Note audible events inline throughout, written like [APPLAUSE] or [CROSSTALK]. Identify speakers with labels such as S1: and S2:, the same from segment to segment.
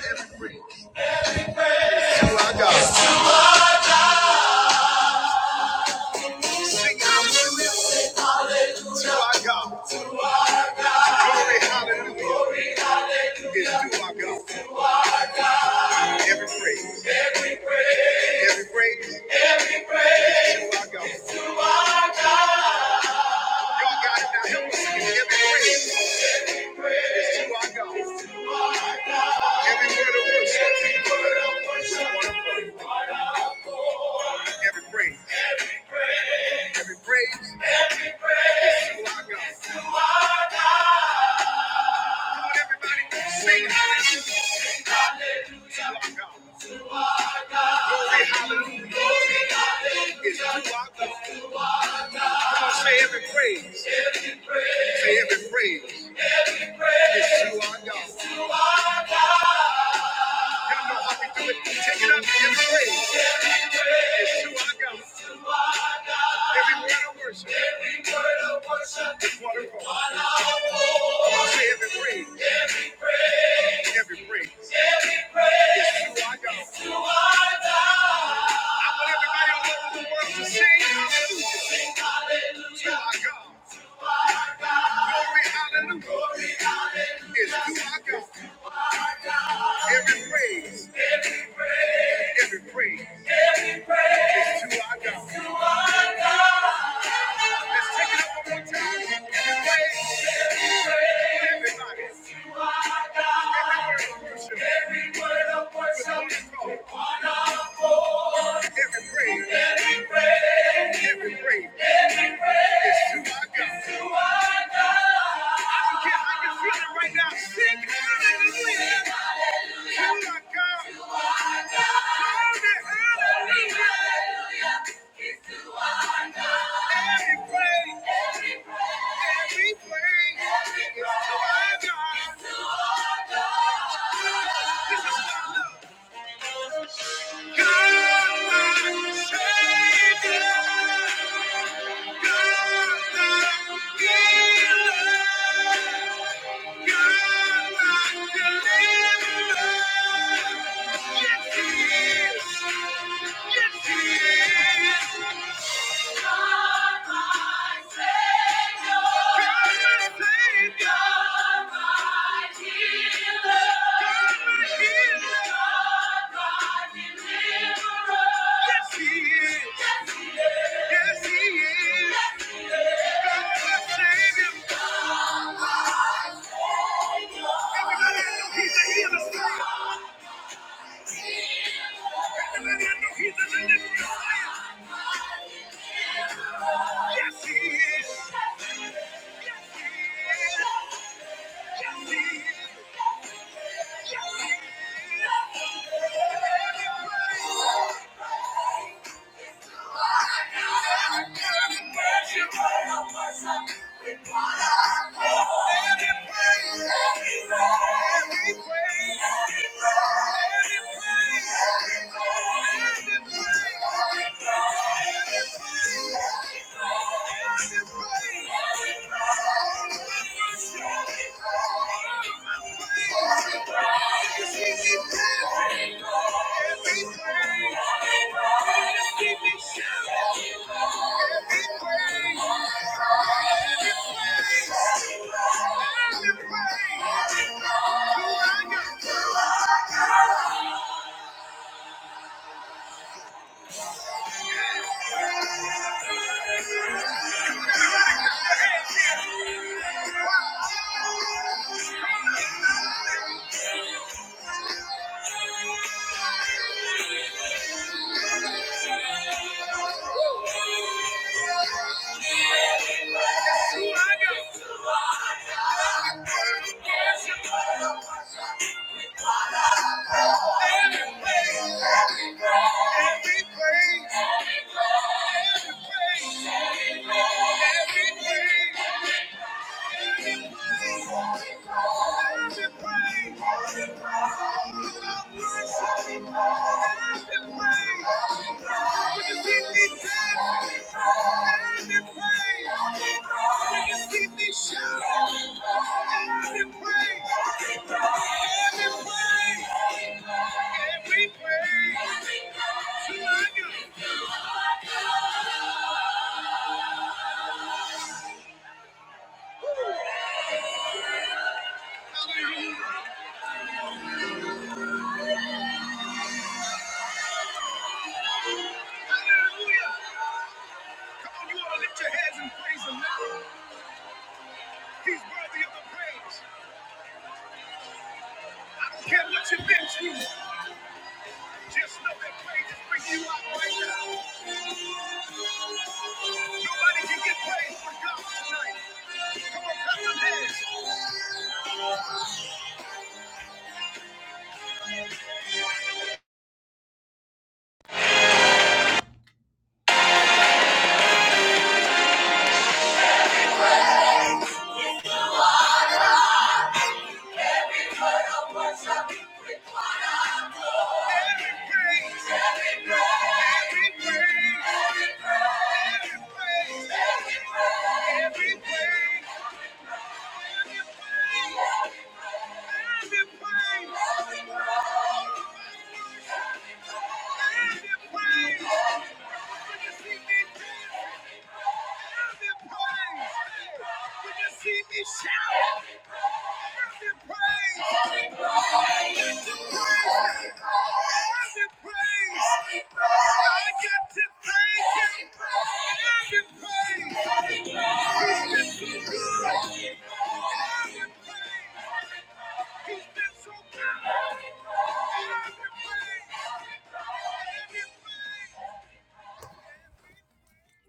S1: to our God. Sing hallelujah to our God. Glory, hallelujah is to our God. Every praise, every praise Every is to our God. Is to our God Y'all got it now. Help us sing it. Every praise is to our God. Every word of worship. Every word of worship. Every word of worship. Every praise. Every praise. Every praise. Every to our God. hallelujah. Hallelujah. To to our God. say every praise. Say every praise. Every praise. Is to our God. Y'all know how we do it. Take it up in praise. It's to our God. Every word of worship. Every word of worship. Is waterfall. Waterfall. Say every praise. Every praise. Every praise. Yes, you are God. Yes, you are God. I want everybody all over the world to sing hallelujah. Sing hallelujah. You are God. You are God. Glory, hallelujah. Glory, hallelujah. Yes, you are God. You are God. Every praise. Every praise. Every praise. Every praise. Yes, you are God. Yes, you are God. Let's take it Every praise, every word of worship, every word of worship, every praise, every praise, every praise, every praise is to our God. I don't care how you're feeling right now. Sing hallelujah. To our God. Yes, he is. God, my Savior. Everybody, I know he's a healer. Thank you. Thank you. Thank you. Every praise, He's worthy of the praise. I don't care what you've been through. Just know that praise is bringing you out right now. Nobody can get praise for God tonight. Come on, clap your hands. Every praise, every praise, every praise, every praise, every praise. See me shout! Every praise! He's been so good.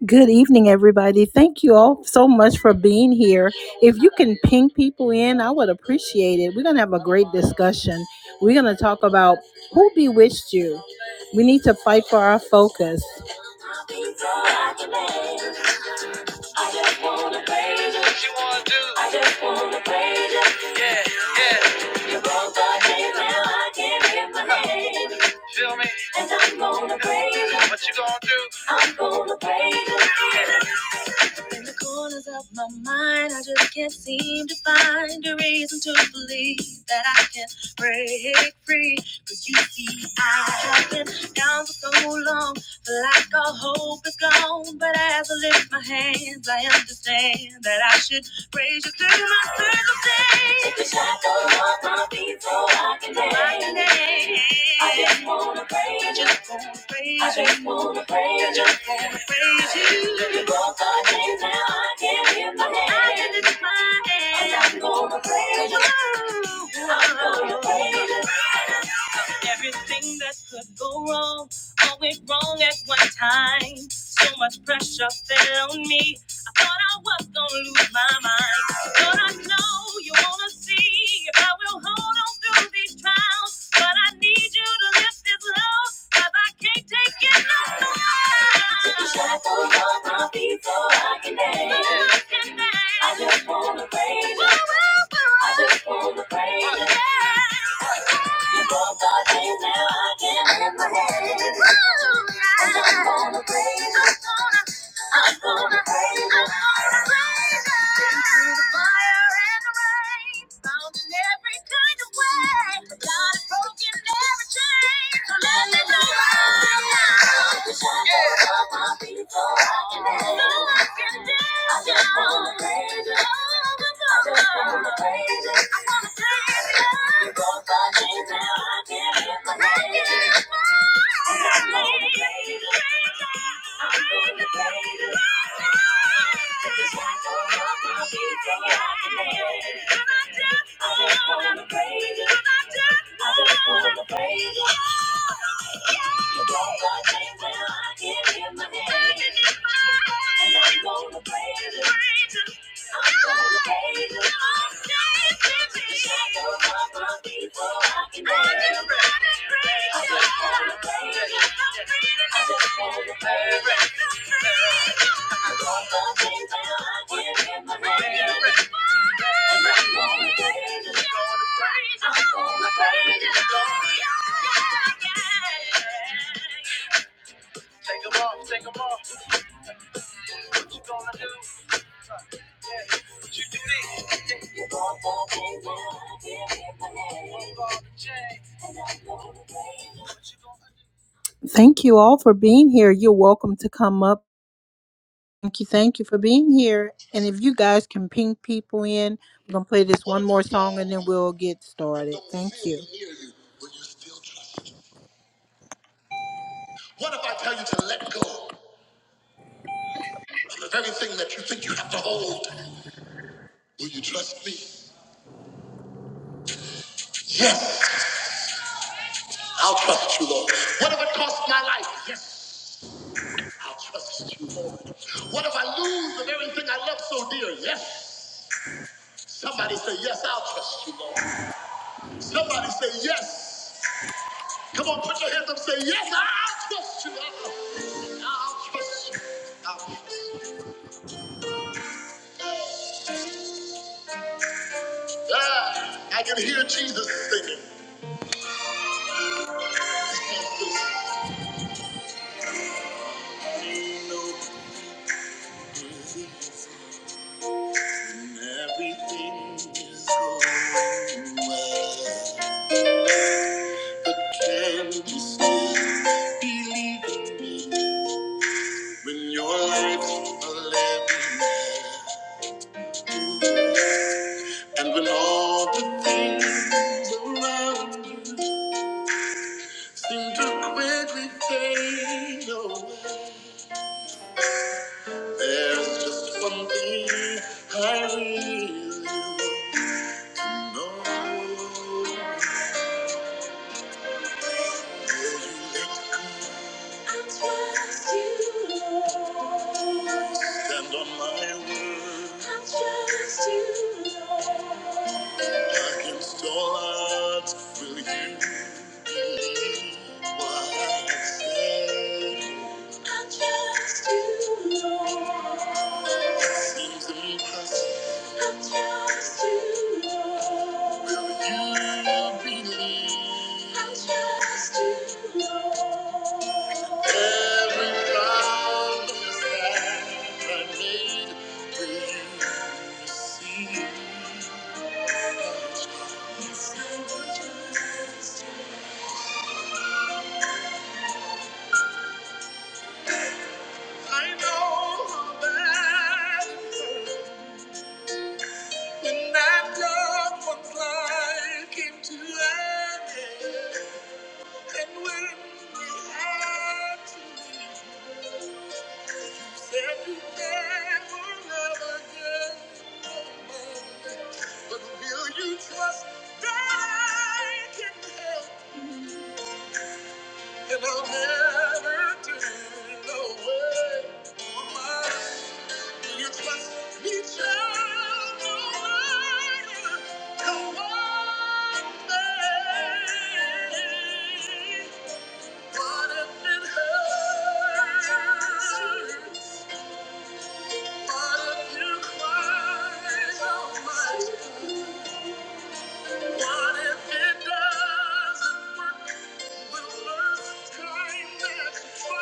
S1: Good evening, everybody. Thank you all so much for being here. If you can ping people in, I would appreciate it. We're going to have a great discussion. We're going to talk about who bewitched you. We need to fight for our focus. Tell me And I'm gonna praise you. what you gonna do. I'm gonna praise you. In the corners of my mind, I just can't seem to find a reason to believe that I can break free. Cause you see, I have been down for so long, like all hope is gone. But as I lift my hands, I understand that I should raise you through my circumstance. Take the shackles off my feet so I can dance. I just wanna praise you. I just wanna praise you. I just wanna praise you praise you. Both the days now I can lift my hands. I can lift my hands. I'm gonna praise you. I'm gonna praise you. Everything that could go wrong, all went wrong at one time. So much pressure fell on me. I thought I was gonna lose my mind. Lord, I know you wanna see if I will hold on through these trials. But I need you to lift this load, 'cause I can't take it no more. Took a shackle off my feet so I can dance. So I can dance. I just wanna praise you. I just wanna praise you. Yeah. You both are here now. I can't help my head. I'm gonna play. I'm gonna raise it, I'm gonna raise it. Through the fire and the rain, found in every kind of way. God has broken every chain. So let me go right now. Wish I could stop my feet before I can dance. So I can dance I just wanna raise it. I just wanna raise it. I wanna raise it. You broke my chains, now I can lift my hands. I'm gonna praise you. Thank you all for being here. You're welcome to come up. Thank you, thank you for being here. And if you guys can ping people in, we're gonna play this one more song and then we'll get started. Thank you. You trust me. Yes. I'll trust you, Lord. What if it costs my life? Yes, I'll trust you, Lord. What if I lose the very thing I love so dear? Yes. Somebody say, Yes, I'll trust you, Lord. Somebody say, Yes. Come on, put your hands up, say, Yes, I'll trust you. I'll, I'll trust you. I'll trust you. Ah, I can hear Jesus singing. You know when everything is going well. But can you still believe in me when your lips are living there? And when all the things around you seem to quickly fade away, there's just one thing I really need to know. I trust you, Lord. Stand on my word. I trust you, Lord. Against all odds, will you stand? I'm just you, Lord. I'm just you, Lord. Every promise that I made, will you receive? I know that when that loved one's life came to an end, And when we had to leave, you said you never, never again. But will you trust that I can help? And I'll never do no way my Will you trust me just as I'm that I.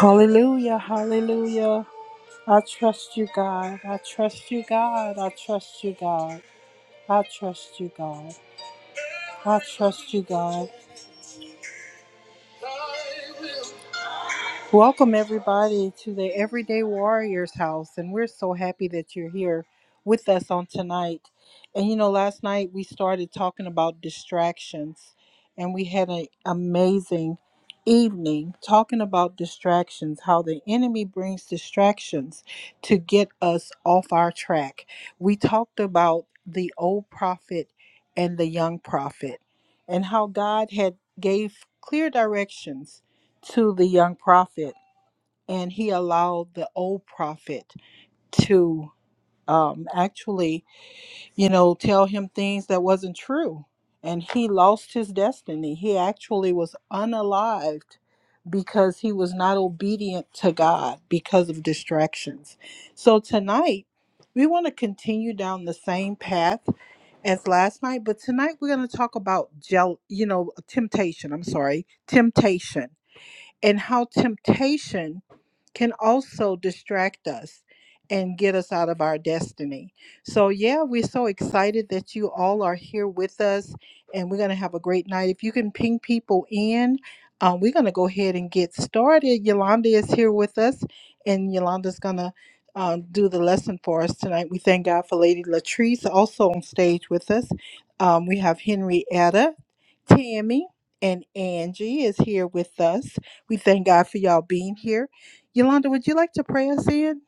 S1: Hallelujah, hallelujah. I trust you, God. I trust you, God. I trust you, God. I trust you, God. I trust you, God. Welcome, everybody, to the Everyday Warriors house. And we're so happy that you're here with us on tonight. And you know, last night we started talking about distractions, and we had an amazing evening talking about distractions, how the enemy brings distractions to get us off our track. We talked about the old prophet and the young prophet, and how God had gave clear directions to the young prophet and he allowed the old prophet to um, actually, you know, tell him things that wasn't true. And he lost his destiny. He actually was unalived because he was not obedient to God because of distractions. So tonight, we want to continue down the same path as last night, but tonight we're going to talk about gel, you know, temptation. I'm sorry, temptation and how temptation can also distract us and get us out of our destiny. So, yeah, we're so excited that you all are here with us and we're going to have a great night. If you can ping people in, uh, we're going to go ahead and get started. Yolanda is here with us and Yolanda's going to. Uh, do the lesson for us tonight. We thank God for Lady Latrice also on stage with us. Um, we have Henrietta, Tammy, and Angie is here with us. We thank God for y'all being here. Yolanda, would you like to pray us in?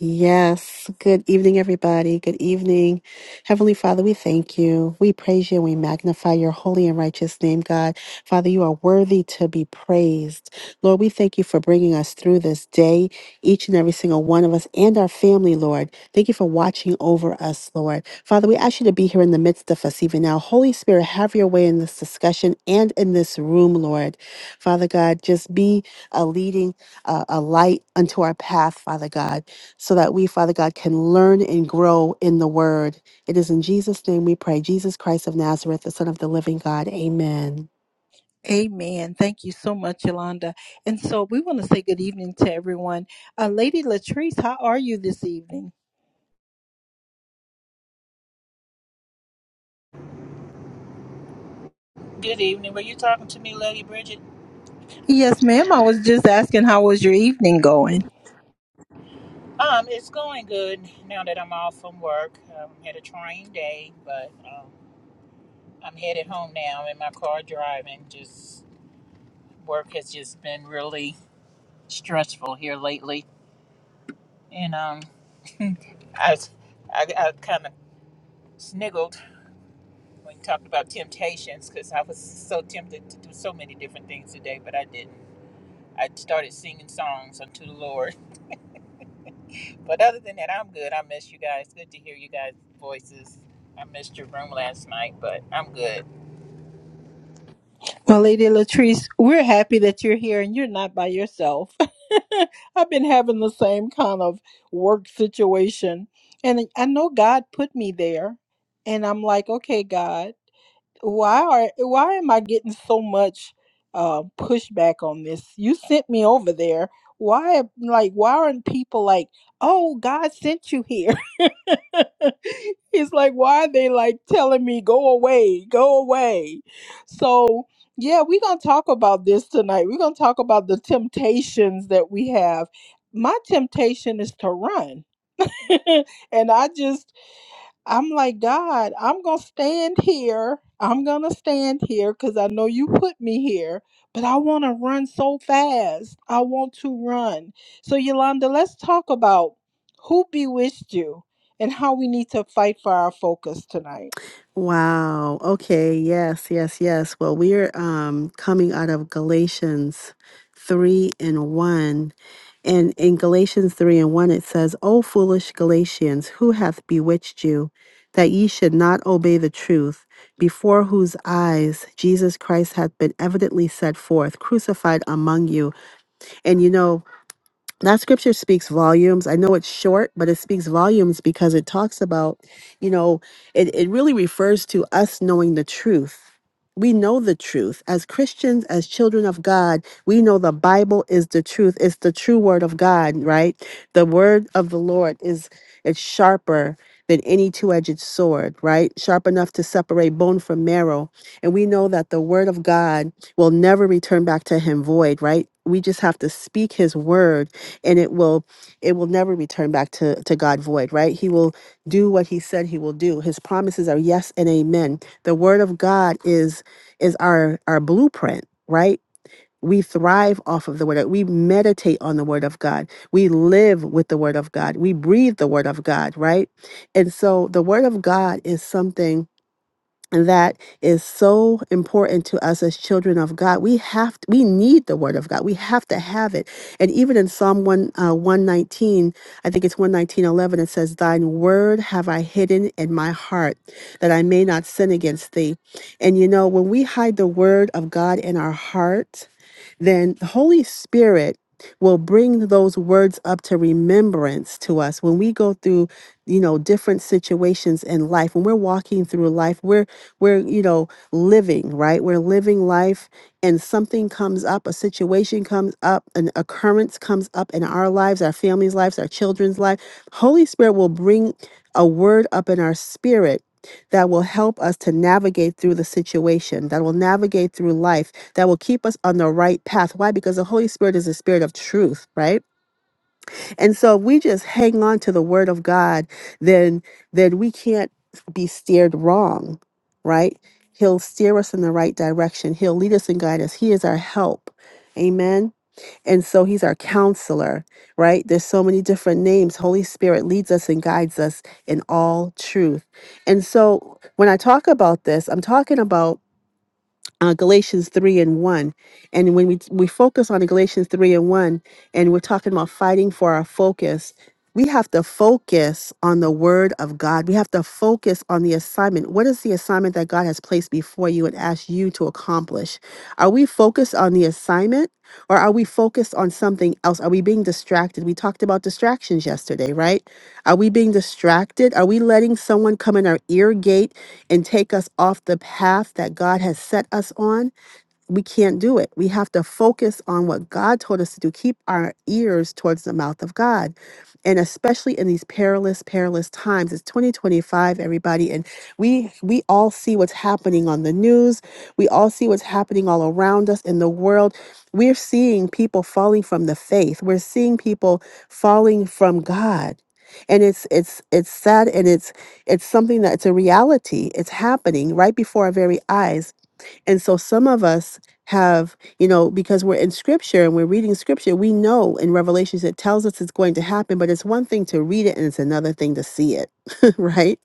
S2: Yes. Good evening, everybody. Good evening. Heavenly Father, we thank you. We praise you. and We magnify your holy and righteous name, God. Father, you are worthy to be praised. Lord, we thank you for bringing us through this day, each and every single one of us and our family, Lord. Thank you for watching over us, Lord. Father, we ask you to be here in the midst of us even now. Holy Spirit, have your way in this discussion and in this room, Lord. Father God, just be a leading, uh, a light unto our path, Father God so that we, Father God, can learn and grow in the word. It is in Jesus' name we pray. Jesus Christ of Nazareth, the Son of the living God. Amen.
S1: Amen. Thank you so much, Yolanda. And so we want to say good evening to everyone. Uh, Lady Latrice, how are you this evening? Yes, ma'am. I was just asking how was your evening going? Well, Lady Latrice, we're happy that you're here and you're not by yourself. [LAUGHS] I've been having the same kind of work situation. And I know God put me there. And I'm like, okay, God. why are why am I getting so much uh, pushback on this? You sent me over there. Why like why aren't people like, oh God sent you here? [LAUGHS] it's like why are they like telling me go away, go away? So yeah, we're gonna talk about this tonight. We're gonna talk about the temptations that we have. My temptation is to run. [LAUGHS] and I just I'm like, God, I'm going to stand here. I'm going to stand here because I know you put me here, but I want to run so fast. I want to run. So, Yolanda, let's talk about who bewitched you and how we need to fight for our focus tonight.
S2: Wow. Okay. Yes, yes, yes. Well, we're um, coming out of Galatians 3 and 1. And in Galatians 3 and 1, it says, O foolish Galatians, who hath bewitched you that ye should not obey the truth, before whose eyes Jesus Christ hath been evidently set forth, crucified among you? And you know, that scripture speaks volumes. I know it's short, but it speaks volumes because it talks about, you know, it, it really refers to us knowing the truth. We know the truth. As Christians, as children of God, we know the Bible is the truth. It's the true word of God, right? The word of the Lord is it's sharper than any two-edged sword, right? Sharp enough to separate bone from marrow. And we know that the word of God will never return back to him void, right? We just have to speak his word and it will it will never return back to to god void right he will do what he said he will do his promises are yes and amen the word of god is is our our blueprint right we thrive off of the word we meditate on the word of god we live with the word of god we breathe the word of god right and so the word of god is something that is so important to us as children of God. We have we need the word of God. We have to have it. And even in Psalm 1 uh, 119, I think it's 119:11 it says thine word have I hidden in my heart that I may not sin against thee. And you know, when we hide the word of God in our heart, then the Holy Spirit will bring those words up to remembrance to us when we go through you know different situations in life when we're walking through life we're we're you know living right we're living life and something comes up a situation comes up an occurrence comes up in our lives our family's lives our children's life holy spirit will bring a word up in our spirit that will help us to navigate through the situation that will navigate through life that will keep us on the right path. Why? Because the Holy Spirit is a spirit of truth, right? And so if we just hang on to the word of God, then then we can't be steered wrong, right? He'll steer us in the right direction. He'll lead us and guide us. He is our help. Amen. And so he's our counselor, right? There's so many different names. Holy Spirit leads us and guides us in all truth. And so when I talk about this, I'm talking about uh, Galatians 3 and 1. And when we, we focus on Galatians 3 and 1, and we're talking about fighting for our focus, we have to focus on the word of God. We have to focus on the assignment. What is the assignment that God has placed before you and asked you to accomplish? Are we focused on the assignment or are we focused on something else? Are we being distracted? We talked about distractions yesterday, right? Are we being distracted? Are we letting someone come in our ear gate and take us off the path that God has set us on we can't do it. We have to focus on what God told us to do. Keep our ears towards the mouth of God. And especially in these perilous, perilous times. It's 2025, everybody. And we we all see what's happening on the news. We all see what's happening all around us in the world. We're seeing people falling from the faith. We're seeing people falling from God. And it's it's it's sad and it's it's something that's a reality. It's happening right before our very eyes and so some of us have, you know, because we're in scripture and we're reading scripture, we know in Revelations it tells us it's going to happen, but it's one thing to read it and it's another thing to see it, [LAUGHS] right?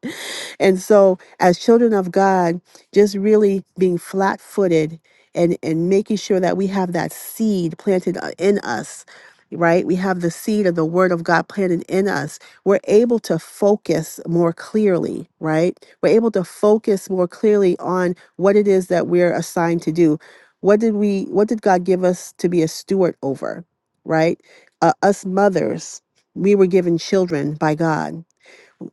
S2: And so as children of God, just really being flat footed and, and making sure that we have that seed planted uh, in us. Right? We have the seed of the word of God planted in us. We're able to focus more clearly, right? We're able to focus more clearly on what it is that we're assigned to do. What did we what did God give us to be a steward over, right? Uh, us mothers, we were given children by God.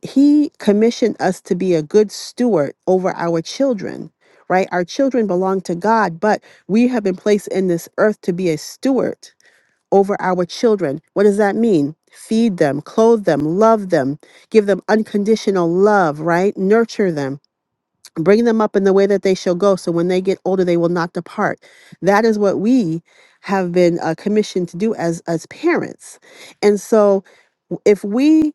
S2: He commissioned us to be a good steward over our children, right? Our children belong to God, but we have been placed in this earth to be a steward over our children. What does that mean? Feed them, clothe them, love them, give them unconditional love, right? Nurture them bring them up in the way that they shall go so when they get older they will not depart that is what we have been uh, commissioned to do as as parents and so w- if we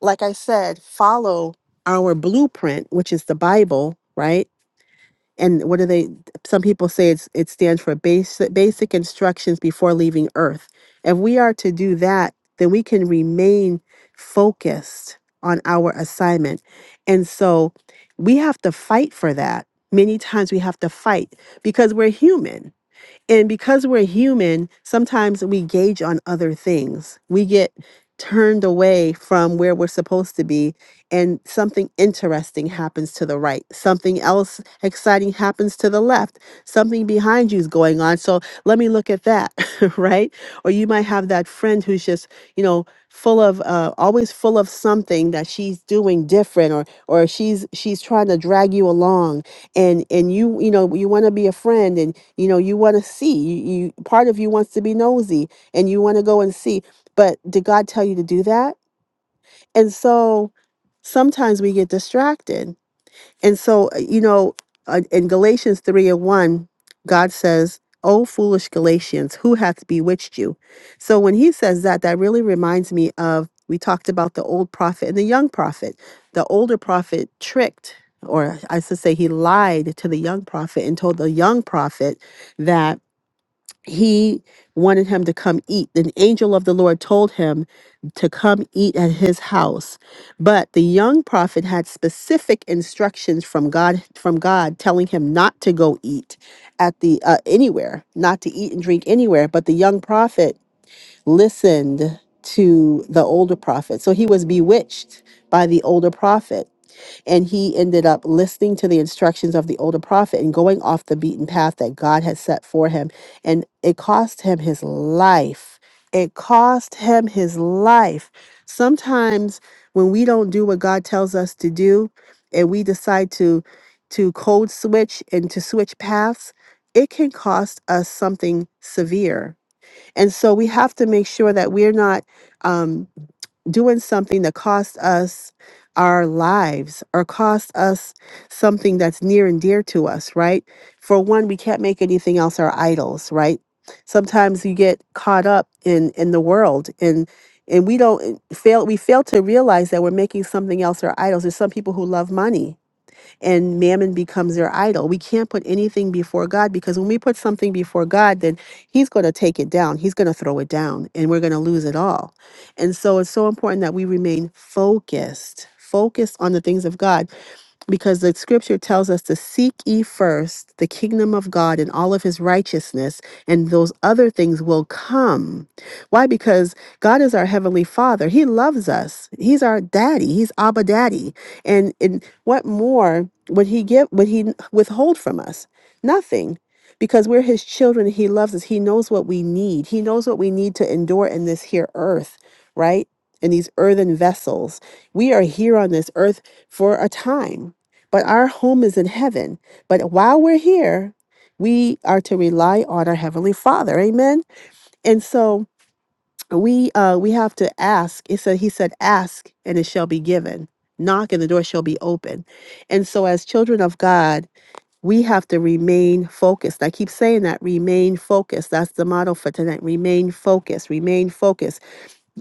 S2: like i said follow our blueprint which is the bible right and what do they some people say it's it stands for basic basic instructions before leaving earth if we are to do that then we can remain focused on our assignment and so we have to fight for that many times we have to fight because we're human and because we're human, sometimes we gauge on other things. We get turned away from where we're supposed to be, and something interesting happens to the right. Something else exciting happens to the left. Something behind you is going on. So let me look at that, [LAUGHS] right? Or you might have that friend who's just, you know, full of uh, always full of something that she's doing different or or she's she's trying to drag you along and and you you know you want to be a friend and you know you want to see you, you part of you wants to be nosy and you want to go and see but did god tell you to do that and so sometimes we get distracted and so uh, you know uh, in galatians 3 and 1 god says "O foolish galatians who hath bewitched you so when he says that that really reminds me of we talked about the old prophet and the young prophet the older prophet tricked or i should say he lied to the young prophet and told the young prophet that he wanted him to come eat. The angel of the Lord told him to come eat at his house. But the young prophet had specific instructions from God from God telling him not to go eat at the uh, anywhere, not to eat and drink anywhere, but the young prophet listened to the older prophet. So he was bewitched by the older prophet. And he ended up listening to the instructions of the older prophet and going off the beaten path that God had set for him. And it cost him his life. It cost him his life. Sometimes when we don't do what God tells us to do and we decide to to code switch and to switch paths, it can cost us something severe and so we have to make sure that we're not um, doing something that costs us our lives or costs us something that's near and dear to us, right? For one, we can't make anything else our idols, right? Sometimes you get caught up in in the world and and we don't fail we fail to realize that we're making something else our idols. There's some people who love money and mammon becomes their idol. We can't put anything before God because when we put something before God, then He's going to take it down. He's going to throw it down and we're going to lose it all. And so it's so important that we remain focused, focused on the things of God because the scripture tells us to seek ye first the kingdom of God and all of his righteousness, and those other things will come. Why? Because God is our heavenly father. He loves us. He's our daddy. He's Abba Daddy. And and what more would he give would he withhold from us? Nothing. Because we're his children, and he loves us. He knows what we need. He knows what we need to endure in this here earth, right? In these earthen vessels. We are here on this earth for a time but our home is in heaven. But while we're here, we are to rely on our heavenly Father. Amen. And so we uh we have to ask. It said he said, ask and it shall be given. Knock and the door shall be open. And so as children of God, we have to remain focused. I keep saying that remain focused. That's the motto for tonight. Remain focused. Remain focused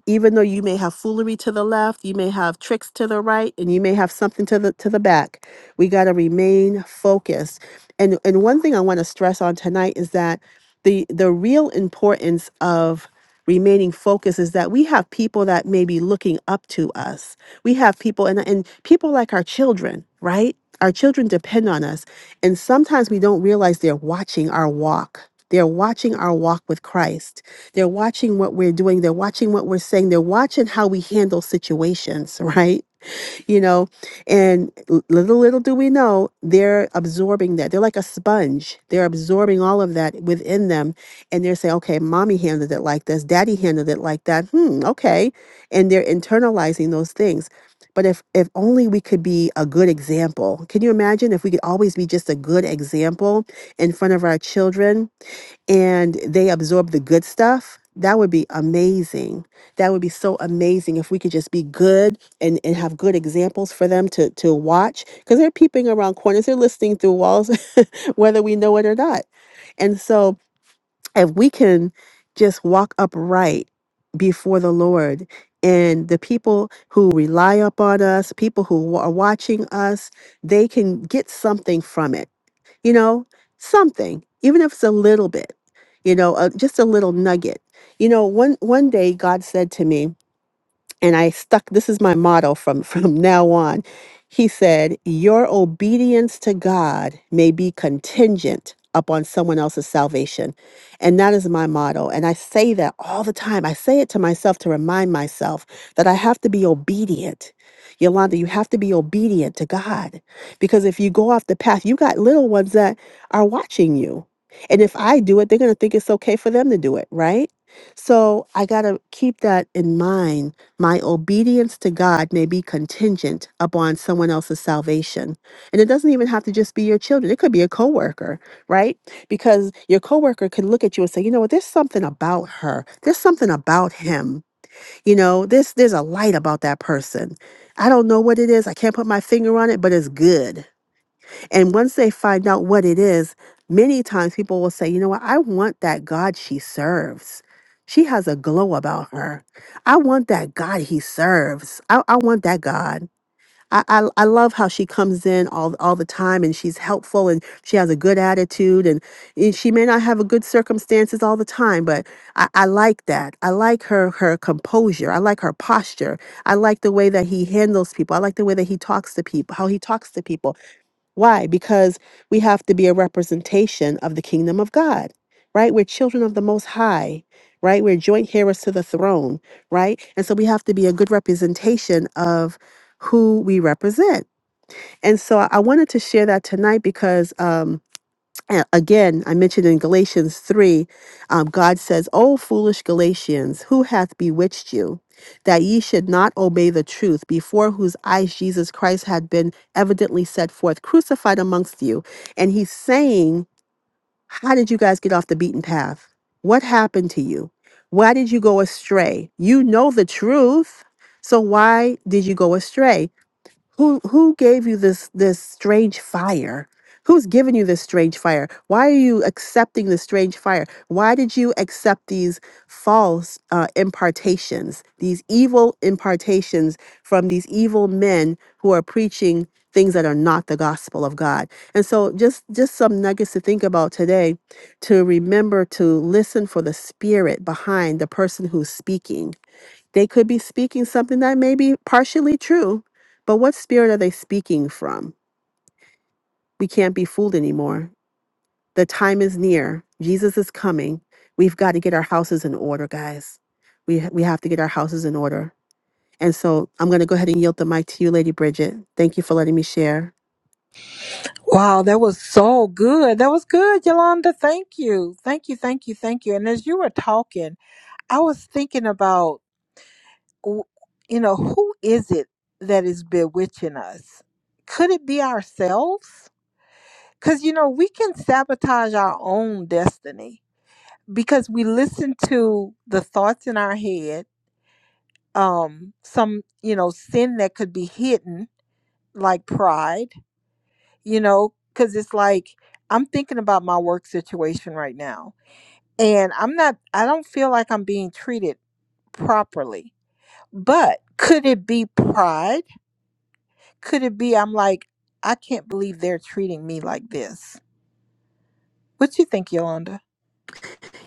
S2: even though you may have foolery to the left, you may have tricks to the right, and you may have something to the to the back. We got to remain focused. And and one thing I want to stress on tonight is that the the real importance of remaining focused is that we have people that may be looking up to us. We have people and and people like our children, right? Our children depend on us. And sometimes we don't realize they're watching our walk. They're watching our walk with Christ they're watching what we're doing. They're watching what we're saying. They're watching how we handle situations, [LAUGHS] right? You know, and l- little, little do we know, they're absorbing that. They're like a sponge. They're absorbing all of that within them. And they're saying, okay, mommy handled it like this. Daddy handled it like that. Hmm, okay. And they're internalizing those things. But if, if only we could be a good example. Can you imagine if we could always be just a good example in front of our children? and they absorb the good stuff, that would be amazing. That would be so amazing if we could just be good and, and have good examples for them to to watch because they're peeping around corners, they're listening through walls, [LAUGHS] whether we know it or not. And so if we can just walk upright before the Lord and the people who rely upon us, people who wa- are watching us, they can get something from it you know, something, even if it's a little bit, you know, uh, just a little nugget. You know, one one day God said to me and I stuck this is my motto from [LAUGHS] from now on. He said, "Your obedience to God may be contingent upon someone else's salvation." And that is my motto, and I say that all the time. I say it to myself to remind myself that I have to be obedient. Yolanda, you have to be obedient to God because if you go off the path, you got little ones that are watching you. And if I do it, they're going to think it's okay for them to do it, right? So I got to keep that in mind my obedience to God may be contingent upon someone else's salvation. And it doesn't even have to just be your children. It could be a coworker, right? Because your coworker could look at you and say, "You know what? There's something about her. There's something about him. You know, this there's there's a light about that person. I don't know what it is. I can't put my finger on it, but it's good." And once they find out what it is, many times people will say, you know what, I want that God she serves. She has a glow about her. I want that God he serves. I, I want that God. I, I, I love how she comes in all, all the time and she's helpful and she has a good attitude and, and she may not have a good circumstances all the time, but I, I like that. I like her her composure. I like her posture. I like the way that he handles people. I like the way that he talks to people, how he talks to people. Why? Because we have to be a representation of the kingdom of God, right? We're children of the Most High, right? We're joint heirs to the throne, right? And so we have to be a good representation of who we represent. And so I I wanted to share that tonight because um, uh, again, I mentioned in Galatians 3, um, God says, O foolish Galatians, who hath bewitched you, that ye should not obey the truth, before whose eyes Jesus Christ had been evidently set forth, crucified amongst you? And he's saying, How did you guys get off the beaten path? What happened to you? Why did you go astray? You know the truth. So why did you go astray? who who gave you this this strange fire who's given you this strange fire why are you accepting this strange fire why did you accept these false uh, impartations these evil impartations from these evil men who are preaching things that are not the gospel of god and so just just some nuggets to think about today to remember to listen for the spirit behind the person who's speaking they could be speaking something that may be partially true, but what spirit are they speaking from? We can't be fooled anymore. The time is near. Jesus is coming. We've got to get our houses in order, guys. We, we have to get our houses in order. And so I'm going to go ahead and yield the mic to you, Lady Bridget. Thank you for letting me share.
S1: Wow, that was so good. That was good, Yolanda. Thank you. Thank you. Thank you. Thank you. And as you were talking, I was thinking about w- you know, who is it that is bewitching us? Could it be ourselves? Because, you know, we can sabotage our own destiny because we listen to the thoughts in our head, um, some, you know, sin that could be hidden, like pride, you know, because it's like, I'm thinking about my work situation right now and I'm not, I don't feel like I'm being treated properly. But could it be pride? Could it be I'm like, I can't believe they're treating me like this? What you think, Yolanda?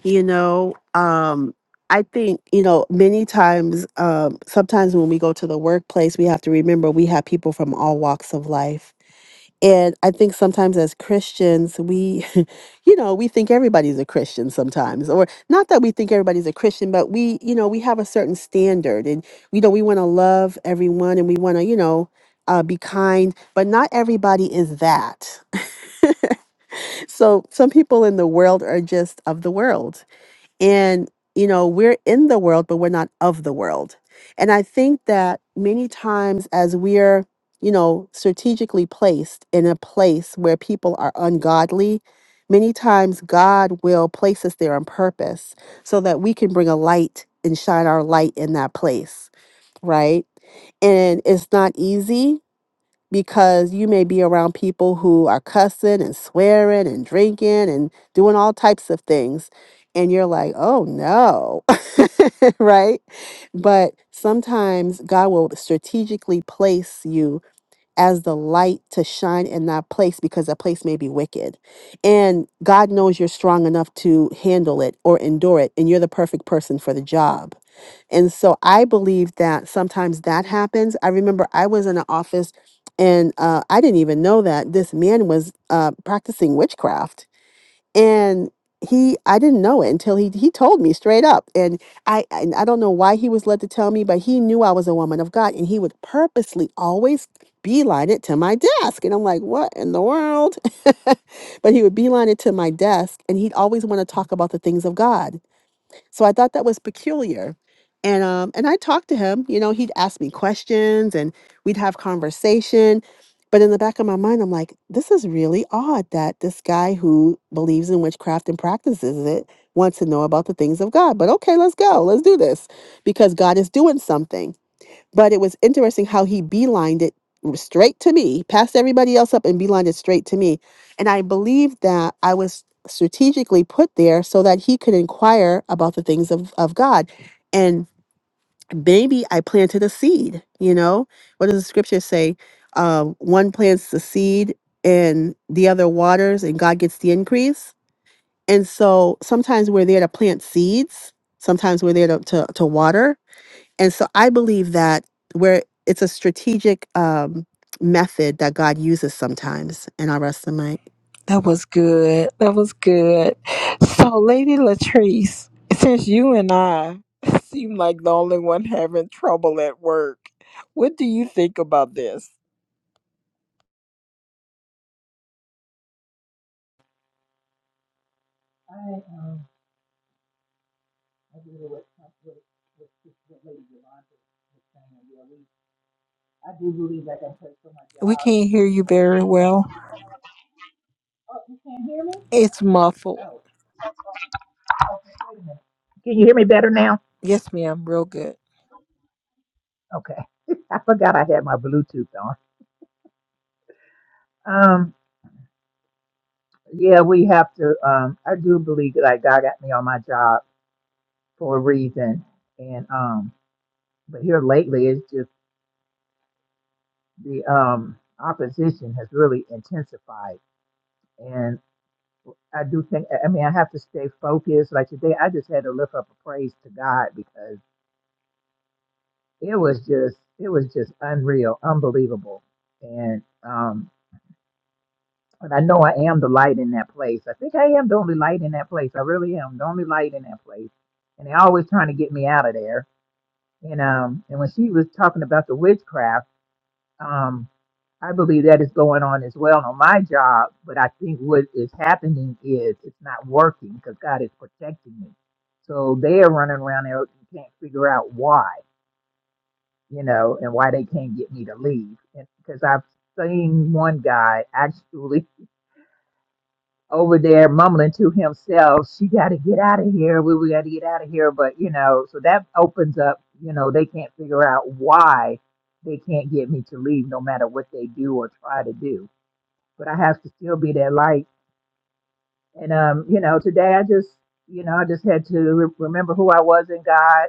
S2: You know, um, I think, you know, many times, um, sometimes when we go to the workplace, we have to remember we have people from all walks of life And I think sometimes as Christians, we, [LAUGHS] you know, we think everybody's a Christian sometimes, or not that we think everybody's a Christian, but we, you know, we have a certain standard and, you know, we want to love everyone and we want to, you know, uh, be kind, but not everybody is that. [LAUGHS] So some people in the world are just of the world and, you know, we're in the world, but we're not of the world. And I think that many times as we're, you know, strategically placed in a place where people are ungodly, many times God will place us there on purpose so that we can bring a light and shine our light in that place, right? And it's not easy because you may be around people who are cussing and swearing and drinking and doing all types of things. And you're like, oh no, [LAUGHS] right? But sometimes God will strategically place you as the light to shine in that place because that place may be wicked. And God knows you're strong enough to handle it or endure it, and you're the perfect person for the job and so I believe that sometimes that happens. I remember I was in an office and uh, I didn't even know that this man was uh, practicing witchcraft. And he, I didn't know it until he, he told me straight up. And I, and I don't know why he was led to tell me, but he knew I was a woman of God and he would purposely always beeline it to my desk. And I'm like, what in the world? [LAUGHS] but he would beeline it to my desk and he'd always want to talk about the things of God. So I thought that was peculiar. And um and I talked to him, you know, he'd ask me questions and we'd have conversation. But in the back of my mind, I'm like, this is really odd that this guy who believes in witchcraft and practices it wants to know about the things of God. But okay, let's go. Let's do this because God is doing something. But it was interesting how he beelined it straight to me, passed everybody else up and beelined it straight to me. And I believe that I was strategically put there so that he could inquire about the things of, of God. And maybe I planted a seed, you know? What does the scripture say? Um, one plants the seed and the other waters, and God gets the increase. And so sometimes we're there to plant seeds, sometimes we're there to, to, to water, and so I believe that where it's a strategic um, method that God uses sometimes. And I'll rest the mic.
S1: That was good. That was good. So, Lady Latrice, since you and I [LAUGHS] seem like the only one having trouble at work, what do you think about this? We can't hear you very well. It's muffled.
S3: Oh, okay, wait a minute. Can you hear me better now?
S1: Yes, ma'am. Real good.
S3: Okay. [LAUGHS] I forgot I had my Bluetooth on. Um, yeah, we have to, um, I do believe that like, God got me on my job for a reason. And, um, but here lately, it's just the, um, opposition has really intensified. And I do think, I I mean, I have to stay focused. Like today, I just had to lift up a praise to God because it was just, it was just unreal, unbelievable. And, um, And I know I am the light in that place. I think I am the only light in that place. I really am the only light in that place. And they're always trying to get me out of there. And um, and when she was talking about the witchcraft, um, I believe that is going on as well on my job. But I think what is happening is it's not working because God is protecting me. So they are running around there and can't figure out why, you know, and why they can't get me to leave. And because I've seen one guy actually over there mumbling to himself, she got to get out of here. We, we got to get out of here. But, you know, so that opens up, you know, they can't figure out why they can't get me to leave no matter what they do or try to do. But I have to still be that light. And, um, you know, today I just, you know, I just had to re- remember who I was in God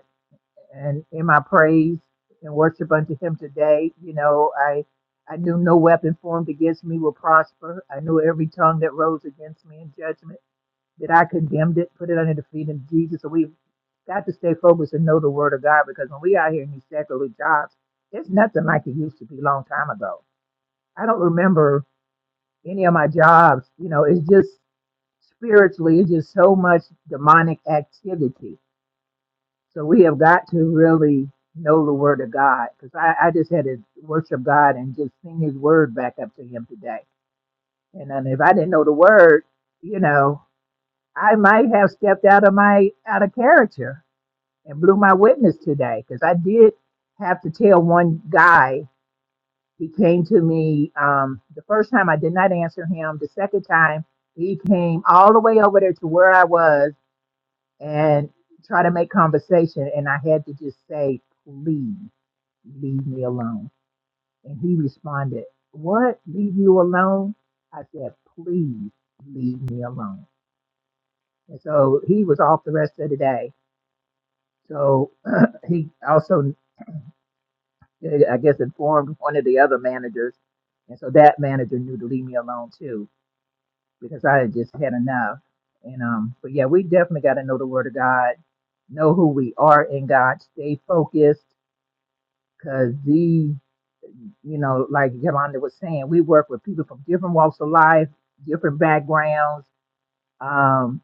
S3: and in my praise and worship unto Him today. You know, I. I knew no weapon formed against me will prosper. I knew every tongue that rose against me in judgment that I condemned it, put it under the feet of Jesus. So we've got to stay focused and know the word of God because when we out here in these secular jobs, it's nothing like it used to be a long time ago. I don't remember any of my jobs. You know, it's just spiritually, it's just so much demonic activity. So we have got to really know the word of God because I, I just had to worship God and just sing his word back up to him today. And then if I didn't know the word, you know, I might have stepped out of my out of character and blew my witness today because I did have to tell one guy. He came to me um, the first time. I did not answer him. The second time, he came all the way over there to where I was and try to make conversation, and I had to just say, "Please leave me alone." And he responded, "What? Leave you alone?" I said, "Please leave me alone." And so he was off the rest of the day So [CLEARS THROAT] he also, I guess, informed one of the other managers. And so that manager knew to leave me alone too, because I had just had enough. And, um, but yeah, we definitely got to know the word of God, know who we are in God, stay focused, because the you know, like Yolanda was saying, we work with people from different walks of life, different backgrounds. Um,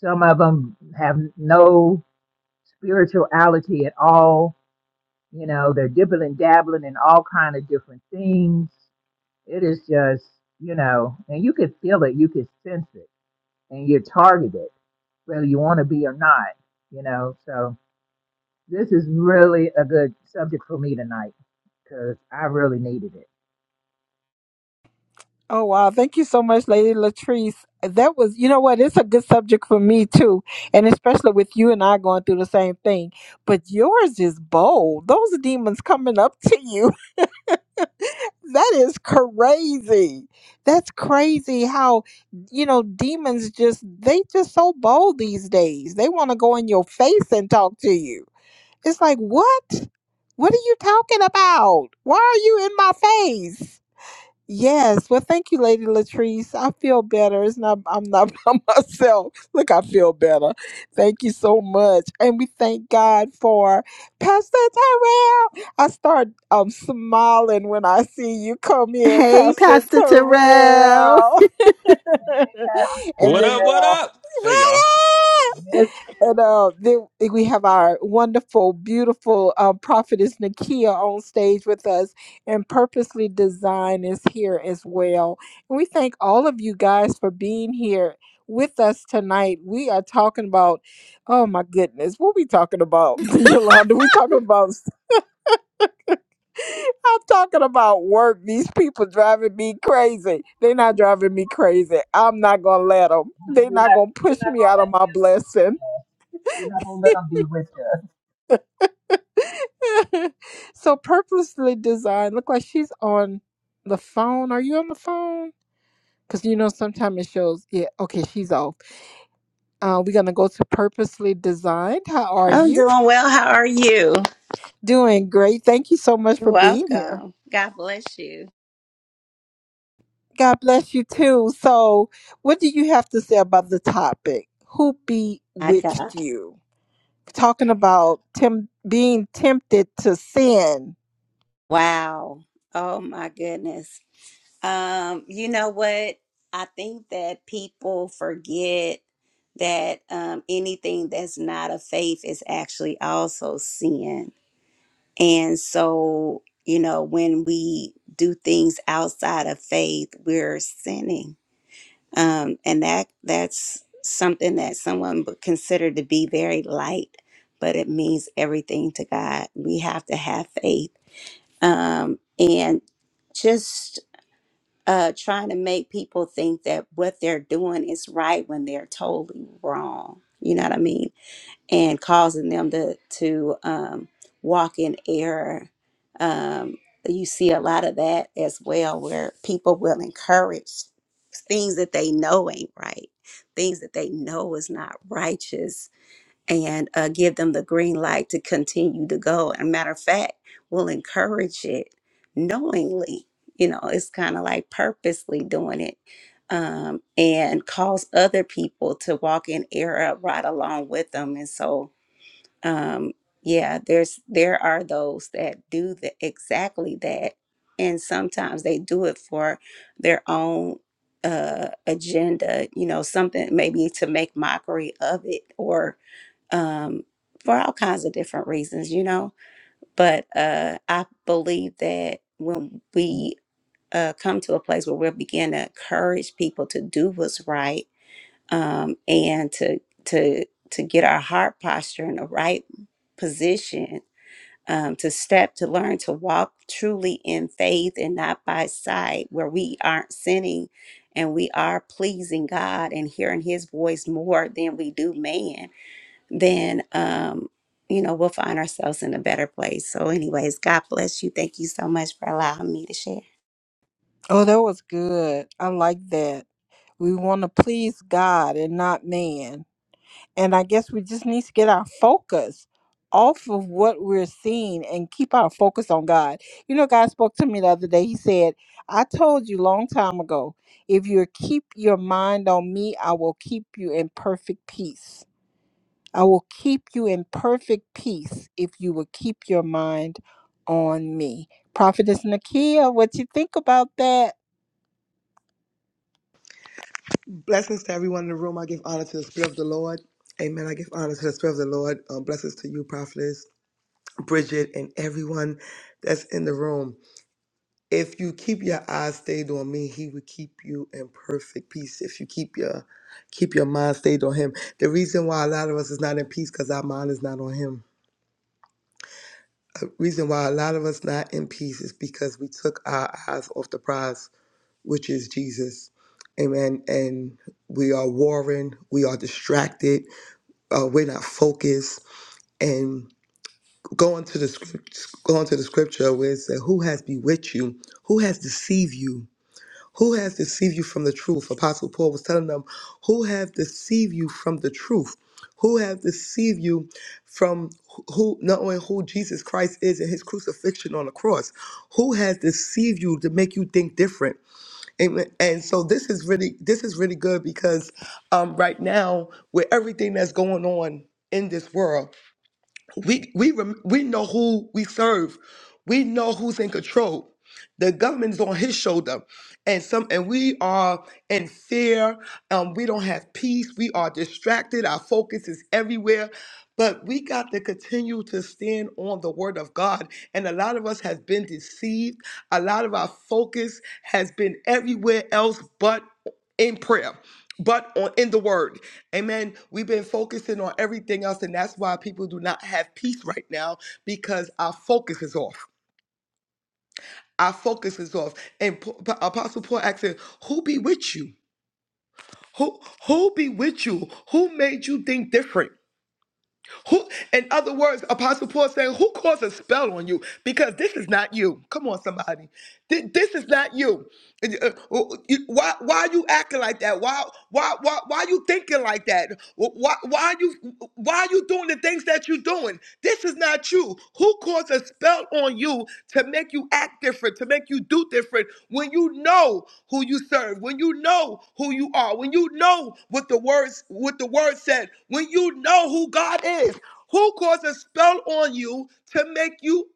S3: some of them have no spirituality at all you know they're dibbling dabbling in all kind of different things it is just you know and you could feel it you could sense it and you're targeted whether you want to be or not you know so this is really a good subject for me tonight because i really needed it
S1: Oh wow! Thank you so much, Lady Latrice. That was, you know what? It's a good subject for me too, and especially with you and I going through the same thing. But yours is bold. Those demons coming up to you. that is crazy. That's crazy how you know demons just they just so bold these days. They want to go in your face and talk to you. It's like, "What? What are you talking about? Why are you in my face?" Yes. Well, thank you, Lady Latrice. I feel better. It's not I'm not [LAUGHS] by myself. Look, I feel better. Thank you so much. And we thank God for Pastor Terrell. I start um smiling when I see you come in,
S2: Hey,
S1: Pastor
S2: Pastor Terrell.
S1: Terrell. [LAUGHS]
S3: Hey,
S1: and
S4: What
S1: then
S4: up?
S3: Pastor
S4: What
S3: L,
S4: up? Hey, y'all.
S3: miss you.
S1: and uh, then we have our wonderful, beautiful uh, prophetess Nakia on stage with us, and Purposely Design is here as well. And we thank all of you guys for being here with us tonight. We are talking about, oh my goodness, what we talking about, [LAUGHS] Yolanda? We talking about, I'm talking about work. These people driving me crazy. They're not driving me crazy. I'm not gonna let them.
S3: Yeah,
S1: They're
S3: We're
S1: not
S3: not,
S1: gonna
S3: we're
S1: push
S3: not
S1: me
S3: gonna
S1: out of
S3: let
S1: my blessing.
S3: this, we're not gonna let them be with
S1: [LAUGHS] so purposely designed. Look like she's on the phone. Are you on the phone? Because you know sometimes it shows. Yeah, okay, she's off. Uh, we're gonna go to purposely designed. How are
S5: I'm
S1: you?
S5: doing well. How are you?
S1: Doing great. Thank you so much
S5: You're
S1: for being here.
S5: welcome. God bless you.
S1: God bless you too. So, what do you have to say about the topic? Who
S5: I got
S1: bewitched you? talking about tem- being tempted to sin.
S5: wow. Oh my goodness. Um, you know what? I think that people forget that um anything that's not of faith is actually also sin. And so, you know, when we do things outside of faith, we're sinning um, and that that's something that someone would consider to be very light but it means everything to god we have to have faith um, and just uh, trying to make people think that what they're doing is right when they're totally wrong you know what i mean and causing them to to um, walk in error. Um, you see a lot of that as well, where people will encourage things that they know ain't right, things that they know is not righteous, and uh, give them the green light to continue to go. And matter of fact, will encourage it knowingly. You know, it's kind of like purposely doing it. Um, and cause other people to walk in error right along with them. And so, um yeah there's there are those that do the, exactly that and sometimes they do it for their own uh agenda you know something maybe to make mockery of it or um for all kinds of different reasons you know but uh i believe that when we uh come to a place where we begin to encourage people to do what's right um, and to to to get our heart posture in the right position um, to step to learn to walk truly in faith and not by sight where we aren't sinning and we are pleasing god and hearing his voice more than we do man then um, you know we'll find ourselves in a better place so anyways god bless you thank you so much for allowing me to share
S1: Oh, that was good. I like that. We want to please God and not man. And I guess we just need to get our focus off of what we're seeing and keep our focus on God. You know, God spoke to me the other day. He said, I told you long time ago, if you keep your mind on me, I will keep you in perfect peace. I will keep you in perfect peace if you will keep your mind on me. Prophetess Nakia, what you think about that?
S6: Blessings to everyone in the room. I give honor to the Spirit of the Lord. Amen. I give honor to the Spirit of the Lord. Um, blessings to you, Prophetess, Bridget, and everyone that's in the room. If you keep your eyes stayed on me, he will keep you in perfect peace. If you keep your keep your mind stayed on him. The reason why a lot of us is not in peace because our mind is not on him. The reason why a lot of us not in peace is because we took our eyes off the prize, which is Jesus. Amen. And we are warring, we are distracted uh, we're not focused. And going to the script, going to the scripture where it said, "Who has bewitched you? Who has deceived you? Who has deceived you from the truth?" Apostle Paul was telling them, "Who have deceived you from the truth? Who have deceived you from who not only who Jesus Christ is and His crucifixion on the cross? Who has deceived you to make you think different?" And, and so this is really this is really good because um, right now with everything that's going on in this world. We we rem- we know who we serve. We know who's in control. The government is on his shoulder, and some and we are in fear. Um, we don't have peace. We are distracted. Our focus is everywhere. But we got to continue to stand on the word of God. And a lot of us have been deceived. A lot of our focus has been everywhere else but in prayer but on in the word amen we've been focusing on everything else and that's why people do not have peace right now because our focus is off our focus is off and P- P- apostle paul asked him, who be with you who who be with you who made you think different Who, in other words, Apostle Paul saying, Who caused a spell on you? Because this is not you. Come on, somebody. Th- This is not you. And, uh, uh, you- Why, why are you acting like that? Why, why, why, why are you thinking like that? Why, why are you, why are you doing the things that you're doing? This is not you. Who caused a spell on you to make you act different, to make you do different when you know who you serve, when you know who you are, when you know what the words what the word said, when you know who God is? Who caused a spell on you to make you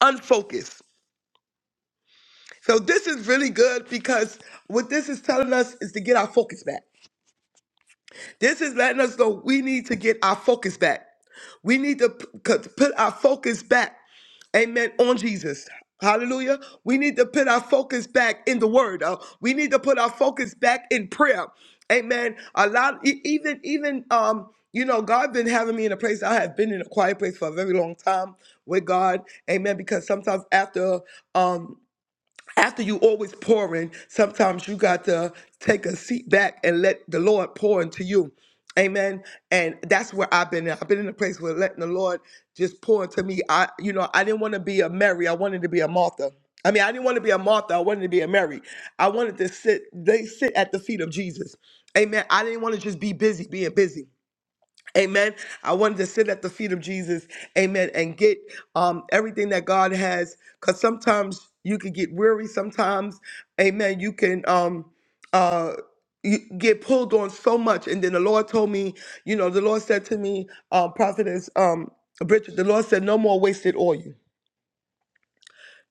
S6: unfocused? So this is really good because what this is telling us is to get our focus back. This is letting us know we need to get our focus back. We need to p- c- put our focus back, amen, on Jesus. Hallelujah. We need to put our focus back in the word. Uh, we need to put our focus back in prayer. Amen. A lot, e- even, even, um, you know, God been having me in a place. I have been in a quiet place for a very long time with God. Amen. Because sometimes after, um, after you always pouring, sometimes you got to take a seat back and let the Lord pour into you. Amen. And that's where I've been. I've been in a place where letting the Lord just pour into me. I, you know, I didn't want to be a Mary. I wanted to be a Martha. I mean, I didn't want to be a Martha. I wanted to be a Mary. I wanted to sit. They sit at the feet of Jesus. Amen. I didn't want to just be busy being busy. Amen. I wanted to sit at the feet of Jesus. Amen. And get um, everything that God has. Because sometimes you can get weary. Sometimes, amen, you can um, uh, you get pulled on so much. And then the Lord told me, you know, the Lord said to me, uh, Prophetess um, Bridget, the Lord said, no more wasted oil.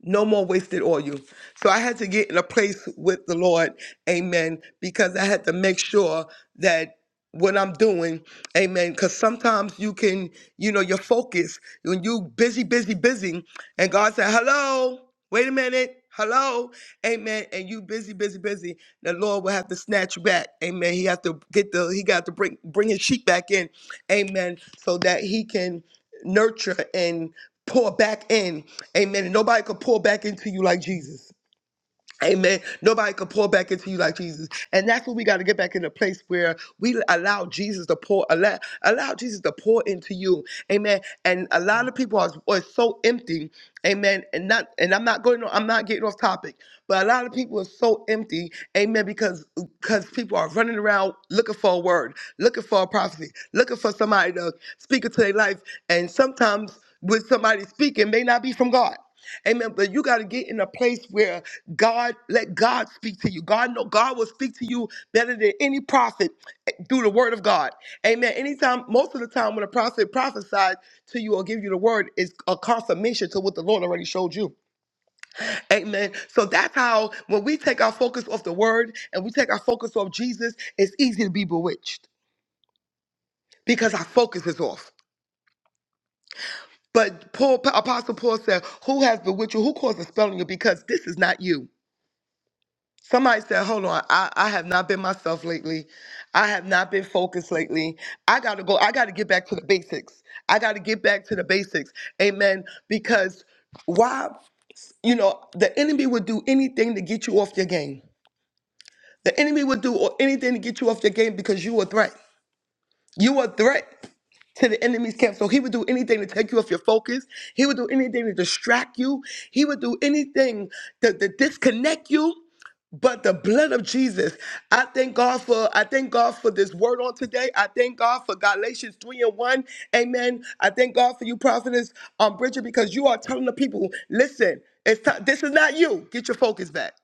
S6: No more wasted oil. So I had to get in a place with the Lord, amen, because I had to make sure that what I'm doing, amen, because sometimes you can, you know, your focus, when you busy, busy, busy, and God said, hello, wait a minute, hello, amen, and you busy, busy, busy, the Lord will have to snatch you back, amen. He have to get the, he got to bring, bring his sheep back in, amen, so that he can nurture and pour back in. Amen. And nobody could pour back into you like Jesus. Amen. Nobody can pour back into you like Jesus. And that's what we got to get back in a place where we allow Jesus to pour, allow, allow Jesus to pour into you. Amen. And a lot of people are, are so empty. Amen. And not and I'm not going I'm not getting off topic, but a lot of people are so empty. Amen. Because because people are running around looking for a word, looking for a prophecy, looking for somebody to speak into their life. And sometimes with somebody speaking may not be from God. Amen. But you got to get in a place where God let God speak to you. God know God will speak to you better than any prophet eh, through the word of God. Amen. Anytime, most of the time when a prophet prophesies to you or give you the word, it's a confirmation to what the Lord already showed you. Amen. So that's how when we take our focus off the word and we take our focus off Jesus, it's easy to be bewitched because our focus is off. But Paul, Apostle Paul said, Who has bewitched you? Who caused the spell on you? Because this is not you. Somebody said, hold on, I, I have not been myself lately. I have not been focused lately. I got to go. I got to get back to the basics. I got to get back to the basics. Amen. Because why, you know, the enemy would do anything to get you off your game. The enemy would do anything to get you off your game because you a threat. You a threat to the enemy's camp. So he would do anything to take you off your focus. He would do anything to distract you. He would do anything to, to disconnect you. But the blood of Jesus, I thank God for I thank God for this word on today. I thank God for Galatians 3 and 1. Amen. I thank God for you, prophetess um Bridget, because you are telling the people, listen, it's time, this is not you. Get your focus back.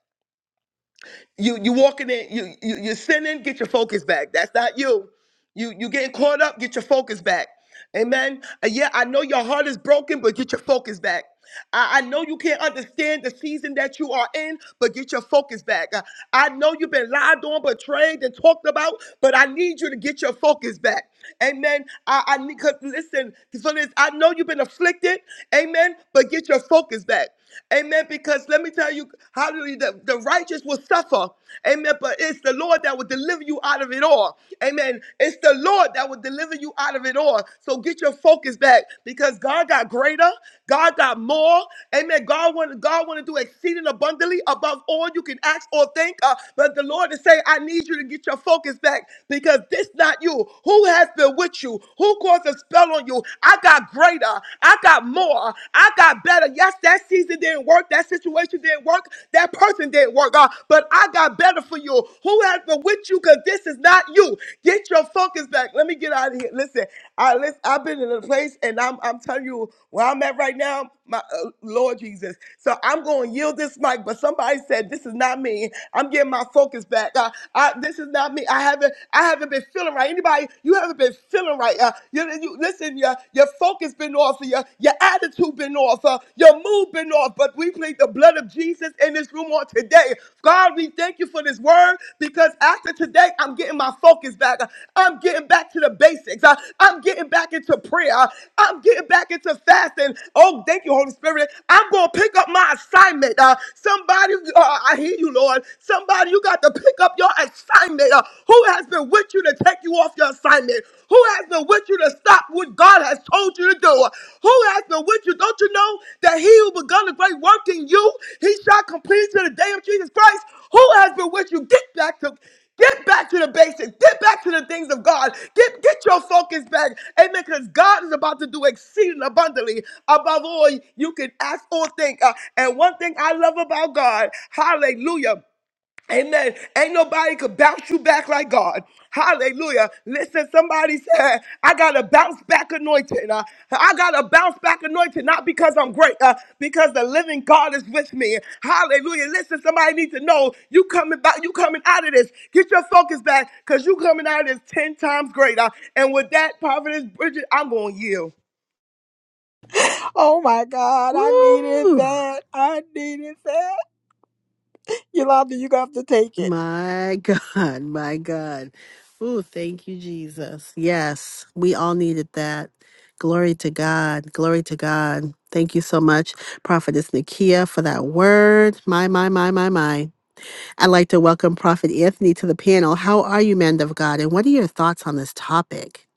S6: You you walking in, you, you you're sinning, get your focus back. That's not you. You you getting caught up, get your focus back. Amen. And yeah, I know your heart is broken, but get your focus back. I, I know you can't understand the season that you are in, but get your focus back. Uh, I know you've been lied on, betrayed, and talked about, but I need you to get your focus back. Amen. I, I need, cause listen, so this, I know you've been afflicted. Amen. But get your focus back. Amen. Because let me tell you, hallelujah, the, the righteous will suffer. Amen. But it's the Lord that will deliver you out of it all. Amen. It's the Lord that will deliver you out of it all. So get your focus back because God got greater. God got more. Amen. God want, God want to do exceeding abundantly above all you can ask or think. Uh, but the Lord is saying, I need you to get your focus back because this not you. Who has been with you? Who caused a spell on you? I got greater. I got more. I got better. Yes, that season didn't work. That situation didn't work. That person didn't work, God. But I got better for you. Who has been with you? Because this is not you. Get your focus back. Let me get out of here. Listen, I, listen I've been in a place, and I'm, I'm telling you where I'm at right now my uh, Lord Jesus. So I'm going to yield this mic, but somebody said this is not me. I'm getting my focus back. Uh, I, this is not me. I haven't I haven't been feeling right. Anybody, you haven't been feeling right. Uh, you, you listen, your your focus been off, your your attitude been off, uh, your mood been off. But we plead the blood of Jesus in this room on today. God, we thank you for this word because because after today, I'm getting my focus back. I'm getting back to the basics. Uh, I'm getting back into prayer. I'm getting back into fasting. Oh, thank you, Holy Spirit. I'm going to pick up my assignment. Uh, somebody, uh, I hear you, Lord. Somebody, you got to pick up your assignment. Uh, who has been with you to take you off your assignment? Who has been with you to stop what God has told you to do? you. Who has been with you? Don't you know that he who begun a great work in you, he shall complete to the day of Jesus Christ? Who has been with you? Get back to Get back to the basics. Get back to the things of God. Get get your focus back. Amen. Because God is about to do exceeding abundantly above all you can ask or think. Uh, and one thing I love about God, hallelujah. Amen. Ain't nobody could bounce you back like God. Hallelujah. Listen, somebody said, I got a bounce back anointing. Uh, I got a bounce back anointing, not because I'm great, uh, because the living God is with me. Hallelujah. Listen, somebody needs to know you coming back, you coming out of this. Get your focus back, because you coming out of this 10 times greater. And with that, Providence Bridget, I'm going to yield.
S1: Oh my
S2: [LAUGHS]
S1: God, I needed
S2: Woo!
S1: that. I needed that. Yolanda, you're going to have to take it.
S2: My God, my God. Ooh, thank you, Jesus. Yes, we all needed that. Glory to God. Glory to God. Thank you so much, Prophetess Nakia, for that word. My, my, my, my, my. I'd like to welcome Prophet Anthony to the panel. How are you, man of God? And what are your thoughts on this topic?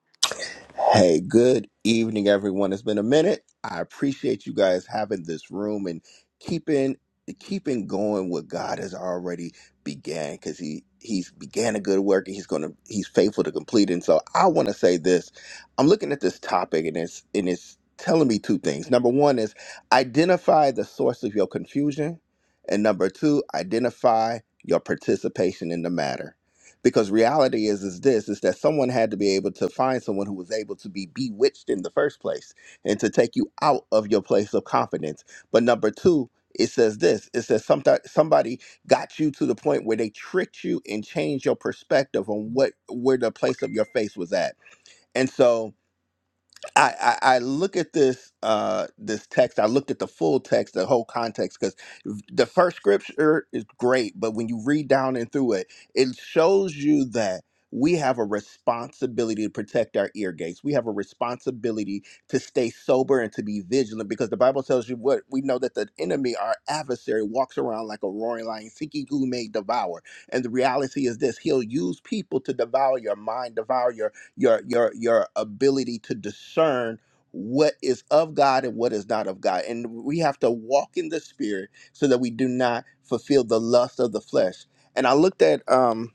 S7: Hey, good evening, everyone. It's been a minute. I appreciate you guys having this room and keeping keeping going what God has already began because he he's began a good work and he's gonna he's faithful to complete it. And so I want to say this. I'm looking at this topic and it's and it's telling me two things. Number one is identify the source of your confusion, and number two, identify your participation in the matter because reality is is this is that someone had to be able to find someone who was able to be bewitched in the first place and to take you out of your place of confidence but number two it says this it says sometimes somebody got you to the point where they tricked you and changed your perspective on what where the place of your face was at and so I, I I look at this uh this text. I looked at the full text, the whole context, because the first scripture is great, but when you read down and through it, it shows you that we have a responsibility to protect our ear gates. We have a responsibility to stay sober and to be vigilant, because the Bible tells you what we know that the enemy, our adversary, walks around like a roaring lion, seeking who may devour. And the reality is this: he'll use people to devour your mind, devour your your your your ability to discern what is of God and what is not of God. And we have to walk in the spirit so that we do not fulfill the lust of the flesh. And I looked at um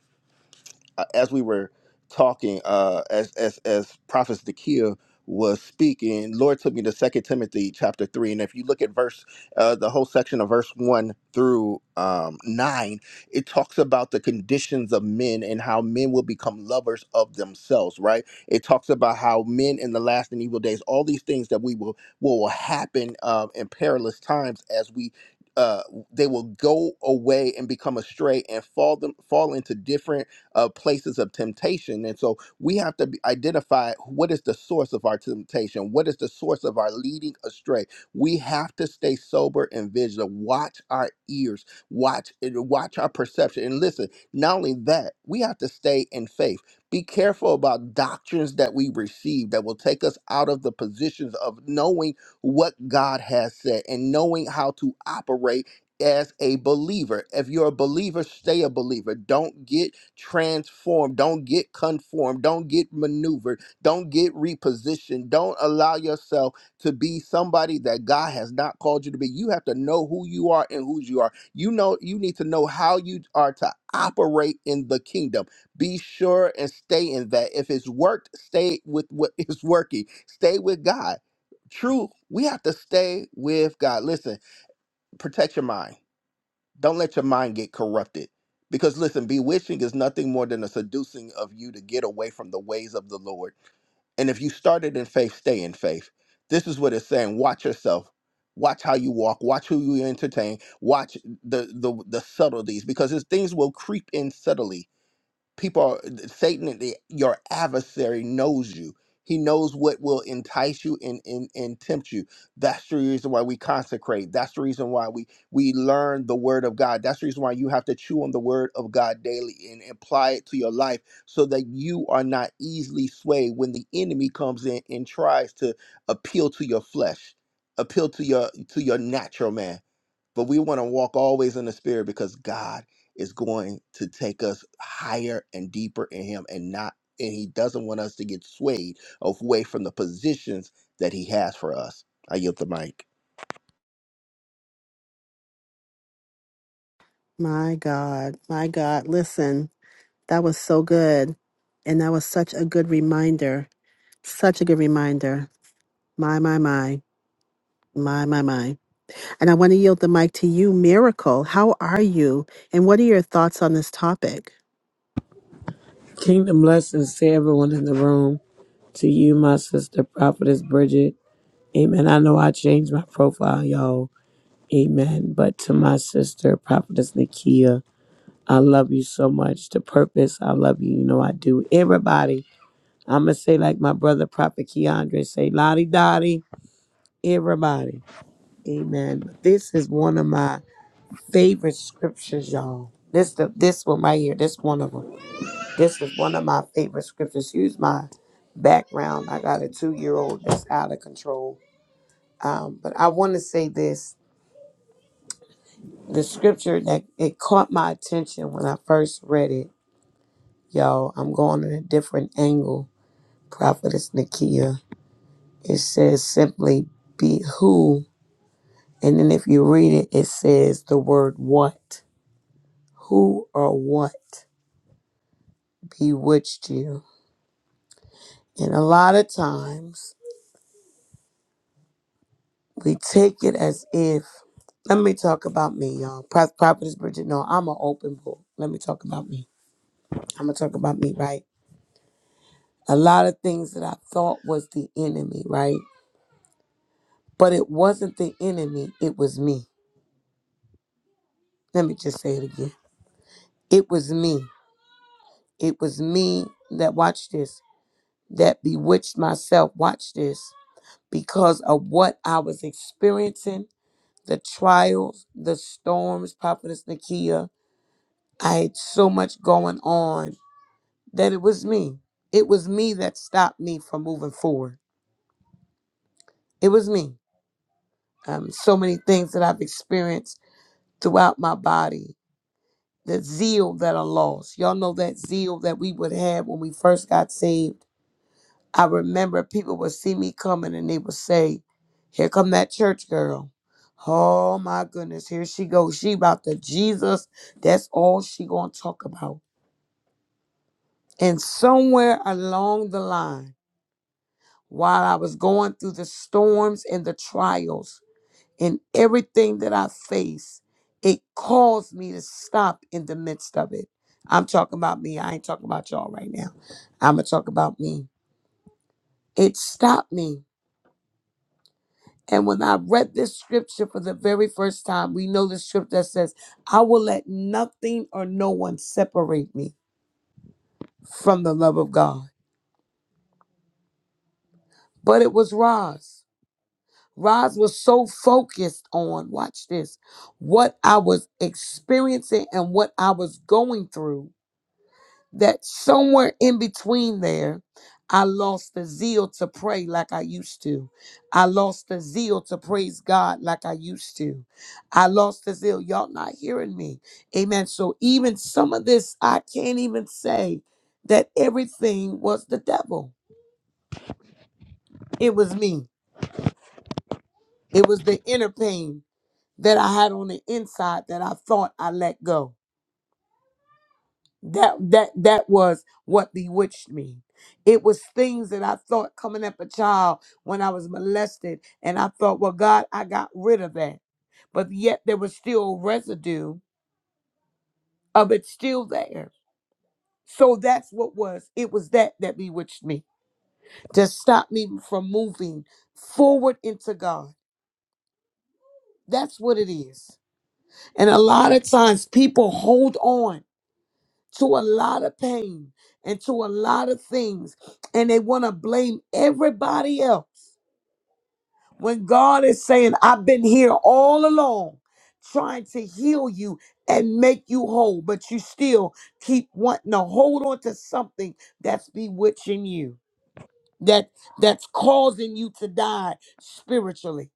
S7: uh, as we were talking, uh, as as as Prophet Zakiya was speaking, Lord took me to Second Timothy chapter three, and if you look at verse, uh, the whole section of verse one through um, nine, it talks about the conditions of men and how men will become lovers of themselves. Right? It talks about how men in the last and evil days, all these things that we will will happen uh, in perilous times as we uh, they will go away and become astray and fall them fall into different uh, places of temptation. And so we have to be- identify what is the source of our temptation, what is the source of our leading astray. We have to stay sober and vigilant. Watch our ears, watch eh, watch our perception, and listen. Not only that, we have to stay in faith. Be careful about doctrines that we receive that will take us out of the positions of knowing what God has said and knowing how to operate as a believer. If you're a believer, stay a believer. Don't get transformed. Don't get conformed. Don't get maneuvered. Don't get repositioned. Don't allow yourself to be somebody that God has not called you to be. You have to know who you are and whose you are. You know, you need to know how you are to operate in the kingdom. Be sure and stay in that. If it's worked, stay with what is working. Stay with God. True, we have to stay with God. Listen, protect your mind don't let your mind get corrupted. Because listen, bewitching is nothing more than a seducing of you to get away from the ways of the Lord. And if you started in faith, stay in faith. This is what it's saying. Watch yourself. Watch how you walk. Watch who you entertain. Watch the the, the subtleties because these things will creep in subtly people are satan the, your adversary knows you he knows what will entice you and, and and tempt you that's the reason why we consecrate that's the reason why we we learn the word of god that's the reason why you have to chew on the word of god daily and apply it to your life so that you are not easily swayed when the enemy comes in and tries to appeal to your flesh appeal to your to your natural man but we want to walk always in the spirit because god is going to take us higher and deeper in him and not and he doesn't want us to get swayed away from the positions that he has for us. I yield the mic.
S2: My God, my God. Listen, that was so good. And that was such a good reminder. Such a good reminder. My, my, my. My, my, my. And I want to yield the mic to you, Miracle. How are you? And what are your thoughts on this topic?
S8: Kingdom blessings to everyone in the room. To you, my sister, Prophetess Bridget. Amen. I know I changed my profile, y'all. Amen. But to my sister, Prophetess Nakia, I love you so much. To purpose, I love you. You know I do. Everybody, I'm going to say like my brother, Prophet Keandre, say, Lottie Dottie, everybody. Amen. This is one of my favorite scriptures, y'all. This, the, this one right here. This one of them. This is one of my favorite scriptures. Use my background. I got a two year old that's out of control. Um, but I want to say this the scripture that it caught my attention when I first read it. Y'all, I'm going in a different angle. Prophetess Nakia. It says simply, be who. And then if you read it, it says the word what. Who or what bewitched you? And a lot of times, We take it as if. Let me talk about me, y'all. Pro- Prophetess Bridget, no, I'm an open book. Let me talk about me. I'm gonna talk about me, right? A lot of things that I thought was the enemy, right? But it wasn't the enemy. It was me. Let me just say it again. It was me. It was me that watched this. That bewitched myself. Watch this because of what I was experiencing, the trials, the storms, Prophetess Nakia. I had so much going on that it was me. It was me that stopped me from moving forward. It was me. Um, so many things that I've experienced throughout my body, the zeal that I lost. Y'all know that zeal that we would have when we first got saved. I remember people would see me coming and they would say, "Here come that church girl." Oh my goodness, here she goes. She about the Jesus. That's all she gonna talk about. And somewhere along the line. while I was going through the storms and the trials and everything that I faced, it caused me to stop in the midst of it. I'm talking about me. I ain't talking about y'all right now. I'm going to talk about me. It stopped me. And when I read this scripture for the very first time, we know the scripture that says, I will let nothing or no one separate me from the love of God. But it was Roz. Roz was so focused on, watch this, what I was experiencing and what I was going through that somewhere in between there, I lost the zeal to pray like I used to. I lost the zeal to praise God like I used to. I lost the zeal. Y'all not hearing me. Amen. So even some of this, I can't even say that everything was the devil. It was me. It was the inner pain that I had on the inside that I thought I let go. That that that was what bewitched me. It was things that I thought coming up a child when I was molested, and I thought, well, God, I got rid of that. But yet there was still residue of it still there. So that's what was. It was that that bewitched me to stop me from moving forward into God. That's what it is. And a lot of times people hold on to a lot of pain and to a lot of things. And they want to blame everybody else when God is saying, I've been here all along trying to heal you and make you whole, but you still keep wanting to hold on to something that's bewitching you, that that's causing you to die spiritually.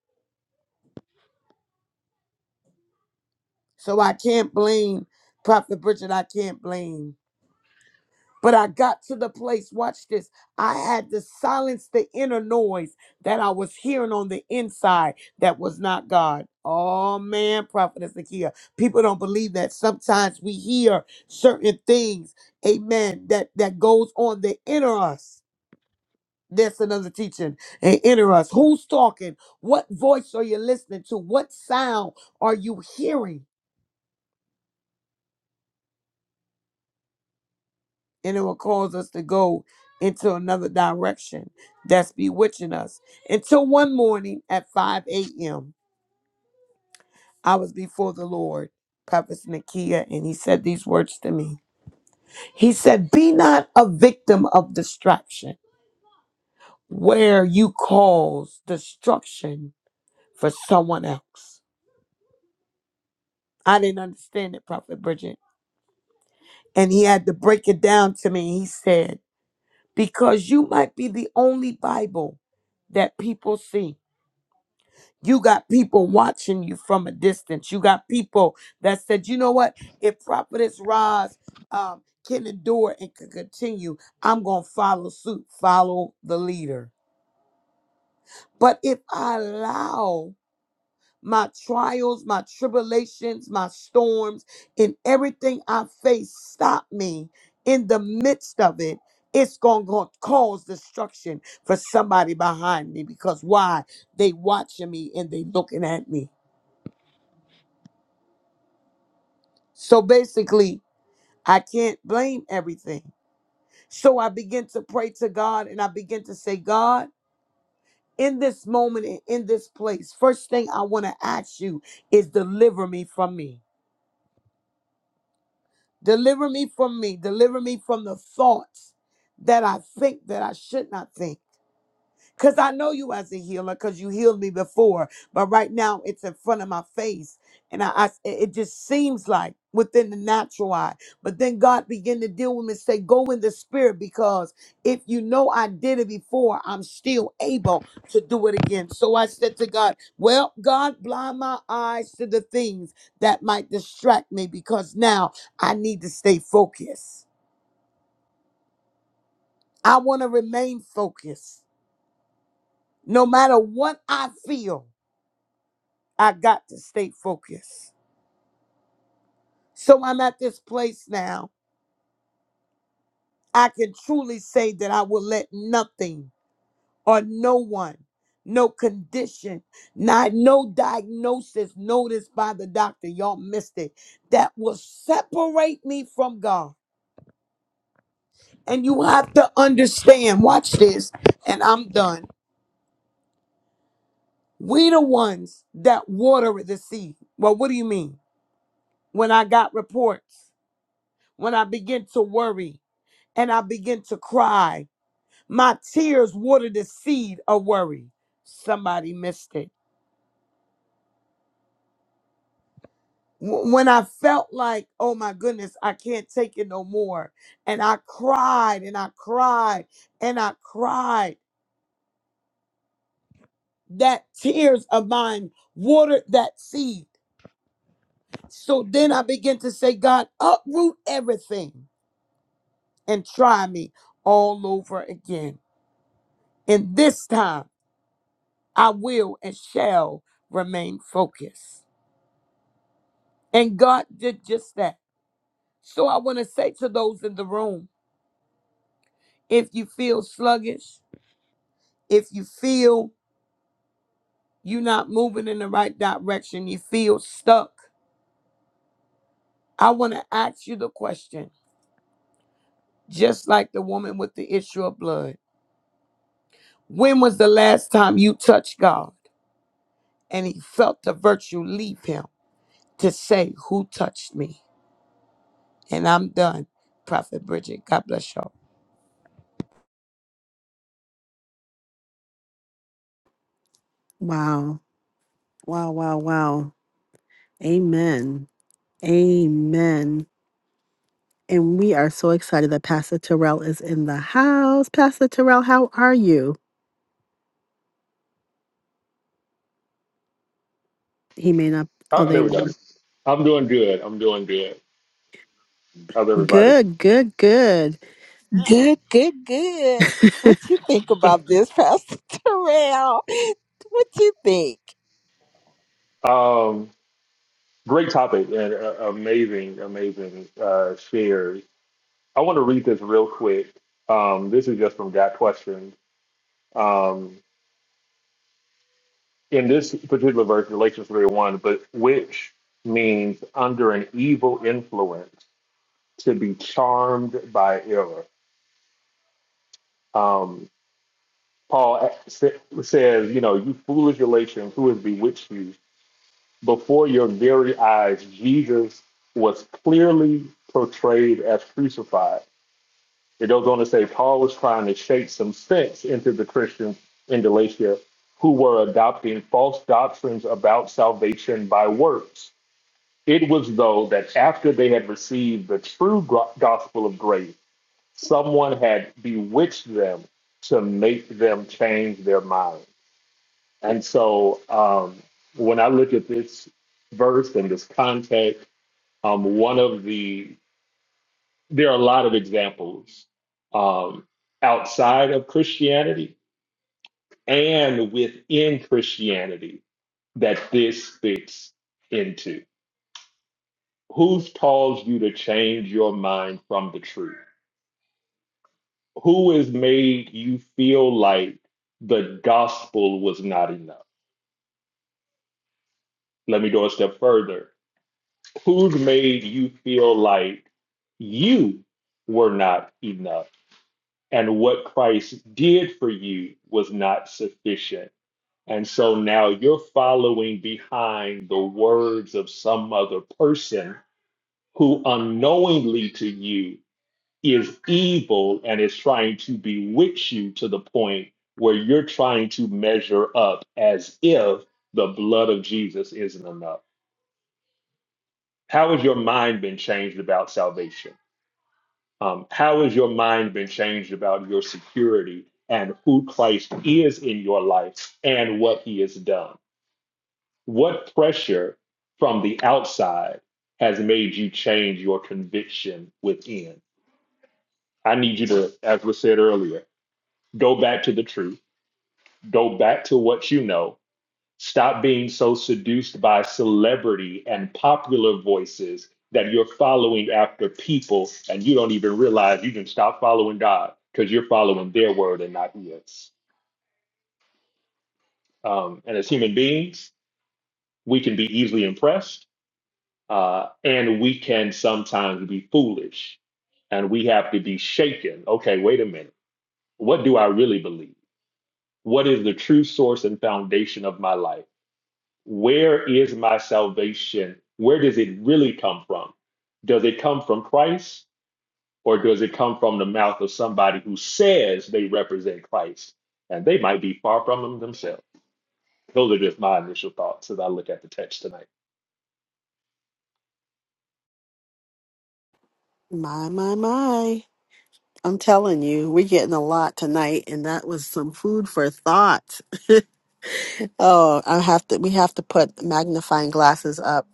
S8: So I can't blame Prophet Bridget. I can't blame But I got to the place, watch this. I had to silence the inner noise that I was hearing on the inside that was not God. Oh man, Prophetess Nakia. People don't believe that. Sometimes we hear certain things, amen, that, that goes on the inner us. That's another teaching. And inner us. Who's talking? What voice are you listening to? What sound are you hearing? and it will cause us to go into another direction that's bewitching us. Until one morning at 5 a.m., I was before the Lord, Prophet Nakia, and he said these words to me. He said, Be not a victim of distraction where you cause destruction for someone else. I didn't understand it, Prophet Bridget. And he had to break it down to me. He said, Because you might be the only Bible that people see You got people watching you from a distance. You got people that said, you know what? If Prophetess Roz um, can endure and can continue, I'm going to follow suit, follow the leader. But if I allow my trials, my tribulations, my storms, and everything I face stop me in the midst of it, it's going to cause destruction for somebody behind me because why? They watching me and they looking at me. So basically, I can't blame everything. So I begin to pray to God and I begin to say, God, in this moment and in this place, first thing I want to ask you is deliver me from me. Deliver me from me. Deliver me from the thoughts that I think that I should not think. Because I know you as a healer because you healed me before. But right now it's in front of my face. And I, I- it just seems like within the natural eye. But then God began to deal with me and say, go in the spirit because if you know I did it before, I'm still able to do it again. So I said to God, well, God, blind my eyes to the things that might distract me because now I need to stay focused. I want to remain focused no matter what I feel. I got to stay focused. So I'm at this place now. I can truly say that I will let nothing or no one, no condition, not no diagnosis noticed by the doctor. Y'all missed it. That will separate me from God. And you have to understand, watch this, and I'm done. We the ones that water the seed. Well, what do you mean? When I got reports, when I begin to worry and I begin to cry My tears watered the seed of worry. Somebody missed it. W- When I felt like, oh my goodness, I can't take it no more. And I cried and I cried and I cried. That tears of mine watered that seed. So then I began to say, God, uproot everything and try me all over again. And this time I will and shall remain focused. And God did just that. So I want to say to those in the room if you feel sluggish, if you feel you're not moving in the right direction, you feel stuck, I want to ask you the question, just like the woman with the issue of blood. When was the last time you touched God and he felt the virtue leave him to say, Who touched me? And I'm done. Prophet Bridget, God bless y'all.
S2: Wow. Wow, wow, wow. Amen. Amen. And we are so excited that Pastor Terrell is in the house. Pastor Terrell, how are you? He may not. Oh,
S4: Oh,
S2: there
S4: there we
S2: you
S4: go.
S2: are.
S4: I'm doing good. I'm doing good. How's everybody?
S2: Good, good, good.
S1: Good, good, good.
S2: [LAUGHS]
S1: What you think about this, [LAUGHS] Pastor Terrell? What you think?
S4: Um, great topic and uh, amazing, amazing uh, shares. I want to read this real quick. Um, this is just from Got Questions. Um, in this particular verse, Galatians 3 1, but which means under an evil influence to be charmed by error. Um, Paul sa- says, you know, you foolish Galatians, who has bewitched you? before your very eyes, Jesus was clearly portrayed as crucified. It goes on to say Paul was trying to shake some sense into the Christians in Galatia who were adopting false doctrines about salvation by works. It was though that after they had received the true gro- gospel of grace, someone had bewitched them to make them change their mind. And so um, when I look at this verse and this context, um, one of the, there are a lot of examples um, outside of Christianity and within Christianity that this fits into. Who's caused you to change your mind from the truth? Who has made you feel like the gospel was not enough? Let me go a step further. Who's made you feel like you were not enough? and what Christ did for you was not sufficient. And so now you're following behind the words of some other person who unknowingly to you is evil and is trying to bewitch you to the point where you're trying to measure up as if the blood of Jesus isn't enough. How has your mind been changed about salvation? Um, how has your mind been changed about your security and who Christ is in your life and what he has done? What pressure from the outside has made you change your conviction within? I need you to, as was said earlier, go back to the truth, go back to what you know, Stop being so seduced by celebrity and popular voices that you're following after people and you don't even realize you can stop following God because you're following their word and not His. Um, and as human beings, we can be easily impressed uh, and we can sometimes be foolish and we have to be shaken. Okay, wait a minute. What do I really believe? What is the true source and foundation of my life? where is my salvation? Where does it really come from? Does it come from Christ or does it come from the mouth of somebody who says they represent Christ? And they might be far from him themselves. Those are just my initial thoughts as I look at the text tonight.
S2: My, my, my. I'm telling you, we're getting a lot tonight, and that was some food for thought. Oh, I have to. We have to put magnifying glasses up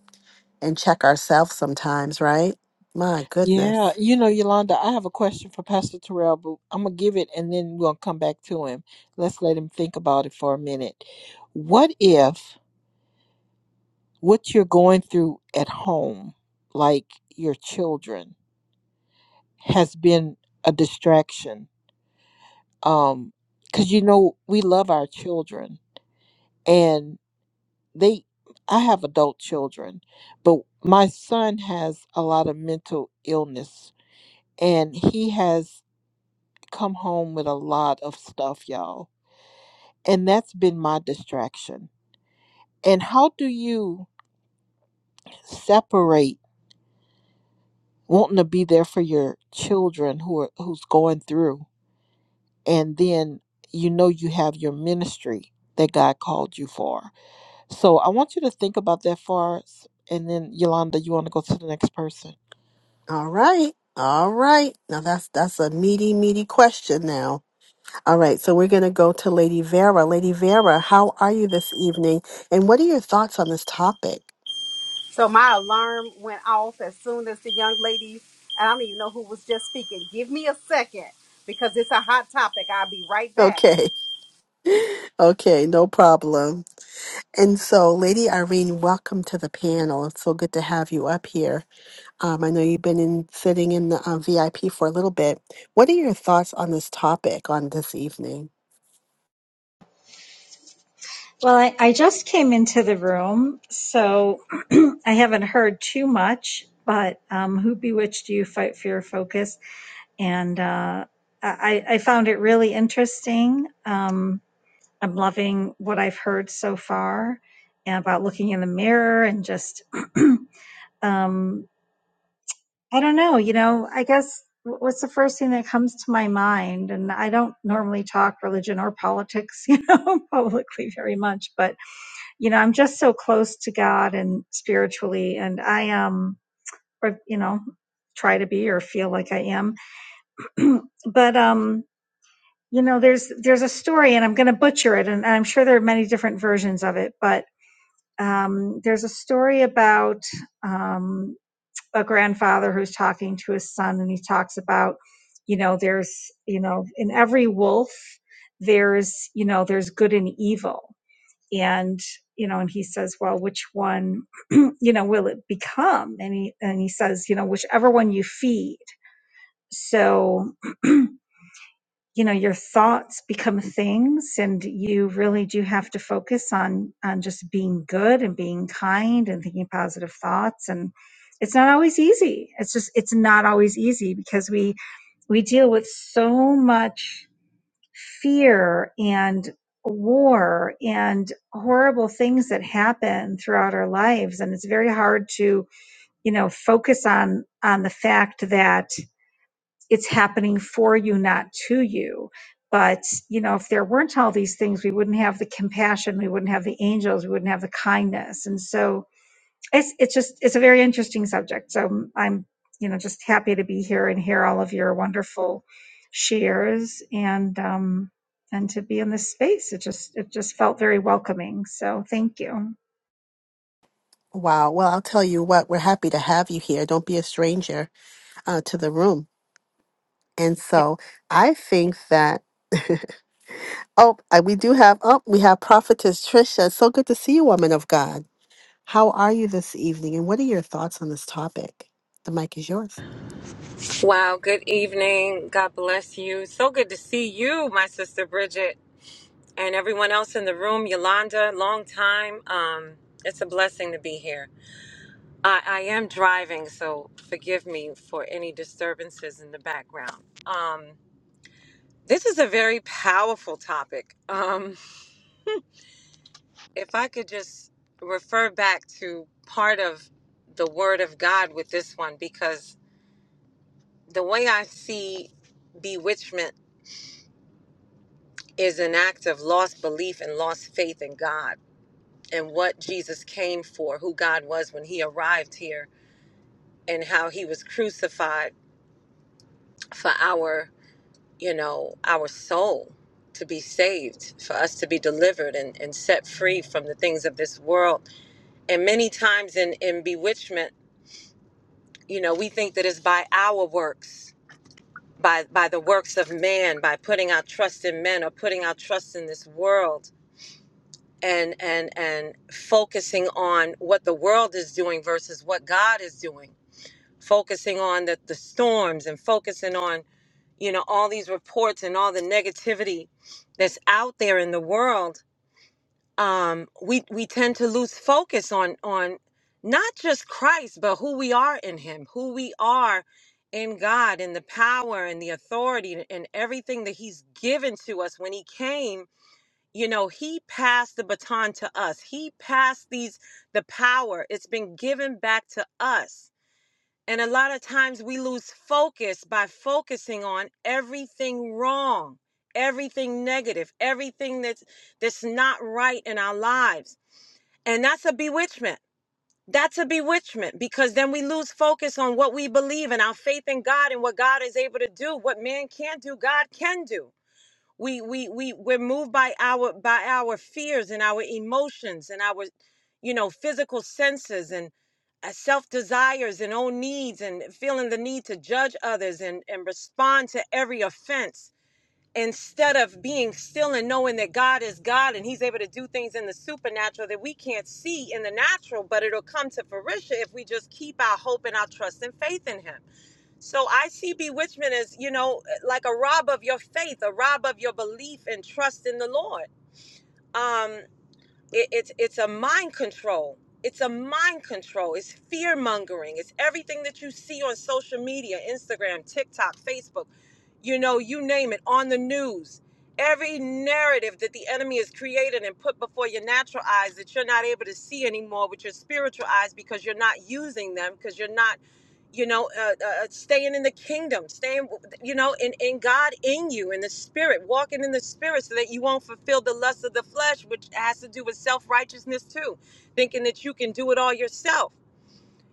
S2: and check ourselves sometimes, right? My
S1: Yeah,
S2: goodness.
S1: you know, Yolanda, I have a question for Pastor Terrell, but I'm gonna give it and then we'll come back to him. Let's let him think about it for a minute. What if what you're going through at home, like your children, has been a distraction? Um, because you know we love our children, and they, I have adult children, but my son has a lot of mental illness, and he has come home with a lot of stuff, y'all. And that's been my distraction. And how do you separate wanting to be there for your children who are who's going through and then you know you have your ministry that God called you for. So I want you to think about that for us and then Yolanda, you want to go to the next person?
S2: All right, all right. Now that's that's a meaty, meaty question. Now. All right, so we're going to go to Lady Vera. Lady Vera, how are you this evening? And what are your thoughts on this topic? [LAUGHS]
S9: So my alarm went off as soon as the young lady, I don't even know who was just speaking. Give me a second because it's a hot topic. I'll be right back.
S2: Okay, okay, no problem. And so, Lady Irene, welcome to the panel. It's so good to have you up here. Um, I know you've been in, sitting in the uh, VIP for a little bit. What are your thoughts on this topic on this evening?
S10: Well, I, I just came into the room, so [CLEARS THROAT] I haven't heard too much. But um, who bewitched you? Fight for your focus, and uh, I, I found it really interesting. Um, I'm loving what I've heard so far about looking in the mirror and just [CLEARS THROAT] um, I don't know. You know, I guess wh- what's the first thing that comes to my mind? And I don't normally talk religion or politics, [LAUGHS] you know, publicly very much, but you know, I'm just so close to God and spiritually, and I am, um, or you know, try to be or feel like I am. [CLEARS THROAT] but um, you know, there's there's a story, and I'm going to butcher it, and I'm sure there are many different versions of it. But um, there's a story about um, a grandfather who's talking to his son, and he talks about, you know, there's you know, in every wolf, there's you know, there's good and evil and you know and he says well which one [CLEARS THROAT] you know will it become and he and he says you know whichever one you feed so you know your thoughts become things and you really do have to focus on on just being good and being kind and thinking positive thoughts and it's not always easy it's just it's not always easy because we we deal with so much fear and war and horrible things that happen throughout our lives and it's very hard to you know focus on on the fact that it's happening for you not to you but you know if there weren't all these things we wouldn't have the compassion we wouldn't have the angels we wouldn't have the kindness and so it's it's just it's a very interesting subject so i'm you know just happy to be here and hear all of your wonderful shares and um and to be in this space it just it just felt very welcoming so thank you
S2: Wow, well, I'll tell you what, we're happy to have you here. Don't be a stranger uh, to the room. And so, I think that. [LAUGHS] Oh, uh, we do have, oh, we have Prophetess Trisha. So good to see you, woman of God. How are you this evening? And what are your thoughts on this topic? The mic is yours.
S11: Wow, good evening. God bless you. So good to see you, my sister Bridget, and everyone else in the room. Yolanda, long time. Um, it's a blessing to be here. I, I am driving, so forgive me for any disturbances in the background. Um, this is a very powerful topic. Um, if I could just refer back to part of the Word of God with this one, because the way I see bewitchment is an act of lost belief and lost faith in God and what Jesus came for, who God was when he arrived here and how he was crucified for our, you know, our soul to be saved, for us to be delivered and, and set free from the things of this world. And many times in, in bewitchment, you know, we think that it's by our works, by by the works of man, by putting our trust in men or putting our trust in this world and and and focusing on what the world is doing versus what God is doing focusing on the, the storms and focusing on you know all these reports and all the negativity that's out there in the world um we we tend to lose focus on on not just Christ but who we are in him who we are in God and the power and the authority and everything that he's given to us when he came you know he passed the baton to us he passed these the power it's been given back to us and a lot of times we lose focus by focusing on everything wrong everything negative everything that's that's not right in our lives and that's a bewitchment that's a bewitchment because then we lose focus on what we believe and our faith in God and what God is able to do what man can't do God can do we we we we're moved by our by our fears and our emotions and our you know physical senses and uh, self desires and own needs and feeling the need to judge others and and respond to every offense instead of being still and knowing that God is God and he's able to do things in the supernatural that we can't see in the natural but it'll come to fruition if we just keep our hope and our trust and faith in him so I see bewitchment as, you know, like a rob of your faith, a rob of your belief and trust in the Lord. Um, it, it's it's a mind control. It's a mind control. It's fear mongering. It's everything that you see on social media, Instagram, TikTok, Facebook, you know, you name it, on the news. Every narrative that the enemy has created and put before your natural eyes that you're not able to see anymore with your spiritual eyes because you're not using them, because you're not you know, uh, uh, uh, staying in the kingdom, staying, you know, in, in God in you, in the spirit, walking in the spirit so that you won't fulfill the lust of the flesh, which has to do with self righteousness too, thinking that you can do it all yourself.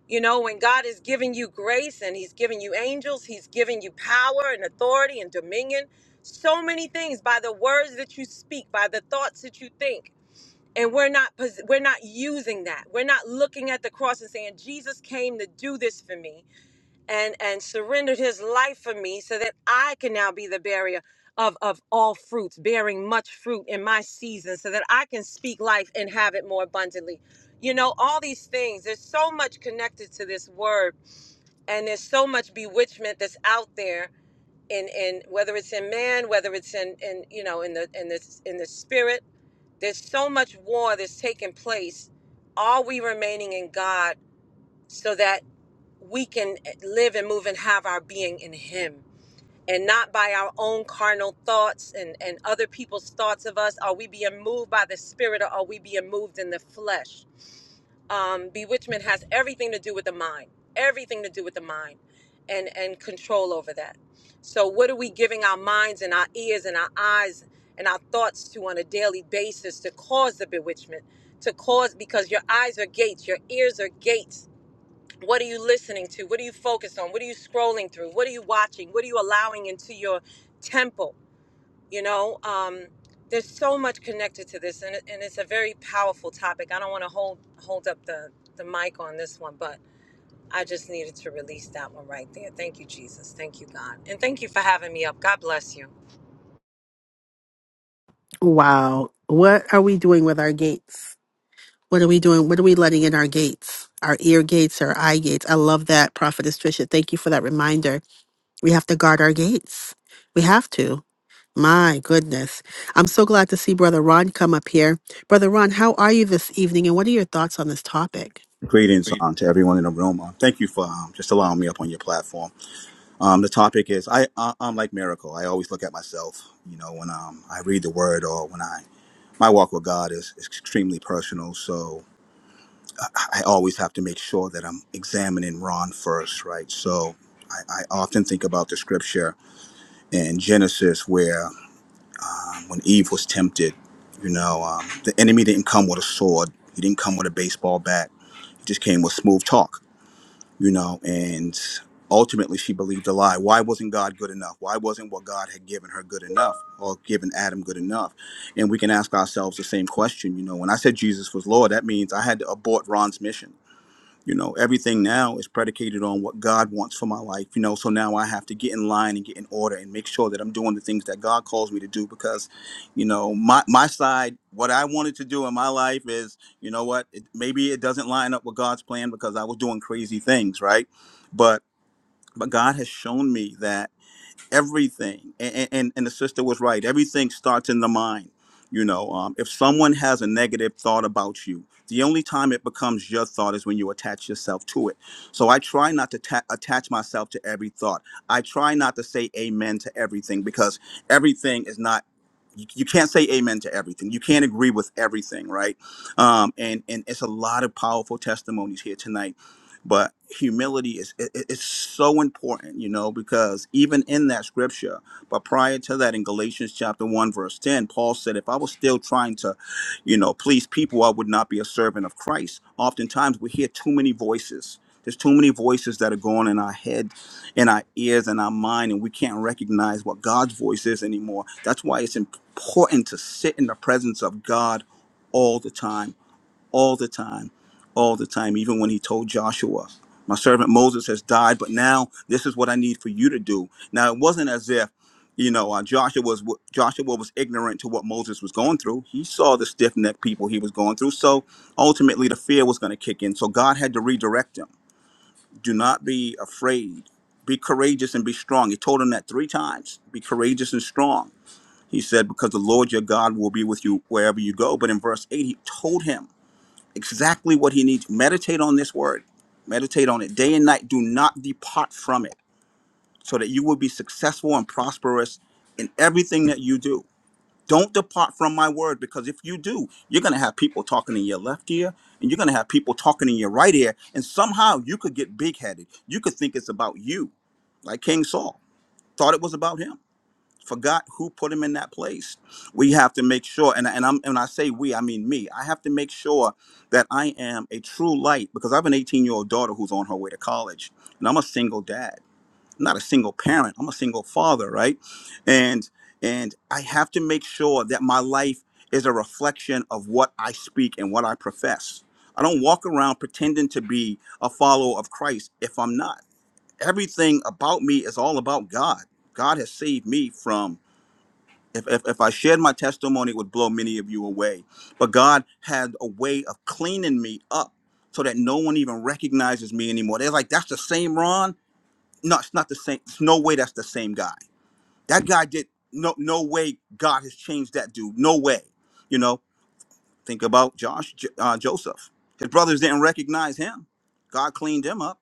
S11: You know, when God is giving you grace and He's giving you angels, He's giving you power and authority and dominion, so many things by the words that you speak, by the thoughts that you think. And we're not pos- we're not using that. We're not looking at the cross and saying Jesus came to do this for me and and surrendered his life for me so that I can now be the barrier of of all fruits bearing much fruit in my season so that I can speak life and have it more abundantly you know all these things there's so much connected to this word and there's so much bewitchment that's out there in in whether it's in man whether it's in in you know in the in the in the spirit there's so much war that's taking place are we remaining in God so that we can eh, live and move and have our being in him and not by our own carnal thoughts and, and other people's thoughts of us are we being moved by the spirit or are we being moved in the flesh um, bewitchment has everything to do with the mind everything to do with the mind and and control over that so what are we giving our minds and our ears and our eyes and our thoughts to on a daily basis to cause the bewitchment to cause because your eyes are gates your ears are gates what are you listening to? What are you focused on? What are you scrolling through? What are you watching? What are you allowing into your temple? You know, um, there's so much connected to this, and, it- and it's a very powerful topic. I don't want to hold hold up the the mic on this one, but I just needed to release that one right there. Thank you, Jesus. Thank you, God, and thank you for having me up. God bless you.
S2: Wow. What are we doing with our gates? What are we doing? What are we letting in our gates? Our ear gates, our eye gates. I love that, Prophetess Trisha. Thank you for that reminder. We have to guard our gates. We have to. My goodness. I'm so glad to see Brother Ron come up here. Brother Ron, how are you this evening and what are your thoughts on this topic?
S12: Greetings um, to everyone in the room. Um, thank you for um, just allowing me up on your platform. Um, the topic is I, I I'm like miracle. I always look at myself. You know, when um, I read the word or when I my walk with God is, is extremely personal. So I, I always have to make sure that I'm examining Ron first, right? So I, I often think about the scripture in Genesis where um, when Eve was tempted, you know, um, the enemy didn't come with a sword. He didn't come with a baseball bat. He just came with smooth talk you know, and ultimately she believed a lie. Why wasn't God good enough? Why wasn't what God had given her good enough or given Adam good enough? And we can ask ourselves the same question, you know, when I said Jesus was Lord, that means I had to abort Ron's mission you know, everything now is predicated on what God wants for my life. You know, so now I have to get in line and get in order and make sure that I'm doing the things that God calls me to do because, you know, my my side, what I wanted to do in my life is, you know what, it, maybe it doesn't line up with God's plan because I was doing crazy things, right? But but God has shown me that everything and, and and the sister was right everything starts in the mind you know um, if someone has a negative thought about you the only time it becomes your thought is when you attach yourself to it so i try not to ta- attach myself to every thought i try not to say amen to everything because everything is not you, you can't say amen to everything you can't agree with everything right um, and and it's a lot of powerful testimonies here tonight but humility is it, it- it's so important you know because even in that scripture but prior to that in galatians chapter 1 verse 10 paul said if i was still trying to you know please people i would not be a servant of christ oftentimes we hear too many voices there's too many voices that are going in our head in our ears in our mind and we can't recognize what god's voice is anymore that's why it's important to sit in the presence of god all the time all the time, all the time, even when he told Joshua, My servant Moses has died, but now this is what I need for you to do. Now, it wasn't as if you know, uh, Joshua was Joshua was ignorant to what Moses was going through. He saw the stiff necked people he was going through. So ultimately, the fear was going to kick in. So God had to redirect him. Do not be afraid. Be courageous and be strong. He told him that three times. Be courageous and strong. He said, because the Lord your God will be with you wherever you go. But in verse eight, he told him exactly what he needs. Meditate on this word, meditate on it day and night. Do not depart from it so that you will be successful and prosperous in everything that you do. Don't depart from my word because if you do, you're going to have people talking in your left ear and you're going to have people talking in your right ear. And somehow you could get big headed. You could think it's about you, like King Saul thought it was about him forgot who put him in that place. We have to make sure, and, and I'm and I say we, I mean me. I have to make sure that I am a true light because I have an 18 year old daughter who's on her way to college, and I'm a single dad, not a single parent. I'm a single father, right? And and I have to make sure that my life is a reflection of what I speak and what I profess. I don't walk around pretending to be a follower of Christ if I'm not. Everything about me is all about God. God has saved me from if, if, if I shared my testimony, it would blow many of you away. But God had a way of cleaning me up so that no one even recognizes me anymore. They're like, that's the same Ron. No, it's not the same. It's no way that's the same guy. That guy did no no way God has changed that dude. No way. You know, think about Josh J- uh, Joseph. His brothers didn't recognize him. God cleaned him up.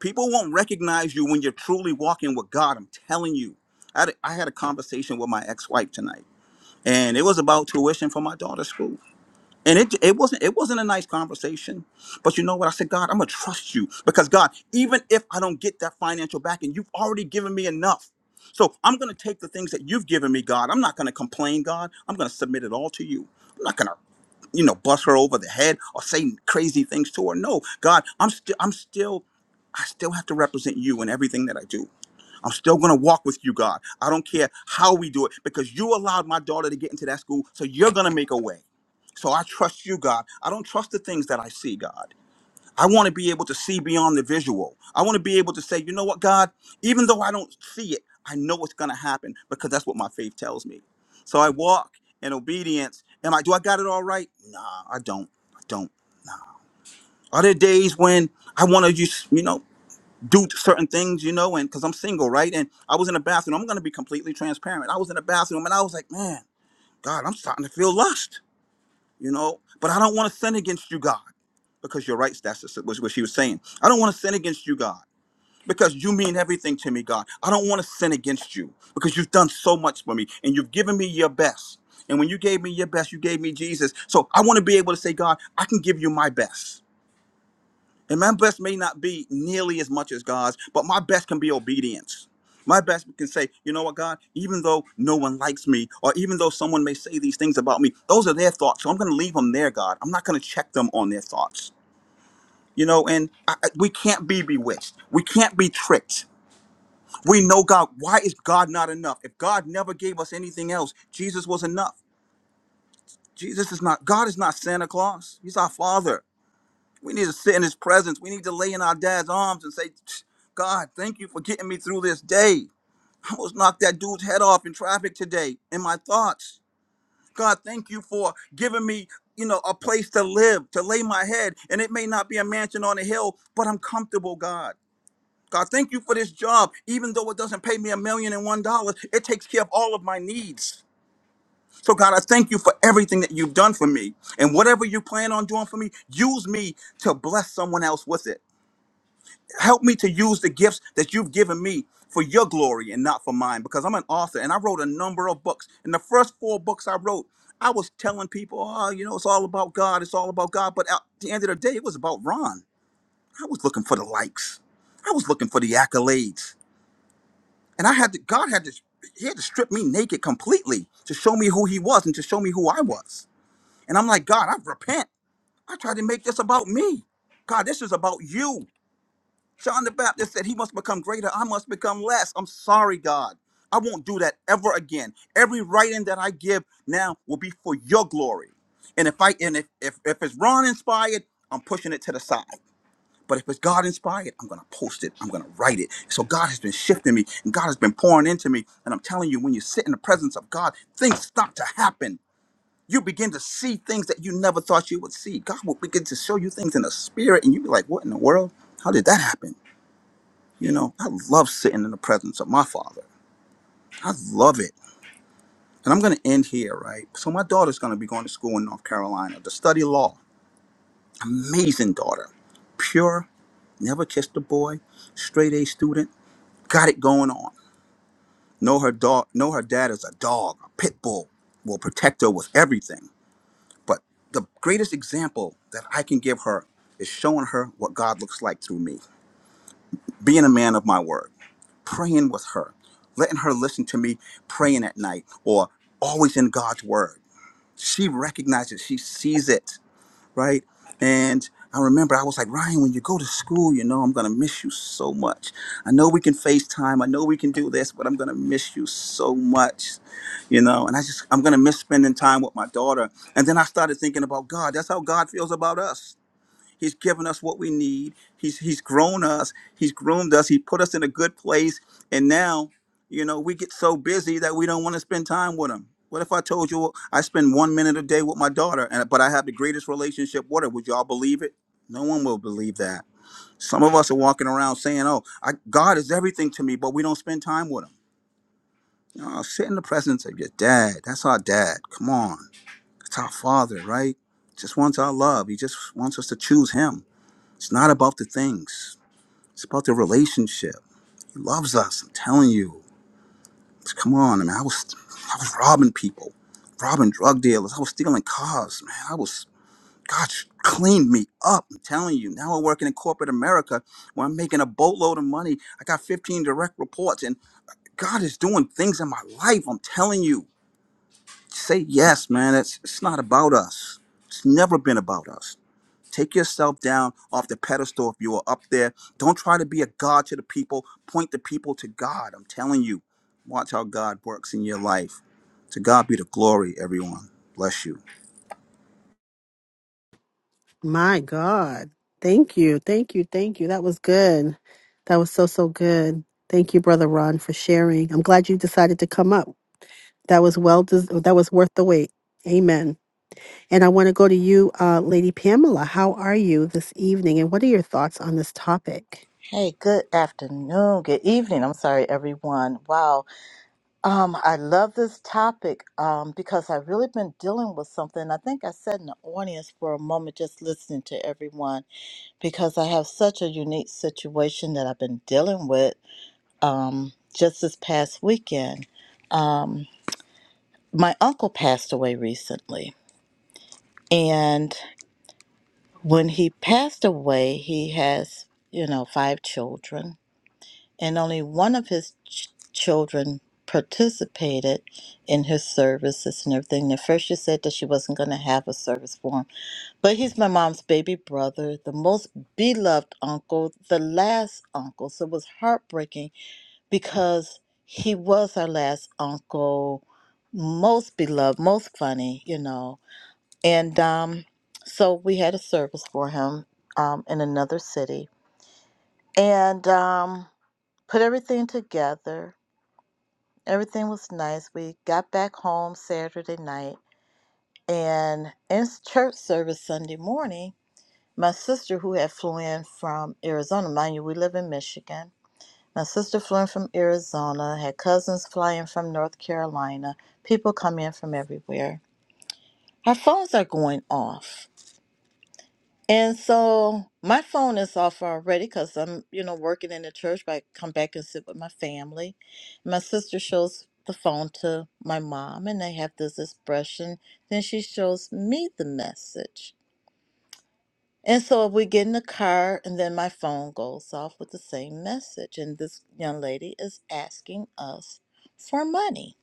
S12: People won't recognize you when you're truly walking with God. I'm telling you. I had a, I had a conversation with my ex-wife tonight and it was about tuition for my daughter's school. And it it wasn't it wasn't a nice conversation, but you know what? I said, God, I'm gonna trust you because God, even if I don't get that financial backing, you've already given me enough. So I'm gonna take the things that you've given me, God. I'm not gonna complain, God. I'm gonna submit it all to you. I'm not gonna, you know, bust her over the head or say crazy things to her. No, God, I'm still I'm still I still have to represent you in everything that I do. I'm still going to walk with you, God. I don't care how we do it because you allowed my daughter to get into that school, so you're going to make a way. So I trust you, God. I don't trust the things that I see, God. I want to be able to see beyond the visual. I want to be able to say, you know what, God, even though I don't see it, I know it's going to happen because that's what my faith tells me. So I walk in obedience. Am I, do I got it all right? Nah, I don't. I don't. Are there days when I want to just, you know? do certain things, you know, and because I'm single, right? And I was in the bathroom. I'm gonna be completely transparent. I was in the bathroom and I was like, man, God, I'm starting to feel lust, you know. But I don't want to sin against you, God, because you're right. That's what what she was saying. I don't want to sin against you, God. Because you mean everything to me, God. I don't want to sin against you because you've done so much for me and you've given me your best. And when you gave me your best, you gave me Jesus. So I want to be able to say, God, I can give you my best. And my best may not be nearly as much as God's, but my best can be obedience. My best can say, you know what, God, even though no one likes me, or even though someone may say these things about me, those are their thoughts. So I'm going to leave them there, God. I'm not going to check them on their thoughts. You know, and I, I- we can't be bewitched. We can't be tricked. We know God. Why is God not enough? If God never gave us anything else, Jesus was enough. Jesus is not, God is not Santa Claus. He's our Father. We need to sit in his presence. We need to lay in our dad's arms and say, God, thank you for getting me through this day. I almost knocked that dude's head off in traffic today in my thoughts. God, thank you for giving me, you know, a place to live, to lay my head. And it may not be a mansion on a hill, but I'm comfortable, God. God, thank you for this job. Even though it doesn't pay me a million and one dollars, it takes care of all of my needs. So, God, I thank you for everything that you've done for me. And whatever you plan on doing for me, use me to bless someone else with it. help me to use the gifts that you've given me for your glory and not for mine because i'm an author and i wrote a number of books and the first four books i wrote i was telling people oh you know it's all about god it's all about god but at the end of the day it was about ron i was looking for the likes i was looking for the accolades and i had to god had to he had to strip me naked completely to show me who he was and to show me who i was and i'm like god i repent i tried to make this about me god this is about you John the Baptist said, He must become greater, I must become less. I'm sorry, God. I won't do that ever again. Every writing that I give now will be for your glory. And if I and if if, if it's Ron inspired, I'm pushing it to the side. But if it's God inspired, I'm gonna post it. I'm gonna write it. So God has been shifting me and God has been pouring into me. And I'm telling you, when you sit in the presence of God, things start to happen. You begin to see things that you never thought you would see. God will begin to show you things in the spirit, and you be like, what in the world? How did that happen? You know, I love sitting in the presence of my father. I love it. And I'm going to end here, right? So, my daughter's going to be going to school in North Carolina to study law. Amazing daughter. Pure, never kissed a boy, straight A student, got it going on. Know her dog, know her dad is a dog, a pit bull, will protect her with everything. But the greatest example that I can give her is showing her what God looks like through me. being a man of my word, praying with her, letting her listen to me praying at night or always in God's word. She recognizes, she sees it, right? And I remember I was like, Ryan, when you go to school, you know, I'm going to miss you so much. I know we can FaceTime. I know we can do this, but I'm going to miss you so much, you know, and I just, I'm going to miss spending time with my daughter. And then I started thinking about God. That's how God feels about us He's given us what we need. He's he's grown us. He's groomed us. He put us in a good place. And now, you know, we get so busy that we don't want to spend time with him. What if I told you I spend one minute a day with my daughter, and but I have the greatest relationship with her? Would y'all believe it? No one will believe that. Some of us are walking around saying, "Oh, I, God is everything to me," but we don't spend time with him. Oh, sit in the presence of your dad. That's our dad. Come on, that's our father, right? Just wants our love. He just wants us to choose him it's not about the things. It's about the relationship. He loves us. I'm telling you. Come on, man. I was, I was robbing people, robbing drug dealers. I was stealing cars, man. I was, gosh, cleaned me up. I'm telling you. Now I'm working in corporate America, where I'm making a boatload of money. I got 15 direct reports, and God is doing things in my life. I'm telling you. Say yes, man. It's, it's not about us. It's never been about us. Take yourself down off the pedestal if you are up there. Don't try to be a God to the people. Point the people to God. I'm telling you, watch how God works in your life. To God be the glory, everyone. Bless you.
S2: My God. Thank you. Thank you. Thank you. That was good. That was so, so good. Thank you, Brother Ron, for sharing. I'm glad you decided to come up. That was well, des- that was worth the wait. Amen. And I want to go to you, uh, Lady Pamela. How are you this evening? And what are your thoughts on this topic?
S13: Hey, good afternoon, good evening. I'm sorry, everyone. Wow, um, I love this topic um, because I've really been dealing with something. I think I sat in the audience for a moment just listening to everyone because I have such a unique situation that I've been dealing with um, just this past weekend. Um, my uncle passed away recently, and when he passed away, he has, you know, five children and only one of his ch- children participated in his services and everything. At first, she said that she wasn't going to have a service for him, but he's my mom's baby brother, the most beloved uncle, the last uncle. So it was heartbreaking because he was our last uncle, most beloved, most funny, you know. And um, so we had a service for him um, in another city. And um, put everything together Everything was nice. We got back home Saturday night, and in church service Sunday morning, my sister, who had flown in from Arizona, mind you, we live in Michigan. My sister flew in from Arizona, had cousins flying from North Carolina, people come in from everywhere. Our phones are going off. And so my phone is off already because I'm, you know, working in the church, but I come back and sit with my family. My sister shows the phone to my mom and they have this expression. Then she shows me the message. And so we get in the car and then my phone goes off with the same message. And this young lady is asking us for money.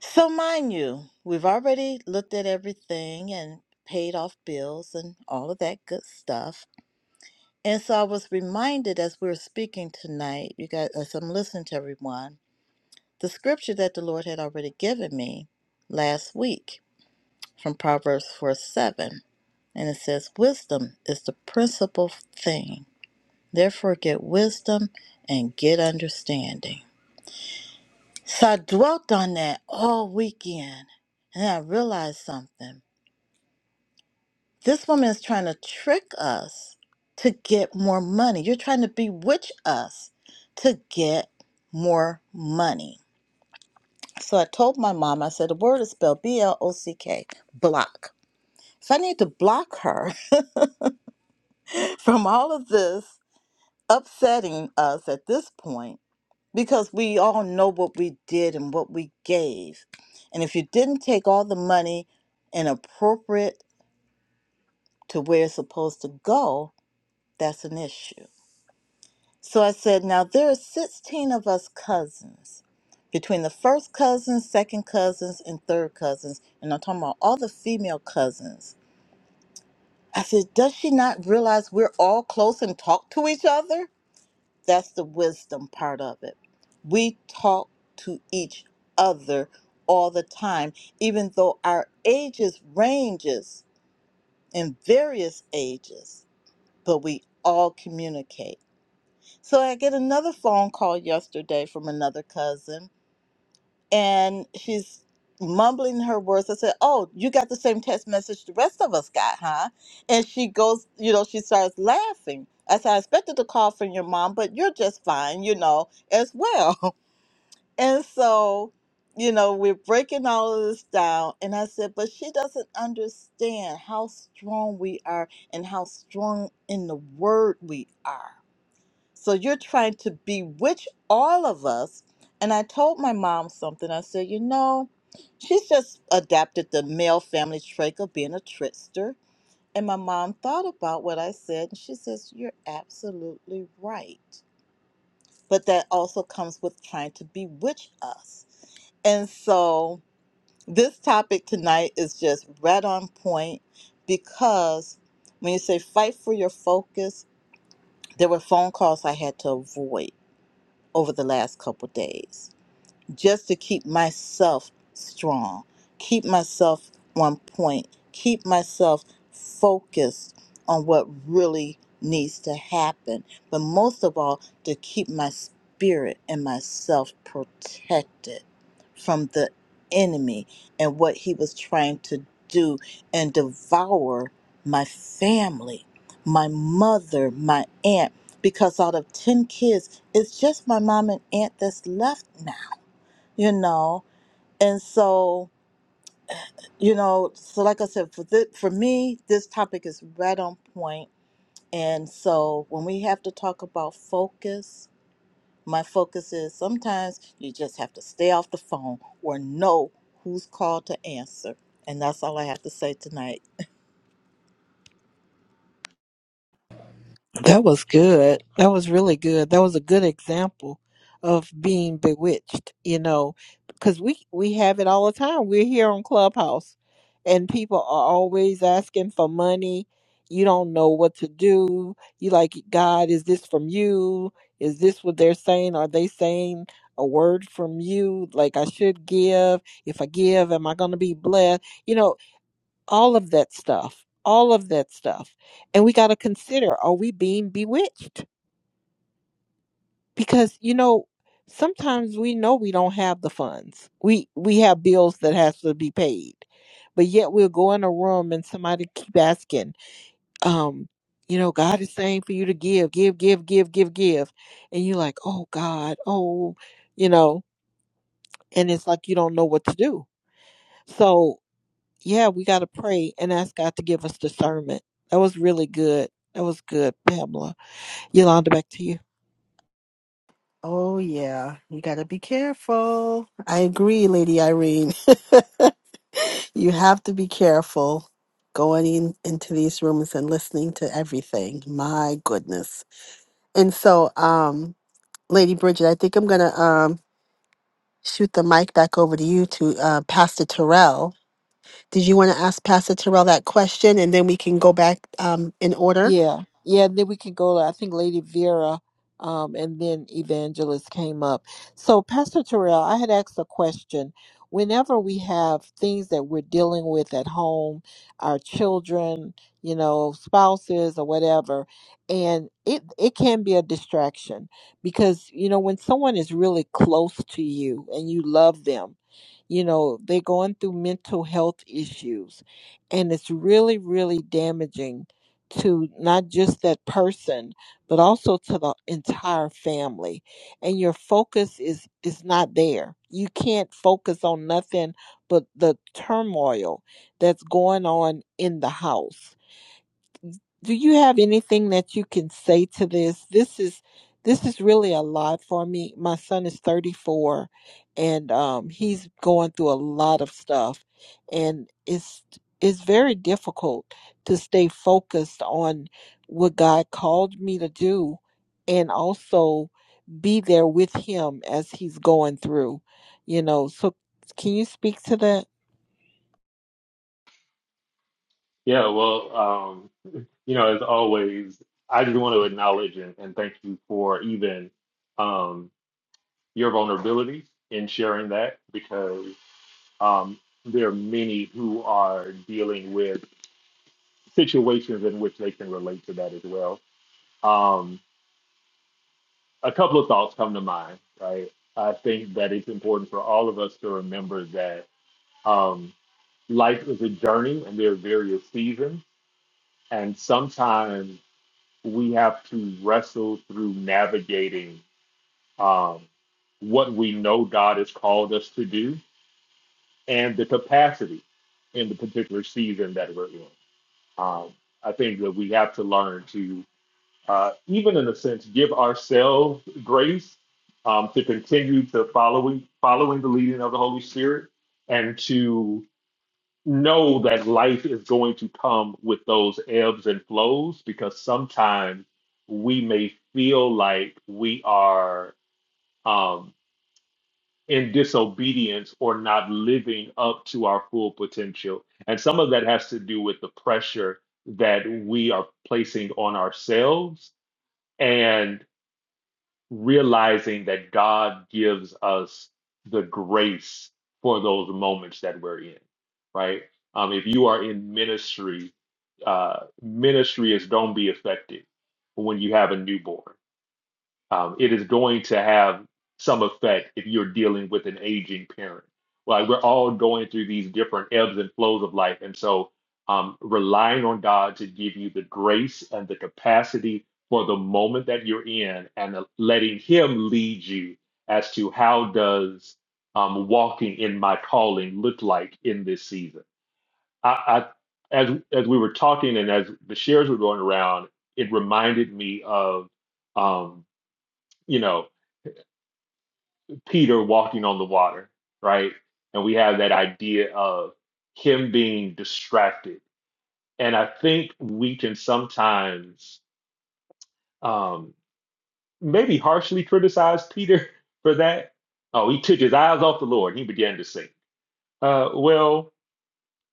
S13: So mind you, we've already looked at everything and paid off bills and all of that good stuff. And so I was reminded as we were speaking tonight, you guys, as I'm listening to everyone, the scripture that the Lord had already given me last week from Proverbs 4 7. And it says, Wisdom is the principal thing. Therefore, get wisdom and get understanding. So I dwelt on that all weekend. And I realized something. This woman is trying to trick us to get more money. You're trying to bewitch us to get more money. So I told my mom, I said, the word is spelled B L O C K, block. So I need to block her [LAUGHS] from all of this upsetting us at this point because we all know what we did and what we gave. And if you didn't take all the money and appropriate to where it's supposed to go, that's an issue. So I said, Now there are 16 of us cousins, between the first cousins, second cousins, and third cousins. And I'm talking about all the female cousins. I said, Does she not realize we're all close and talk to each other? That's the wisdom part of it. We talk to each other all the time, even though our ages ranges in various ages, but we all communicate. So I get another phone call yesterday from another cousin, and she's mumbling her words. I said, Oh, you got the same text message the rest of us got, huh? And she goes, You know, she starts laughing. I said, I expected a call from your mom, but you're just fine, you know, as well. [LAUGHS] And so, you know, we're breaking all of this down. And I said, But she doesn't understand how strong we are and how strong in the word we are so you're trying to bewitch all of us. And I told my mom something. I said, you know, she's just adapted the male family trait of being a trickster. And my mom thought about what I said and she says, you're absolutely right. But that also comes with trying to bewitch us. And so this topic tonight is just right on point because when you say fight for your focus, there were phone calls I had to avoid over the last couple days just to keep myself strong, keep myself on point, keep myself focused on what really needs to happen, but most of all, to keep my spirit and myself protected from the enemy and what he was trying to do and devour my family, my mother, my aunt. Because out of 10 kids, it's just my mom and aunt that's left now you know and so you know so like i said for the, for me this topic is right on point point. and so when we have to talk about focus my focus is sometimes you just have to stay off the phone or know who's called to answer and that's all i have to say tonight
S1: That was good. That was really good. That was a good example of being bewitched, you know, because we we have it all the time. We're here on Clubhouse, and people are always asking for money. You don't know what to do. You like God? Is this from you? Is this what they're saying? Are they saying a word from you? Like I should give. If I give, am I going to be blessed? You know, all of that stuff all of that stuff and we got to consider are we being bewitched because you know sometimes we know we don't have the funds we we have bills that has to be paid but yet we'll go in a room and somebody keep asking um you know god is saying for you to give give give give give give and you're like oh god oh you know and it's like you don't know what to do so. Yeah, we got to pray and ask God to give us discernment. That was really good. That was good, Pamela. Yolanda, back to you.
S2: Oh, yeah. You got to be careful. I agree, Lady Irene. [LAUGHS] you have to be careful going in, into these rooms and listening to everything. My goodness. And so, um, Lady Bridget, I think I'm gonna um shoot the mic back over to you to uh, Pastor Terrell. Did you want to ask Pastor Terrell that question, and then we can go back um in order?
S1: Yeah, yeah, and then we can go. to, I think Lady Vera, um, and then Evangelist came up. So, Pastor Terrell, I had asked a question. Whenever we have things that we're dealing with at home, our children, you know, spouses or whatever, and it it can be a distraction because you know when someone is really close to you and you love them, you know, they're going through mental health issues, and it's really really damaging to not just that person but also to the entire family and your focus is is not there you can't focus on nothing but the turmoil that's going on in the house do you have anything that you can say to this this is this is really a lot for me my son is 34 and um he's going through a lot of stuff and it's it's very difficult to stay focused on what god called me to do and also be there with him as he's going through you know so can you speak to that?
S4: Yeah, well, um, you know, as always, I just want to acknowledge and, and thank you for even um, your vulnerability in sharing that because um, there are many who are dealing with situations in which they can relate to that as well. Um, a couple of thoughts come to mind, right? I think that it's important for all of us to remember that um, life is a journey and there are various seasons. And sometimes we have to wrestle through navigating um, what we know God has called us to do and the capacity in the particular season that we're in. Um, I think that we have to learn to uh, even in a sense, give ourselves grace um, to continue to following following the leading of the Holy Spirit, and to know that life is going to come with those ebbs and flows, because sometimes we may feel like we are um, in disobedience or not living up to our full potential, and some of that has to do with the pressure that we are placing on ourselves realizing that God gives us the grace for those moments that we're in, right? Um, if you are in ministry, uh, ministry is don't be affected when you have a newborn um, it is going to have some effect if you're dealing with an aging parent. Like we're all going through these different ebbs and flows of life. And so um, relying on God to give you the grace and the capacity for the moment that you're in and letting Him lead you as to how does um, walking in my calling look like in this season. I, I, as, as we were talking and as the shares were going around, it reminded me of um, you know, Peter walking on the water, right? And we have that idea of him being distracted. And I think we can sometimes um, maybe harshly criticize Peter [LAUGHS] for that. Oh, he took his eyes off the Lord and he began to sink. Uh, well,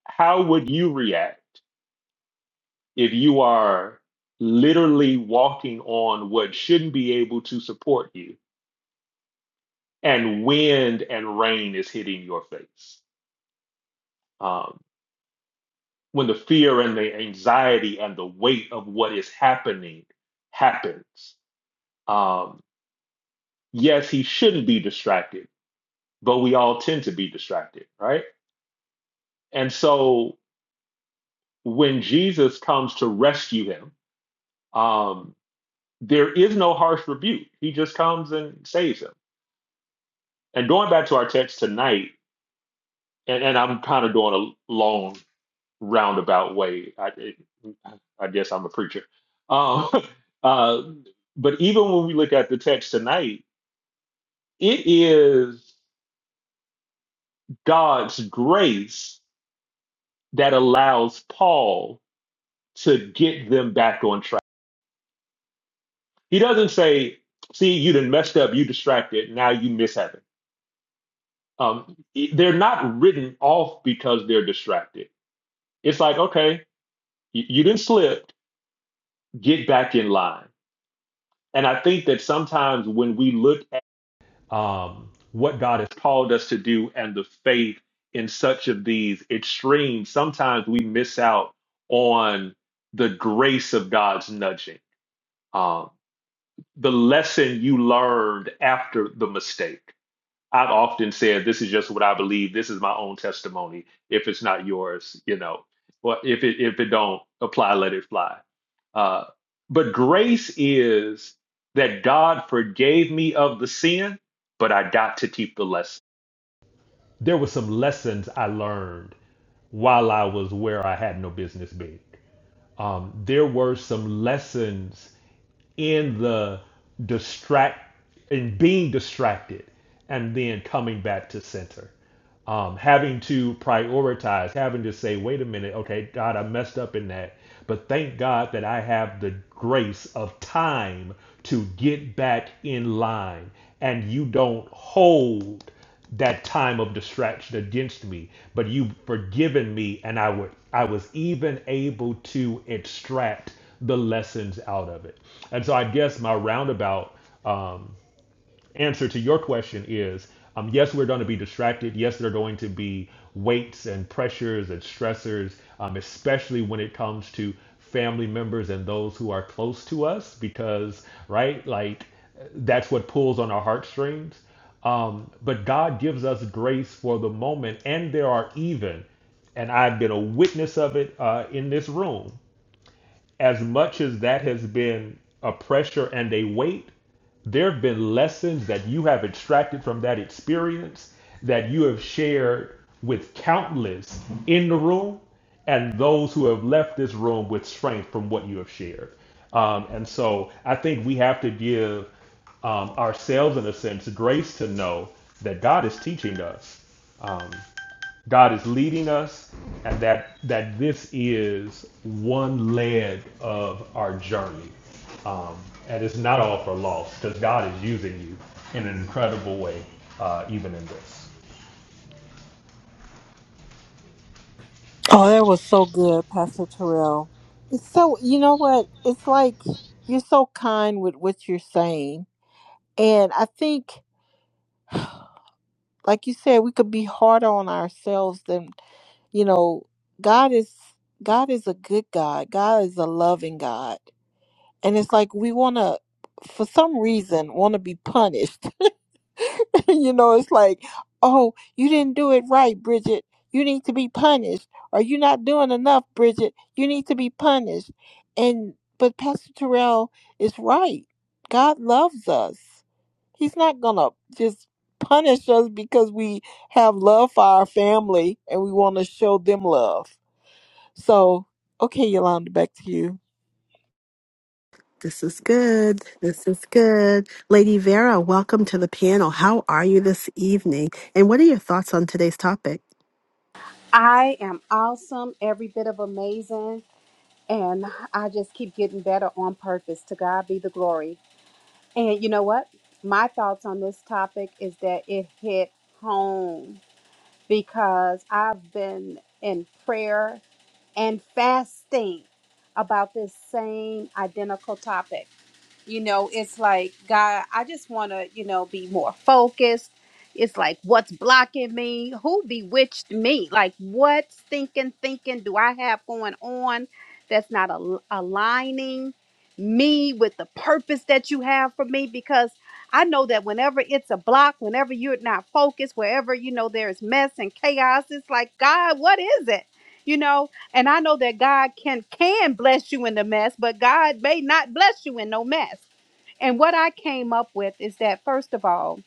S4: how would you react if you are literally walking on what shouldn't be able to support you and wind and rain is hitting your face? Um, when the fear and the anxiety and the weight of what is happening happens. Um, yes, he shouldn't be distracted, but we all tend to be distracted, right? And so when Jesus comes to rescue him, um, there is no harsh rebuke. He just comes and saves him. And going back to our text tonight, and, and I'm kind of doing a long roundabout way. I, it, I guess I'm a preacher. Um, [LAUGHS] uh, but even when we look at the text tonight, it is God's grace that allows Paul to get them back on track. He doesn't say, "See, you done messed up. You distracted. Now you miss heaven." Um, they're not written off because they're distracted. It's like, okay, you, you didn't slip. Get back in line. And I think that sometimes when we look um, what God has called us to do and the faith in such of these extremes, sometimes we miss out on the grace of God's nudging, um, the lesson you learned after the mistake. I've often said, this is just what I believe. This is my own testimony. If it's not yours, you know, or if it if it don't apply, let it fly. Uh, but grace is that God forgave me of the sin, but I got to keep the lesson. There were some lessons I learned while I was where I had no business being. Um, there were some lessons in the distract in being distracted and then coming back to center um, having to prioritize, having to say, wait a minute, okay, God, I messed up in that. But thank God that I have the grace of time to get back in line. And you don't hold that time of distraction against me, but you have forgiven me, and I would I was even able to extract the lessons out of it. And so I guess my roundabout um, answer to your question is um, yes, we're going to be distracted. Yes, there are going to be weights and pressures and stressors, um, especially when it comes to family members and those who are close to us, because, right, like that's what pulls on our heartstrings. Um, but God gives us grace for the moment, and there are even and I've been a witness of it uh, in this room as much as that has been a pressure and a weight, there have been lessons that you have extracted from that experience that you have shared with countless in the room and those who have left this room with strength from what you have shared. Um, and so I think we have to give um, ourselves, in a sense, grace to know that God is teaching us. Um, God is leading us and that that this is one leg of our journey. Um, and it's not all for loss because God is using you in an incredible way, uh, even in this.
S1: Oh, that was so good, Pastor Terrell. It's so, you know what? It's like you're so kind with what you're saying. And I think like you said, we could be harder on ourselves than you know. God is God is a good God. God is a loving God, and it's like we want to, for some reason, want to be punished [LAUGHS] you know, it's like, oh, you didn't do it right, Bridget. You need to be punished. Or you're not doing enough, Bridget. You need to be punished. And but Pastor Terrell is right. God loves us. He's not gonna just punish us because we have love for our family and we want to show them love. So, okay, Yolanda, back to you.
S2: This is good. This is good. Lady Vera, welcome to the panel. How are you this evening? And what are your thoughts on today's topic?
S9: I am awesome, every bit of amazing, and I just keep getting better on purpose. To God be the glory. And you know what? My thoughts on this topic is that it hit home because I've been in prayer and fasting about this same identical topic. you know it's like god i just want to you know be more focused it's like what's blocking me who bewitched me like what stinking thinking do i have going on that's not al- aligning me with the purpose that you have for me because i know that whenever it's a block whenever you're not focused wherever you know there's mess and chaos it's like god what is it you know and I know that God can can bless you in the mess, but God may not bless you in no mess. And what I came up with is that first of all,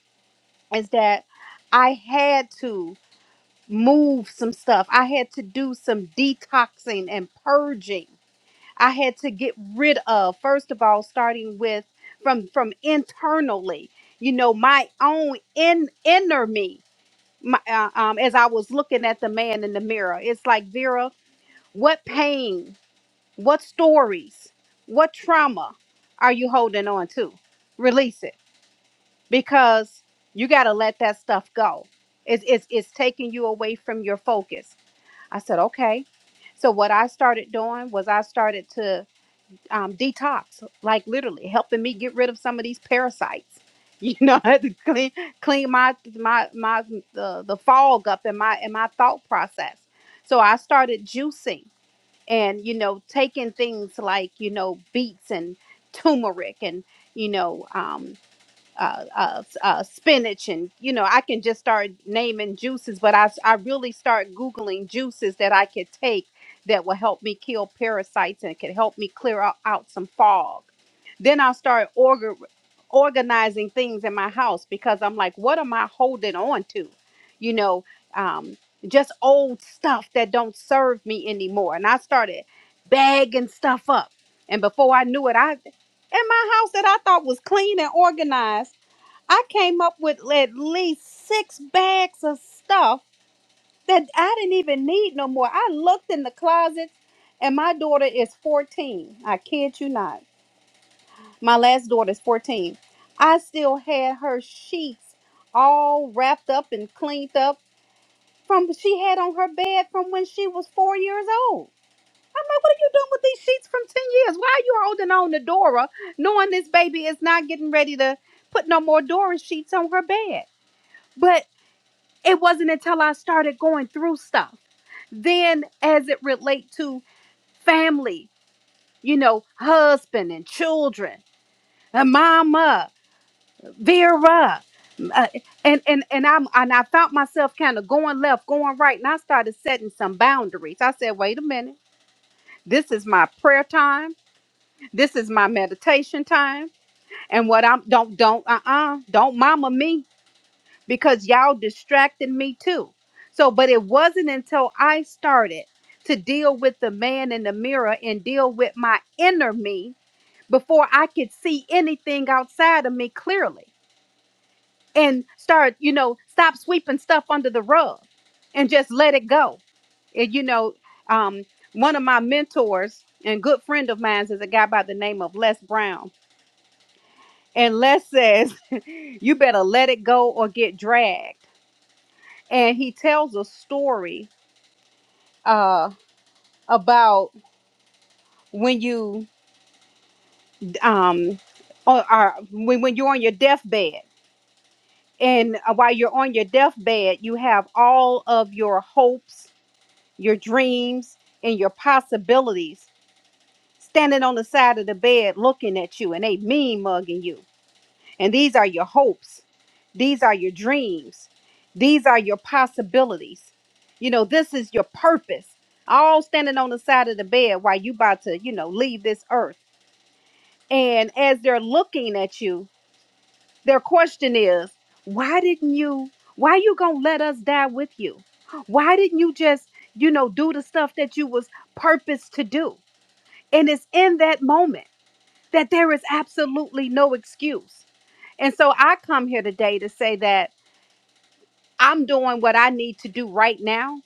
S9: is that I had to move some stuff. I had to do some detoxing and purging. I had to get rid of first of all starting with from from internally, you know, my own in inner me. My, uh, um, as I was looking at the man in the mirror, it's like Vera, what pain what stories, what trauma are you holding on to? Release it because you got to let that stuff go. It's, it's, it's taking you away from your focus. I said, okay. So, what I started doing was I started to um, detox, like literally helping me get rid of some of these parasites. [LAUGHS] You know, I had to clean clean my my my the, the fog up in my in my thought process. So I started juicing and you know taking things like you know beets and turmeric and you know um, uh, uh, uh, spinach and you know i can just start naming juices but I, s- I really start googling juices that i could take that will help me kill parasites and could help me clear out, out some fog then i start orga- organizing things in my house because i'm like what am i holding on to you know um, just old stuff that don't serve me anymore and i started bagging stuff up and before i knew it i in my house that i thought was clean and organized I came up with at least six bags of stuff that I didn't even need no more. I looked in the closet, and my daughter is 14. I kid you not. My last daughter is 14. I still had her sheets all wrapped up and cleaned up from she had on her bed from when she was four years old. I'm like, what are you doing with these sheets from 10 years? Why are you holding on to Dora knowing this baby is not getting ready to put no more Dora sheets on her bed? But It wasn't until I started going through stuff. Then as it relate to family, you know, husband and children, and mama, Vera, uh, and and and I'm and I found myself kind of going left, going right, and I started setting some boundaries. I said, "Wait a minute. This is my prayer time. This is my meditation time. And what I'm don't don't uh-uh, don't mama me because y'all distracted me too. So, but it wasn't until I started to deal with the man in the mirror and deal with my inner me before I could see anything outside of me clearly and start, you know, stop sweeping stuff under the rug and just let it go. And, you know, um, one of my mentors and good friend of mine is a guy by the name of Les Brown. And Les says, [LAUGHS] you better let it go or get dragged and he tells a story uh, about when you um or, or when when you're on your deathbed and uh, while you're on your deathbed you have all of your hopes your dreams and your possibilities standing on the side of the bed looking at you and they mean mugging you And these are your hopes. These are your dreams. These are your possibilities. You know, this is your purpose. All standing on the side of the bed while you about to, you know, leave this earth. And as they're looking at you, their question is, why didn't you, why you gonna let us die with you? Why didn't you just, you know, do the stuff that you was purposed to do? And it's in that moment that there is absolutely no excuse. And so I come here today to say that I'm doing what I need to do right now.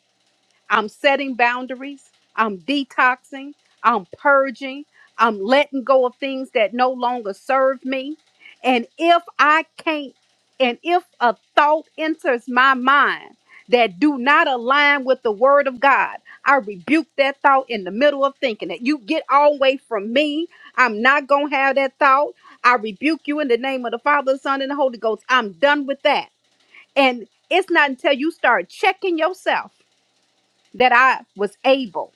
S9: I'm setting boundaries. I'm detoxing. I'm purging. I'm letting go of things that no longer serve me. And if I can't, and if a thought enters my mind that do not align with the word of God, I rebuke that thought in the middle of thinking it. You get all away from me. I'm not going to have that thought. I rebuke you in the name of the Father, the Son, and the Holy Ghost. I'm done with that. And it's not until you start checking yourself that I was able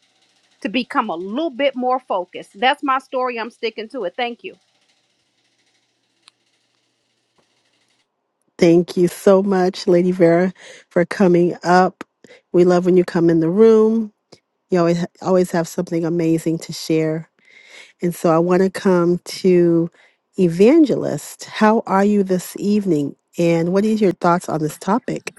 S9: to become a little bit more focused. That's my story. I'm sticking to it. Thank you.
S2: Thank you so much, Lady Vera, for coming up. We love when you come in the room. You always always have something amazing to share. And so I want to come to Evangelist. How are you this evening? And what is your thoughts on this topic?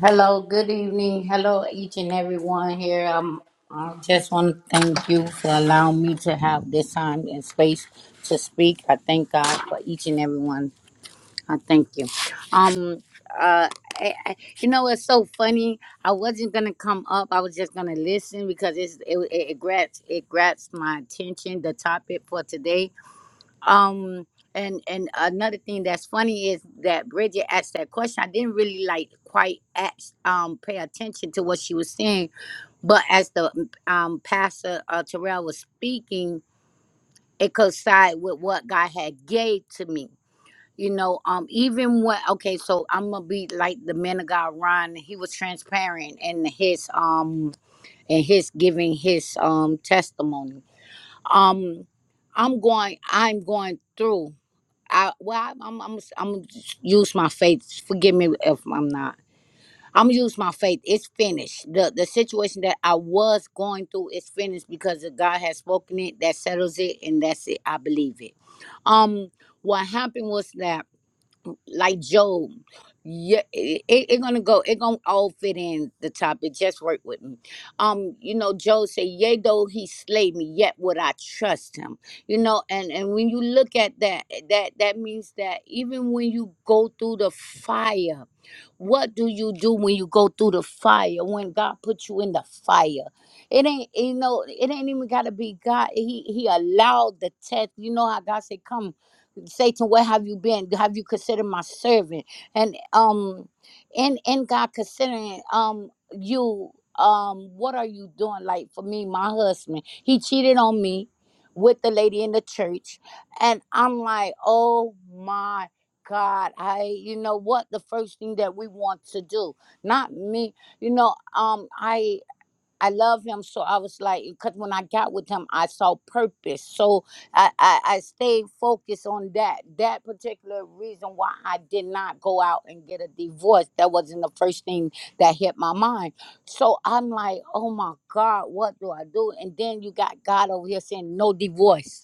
S14: Hello, good evening. Hello, each and everyone here. Um, I just want to thank you for allowing me to have this time and space to speak. I thank God for each and everyone. I thank you. Um, uh, I, I, you know, it's so funny. I wasn't gonna come up. I was just gonna listen because it's it it, it grabs it grabs my attention. The topic for today um, and and another thing that's funny is that Bridget asked that question. I didn't really like quite ask, um pay attention to what she was saying, but as the um pastor uh, Terrell was speaking, it coincided with what God had gave to me. You know, um, even what okay, so I'm gonna be like the man of God, Ron. He was transparent in his um in his giving his um testimony. Um, I'm going, I'm going through. I well, I, I'm I'm I'm gonna use my faith. Forgive me if I'm not. I'm gonna use my faith. It's finished. the The situation that I was going through is finished because if God has spoken it. That settles it, and that's it. I believe it. Um, what happened was that like Job. Yeah, it, it, it gonna go. It gonna all fit in the topic. Just work with me. Um, you know, Job say, "Yea, though he slay me, yet would I trust him." You know, and and when you look at that, that that means that even when you go through the fire, what do you do when you go through the fire when god put you in the fire it ain't you know it ain't even gotta be god he he allowed the test you know how god said come Satan, where have you been? Have you considered my servant? And um in in God considering um you um what are you doing? Like for me, my husband, he cheated on me with the lady in the church. And I'm like, oh my God, I you know what the first thing that we want to do. Not me, you know, um I I love him. So I was like, because when I got with him, I saw purpose. So I, I, I stayed focused on that. That particular reason why I did not go out and get a divorce. That wasn't the first thing that hit my mind. So I'm like, oh my God, what do I do? And then you got God over here saying, no divorce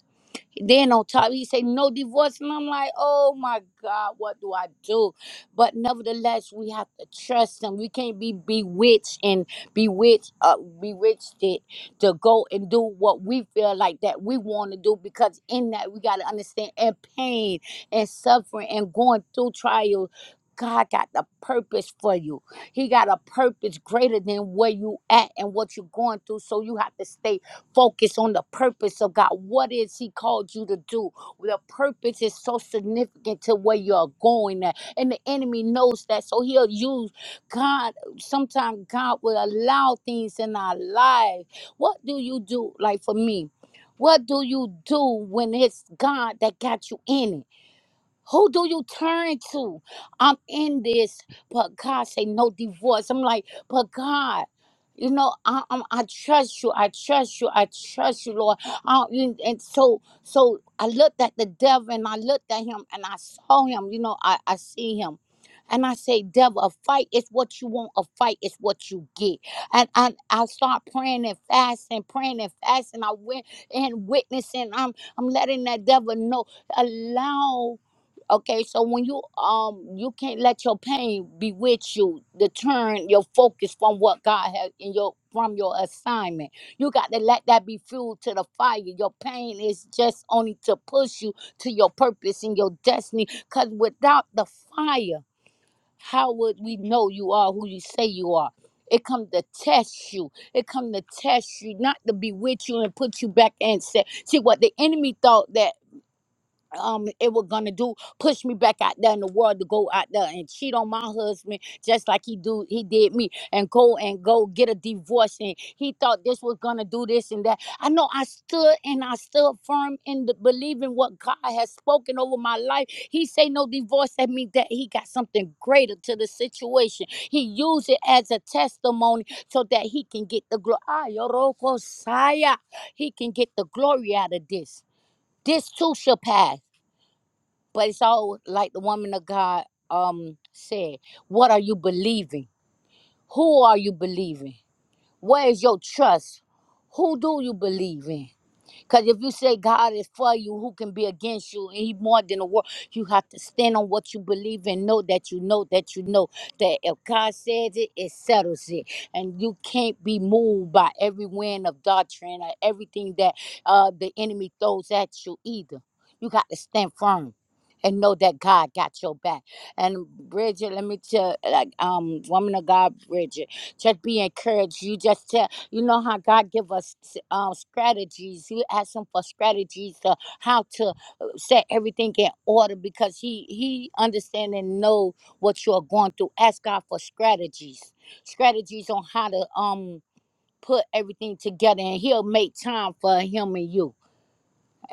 S14: then on top, he say no divorce, and I'm like, oh my God, what do I do? But nevertheless, we have to trust him. We can't be bewitched and bewitched, uh, bewitched it to go and do what we feel like that we want to do. Because in that, we gotta understand and pain and suffering and going through trials. God got the purpose for you. He got a purpose greater than where you at and what you're going through. So you have to stay Focus on the purpose of God. What is He called you to do? The purpose is so significant to where you're going at. And the enemy knows that. So he'll use God. Sometimes God will allow things in our life. What do you do? Like for me, what do you do when it's God that got you in it? Who do you turn to? I'm in this, but God say no divorce. I'm like, but God, you know, I I'm, I trust you. I trust you. I trust you, Lord. I, and and so so I looked at the devil and I looked at him and I saw him. You know, I I see him. And I say, devil, a fight is what you want. A fight is what you get. And I, I start praying and fasting, praying and fasting. I went and witnessing. I'm I'm letting that devil know. Allow Okay, so when you um you can't let your pain bewitch you to turn your focus from what God has in your from your assignment. You got to let that be fuel to the fire. Your pain is just only to push you to your purpose and your destiny. Cause without the fire, how would we know you are who you say you are? It come to test you. It come to test you, not to bewitch you and put you back and say, see what the enemy thought that um it was gonna do push me back out there in the world to go out there and cheat on my husband just like he do he did me and go and go get a divorce and he thought this was gonna do this and that i know i stood and i stood firm in the believing what god has spoken over my life he say no divorce that means that he got something greater to the situation he used it as a testimony so that he can get the glory he can get the glory out of this this too shall pass but it's all like the woman of God um said, what are you believing? Who are you believing? Where is your trust? Who do you believe in? Because if you say God is for you, who can be against you? And He more than a world. You have to stand on what you believe and know that you know that you know that if God says it, it settles it. And you can't be moved by every wind of doctrine or everything that uh, the enemy throws at you either. You got to stand firm. And know that God got your back. And Bridget, let me tell, like, um, woman of God, Bridget, just be encouraged. You just tell. You know how God give us um, strategies. He asked him for strategies to how to uh, set everything in order because he he understand and know what you are going through. Ask God for strategies, strategies on how to um put everything together, and He'll make time for him and you.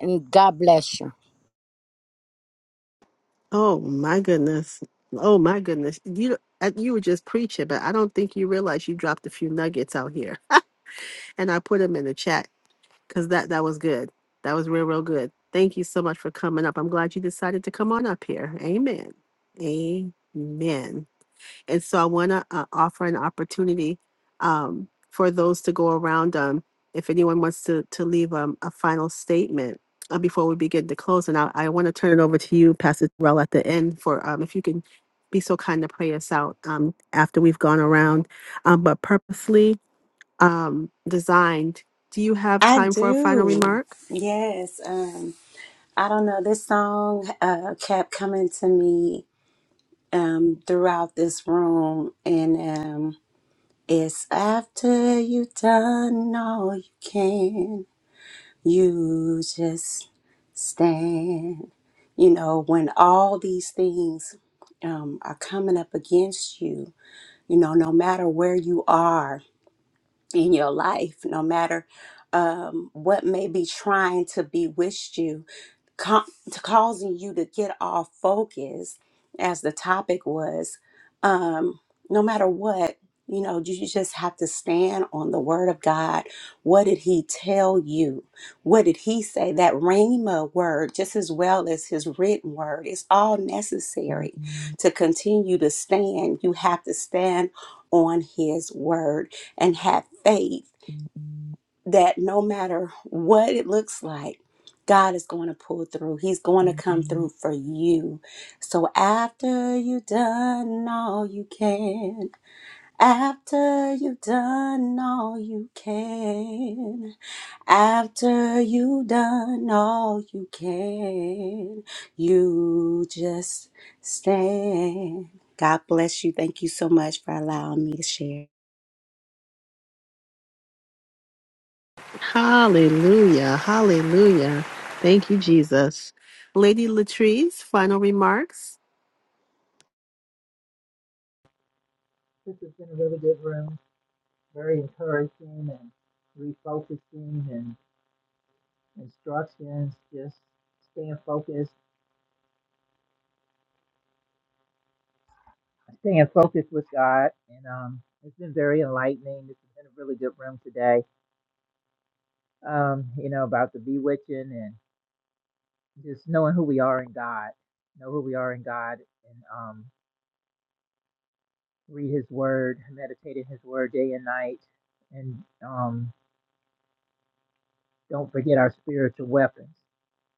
S14: And God bless you.
S2: Oh my goodness. Oh my goodness. You you were just preaching, but I don't think you realize you dropped a few nuggets out here. [LAUGHS] And I put them in the chat. because that that was good. That was real, real good. Thank you so much for coming up. I'm glad you decided to come on up here. Amen. Amen. And so I want to uh, offer an opportunity um, for those to go around. Um, if anyone wants to to leave um, a final statement uh, before we begin to close, and I, I want to turn it over to you, Pastor Terrell, at the end for um, if you can be so kind to pray us out um, after we've gone around. Um, but purposely um, designed. Do you have
S5: i
S2: time for a final
S5: do
S2: remark?
S5: yes Um, I don't know. This song uh, kept coming to me um, throughout this room, and um, it's after you've done all you can, you just stand. You know, when all these things um, are coming up against you, you know, no matter where you are in your life, no matter um, what may be trying to bewitch you, ca- to causing you to get off focus as the topic was um no matter what you know you just have to stand on the word of god what did he tell you what did he say that rhema word just as well as his written word is all necessary to continue to stand you have to stand on his word and have faith that no matter what it looks like, God is going to pull through. He's going to come through for you. So after you've done all you can, after you've done all you can, after you've done all you can, you just stand. God bless you. Thank you so much for allowing me to share.
S2: Hallelujah. Hallelujah. Thank you, Jesus. Lady Latrice, final remarks?
S3: us. This has been a really good room, very encouraging and refocusing, and. instructions, just staying focused, staying focused with God. And um, it's been very enlightening. This has been a really good room today. Um, you know, about the bewitching and just knowing who we are in God, know who we are in God, and um, read His Word, meditate in His Word day and night, and um, don't forget our spiritual weapons.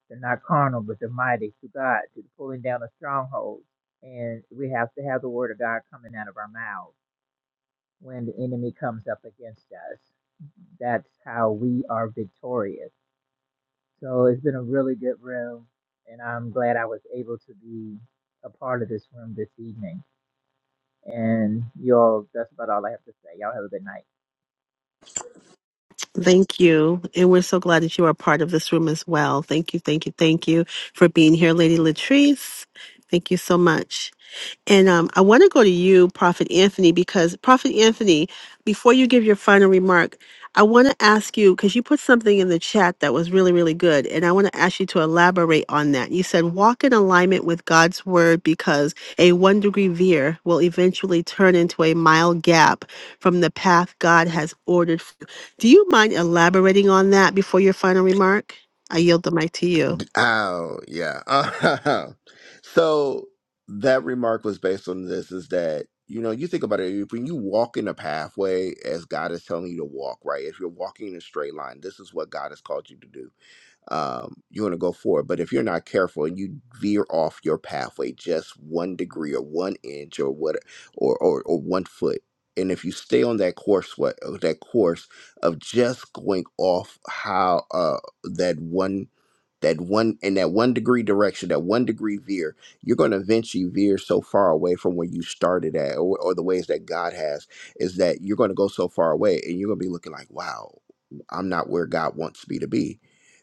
S3: They're not carnal, but they're mighty through God, to the pulling down of strongholds. And we have to have the Word of God coming out of our mouths when the enemy comes up against us. That's how we are victorious. So it's been a really good room, and I'm glad I was able to be a part of this room this evening. And y'all, that's about all I have to say. Y'all have a good night.
S2: Thank you. And we're so glad that you are part of this room as well. Thank you, thank you, thank you for being here, Lady Latrice. Thank you so much. And um, I want to go to you, Prophet Anthony, because Prophet Anthony, before you give your final remark, I want to ask you because you put something in the chat that was really, really good. And I want to ask you to elaborate on that. You said, walk in alignment with God's word because a one degree veer will eventually turn into a mile gap from the path God has ordered. for you." Do you mind elaborating on that before your final remark? I yield the mic to you.
S7: Oh yeah. [LAUGHS] so that remark was based on this is that you know you think about it if when you walk in a pathway as God is telling you to walk right if you're walking in a straight line this is what God has called you to do um, you want to go forward. But if you're not careful and you veer off your pathway just one degree or one inch or what or or, or one foot, and if you stay on that course, what uh, that course of just going off how uh, that one that one in that one degree direction, that one degree veer, you're going to eventually veer so far away from where you started at, or, or the ways that God has, is that you're going to go so far away, and you're going to be looking like, wow, I'm not where God wants me to be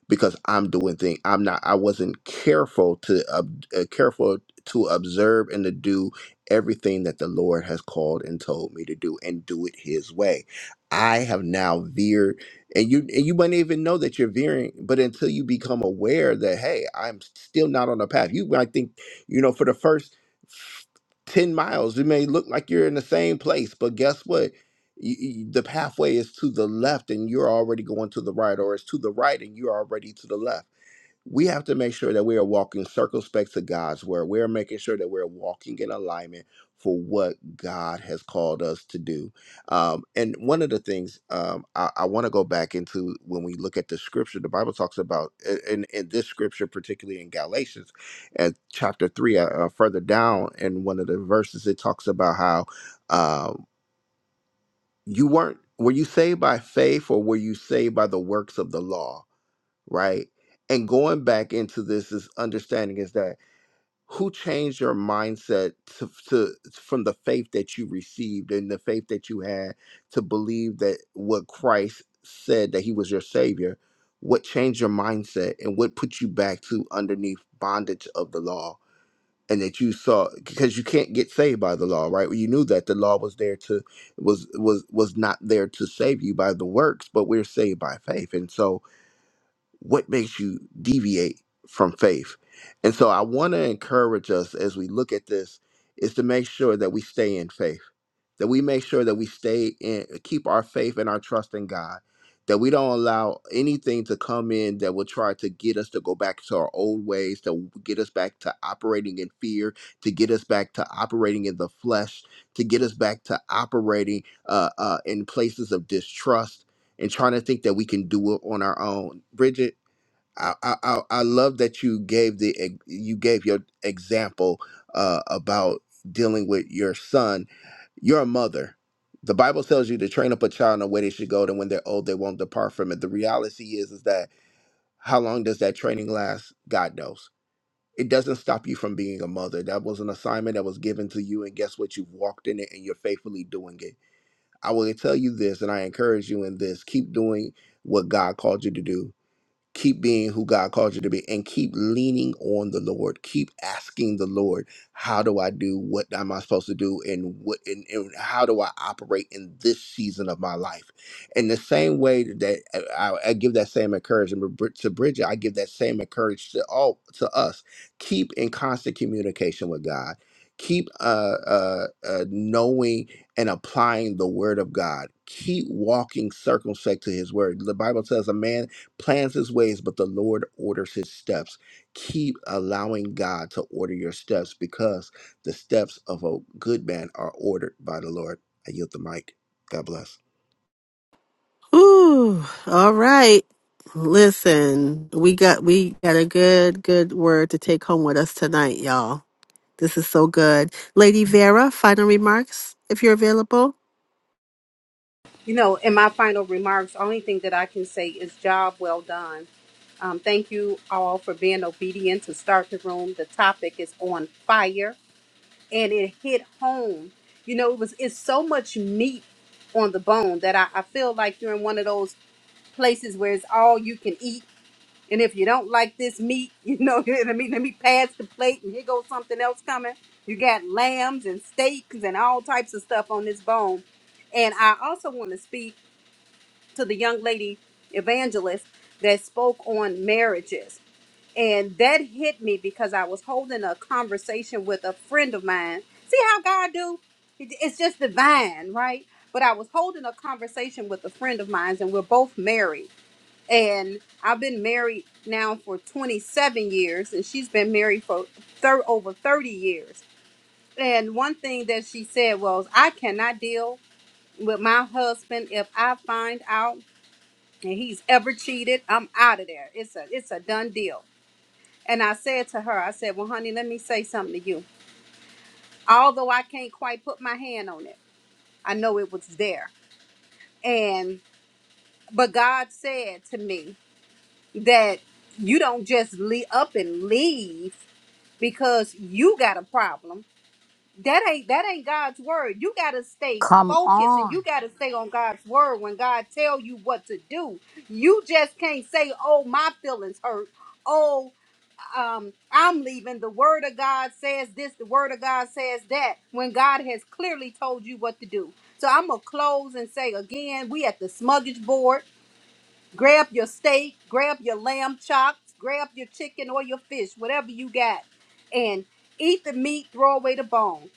S7: because I'm doing things. I'm not. I wasn't careful to ob- uh, careful to observe and to do everything that the Lord has called and told me to do, and do it His way. I have now veered, and you and you might not even know that you're veering, but until you become aware that hey, I'm still not on the path. You might think, you know, for the first. 10 miles, it may look like you're in the same place, but guess what? you, you- the pathway is to the left and you're already going to the right, or it's to the right and you're already to the left. We have to make sure that we are walking circumspect to God's word. We're making sure that we're walking in alignment for what God has called us to do. Um, and one of the things um, I, I want to go back into when we look at the scripture, the Bible talks about i- in, in this scripture, particularly in Galatians, at chapter three, uh, uh, further down in one of the verses, it talks about how. um, you weren't were you saved by faith or were you saved by the works of the law right and going back into this is understanding is that who changed your mindset to, to from the faith that you received and the faith that you had to believe that what christ said that he was your savior what changed your mindset and what put you back to underneath bondage of the law and that you saw because you can't get saved by the law right Well, you knew that the law was there to was was was not there to save you by the works but we're saved by faith and so what makes you deviate from faith and so i want to encourage us as we look at this is to make sure that we stay in faith that we make sure that we stay in keep our faith and our trust in god that we don't allow anything to come in that will try to get us to go back to our old ways to get us back to operating in fear to get us back to operating in the flesh to get us back to operating uh, uh, in places of distrust and trying to think that we can do it on our own. Bridget, I I, I I love that you gave the ex- you gave your example uh, about dealing with your son. You're a mother. The Bible tells you to train up a child in the way they should go, and when they're old, they won't depart from it. The reality is, is that how long does that training last? God knows. It doesn't stop you from being a mother. That was an assignment that was given to you, and guess what? You've walked in it, and you're faithfully doing it I will tell you this, and I encourage you in this keep doing what God called you to do keep being who God called you to be and keep leaning on the Lord. Keep asking the Lord, how do I do what am I supposed to do and what and, and how do I operate in this season of my life? In the same way that uh, I, I give that same encouragement Brid- to Bridget, I give that same encouragement to all to us. Keep in constant communication with God. Keep uh, uh, uh, knowing and applying the word of God. Keep walking circumspect to his word. The Bible says a man plans his ways, but the Lord orders his steps. Keep allowing God to order your steps because the steps of a good man are ordered by the Lord. I yield the mic. God bless.
S2: Ooh, all right. Listen, we got we got a good good word to take home with us tonight, y'all. This is so good. Lady Vera, final remarks if you're available.
S9: You know, in my final remarks, only thing that I can say is job well done. Um, thank you all for being obedient to start the room. The topic is on fire and it hit home. You know, it was it's so much meat on the bone that I, I feel like you're in one of those places where it's all you can eat And if you don't like this meat, you know, [LAUGHS] let me let me pass the plate and here goes something else coming. You got lambs and steaks and all types of stuff on this bone. And I also want to speak to the young lady evangelist that spoke on marriages. And that hit me because I was holding a conversation with a friend of mine. See how God do? It- It's just divine, right? But I was holding a conversation with a friend of mine and we're both married and I've been married now for 27 years, and she's been married for thir- over 30 years. And one thing that she said was, I cannot deal with my husband if I find out and he's ever cheated. I'm out of there. It's a it's a done deal. And I said to her, I said, Well, honey, let me say something to you. Although I can't quite put my hand on it, I know it was there. And but God said to me that you don't just leave up and leave because you got a problem. That ain't that ain't God's word. You gotta stay
S14: Come
S9: focused and
S14: on,
S9: you gotta stay on God's word when God tell you what to do. You just can't say, "Oh, my feelings hurt." Oh, um, I'm leaving. The word of God says this. The word of God says that. When God has clearly told you what to do. So I'm gonna close and say again, we at the Smuggish Board. Grab your steak, grab your lamb chops, grab your chicken or your fish, whatever you got, and eat the meat, throw away the bones.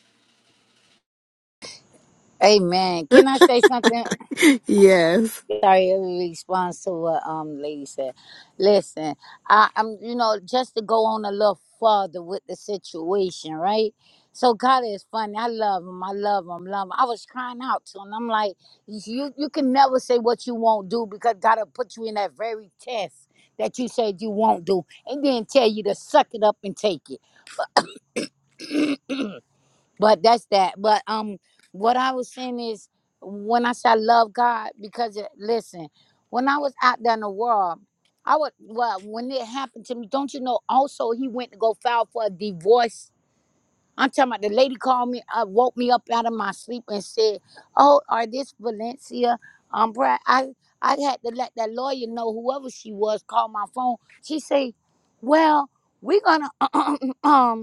S14: Amen. Can I say something?
S2: [LAUGHS] yes.
S14: sorry in response to what um lady said listen i i'm you know just to go on a little further with the situation right so god is funny i love him i love him love him i was crying out to him i'm like you you can never say what you won't do because god will put you in that very test that you said you won't do and then tell you to suck it up and take it but that's that. But um, what I was saying is, when I say I love God, because it, listen, when I was out there in the world, I would well when it happened to me. Don't you know? Also, he went to go file for a divorce. I'm talking about the lady called me, uh, woke me up out of my sleep and said, "Oh, are this Valencia?" Um, Brad, I I had to let that lawyer know whoever she was called my phone. She said, "Well, we're gonna [CLEARS THROAT] um."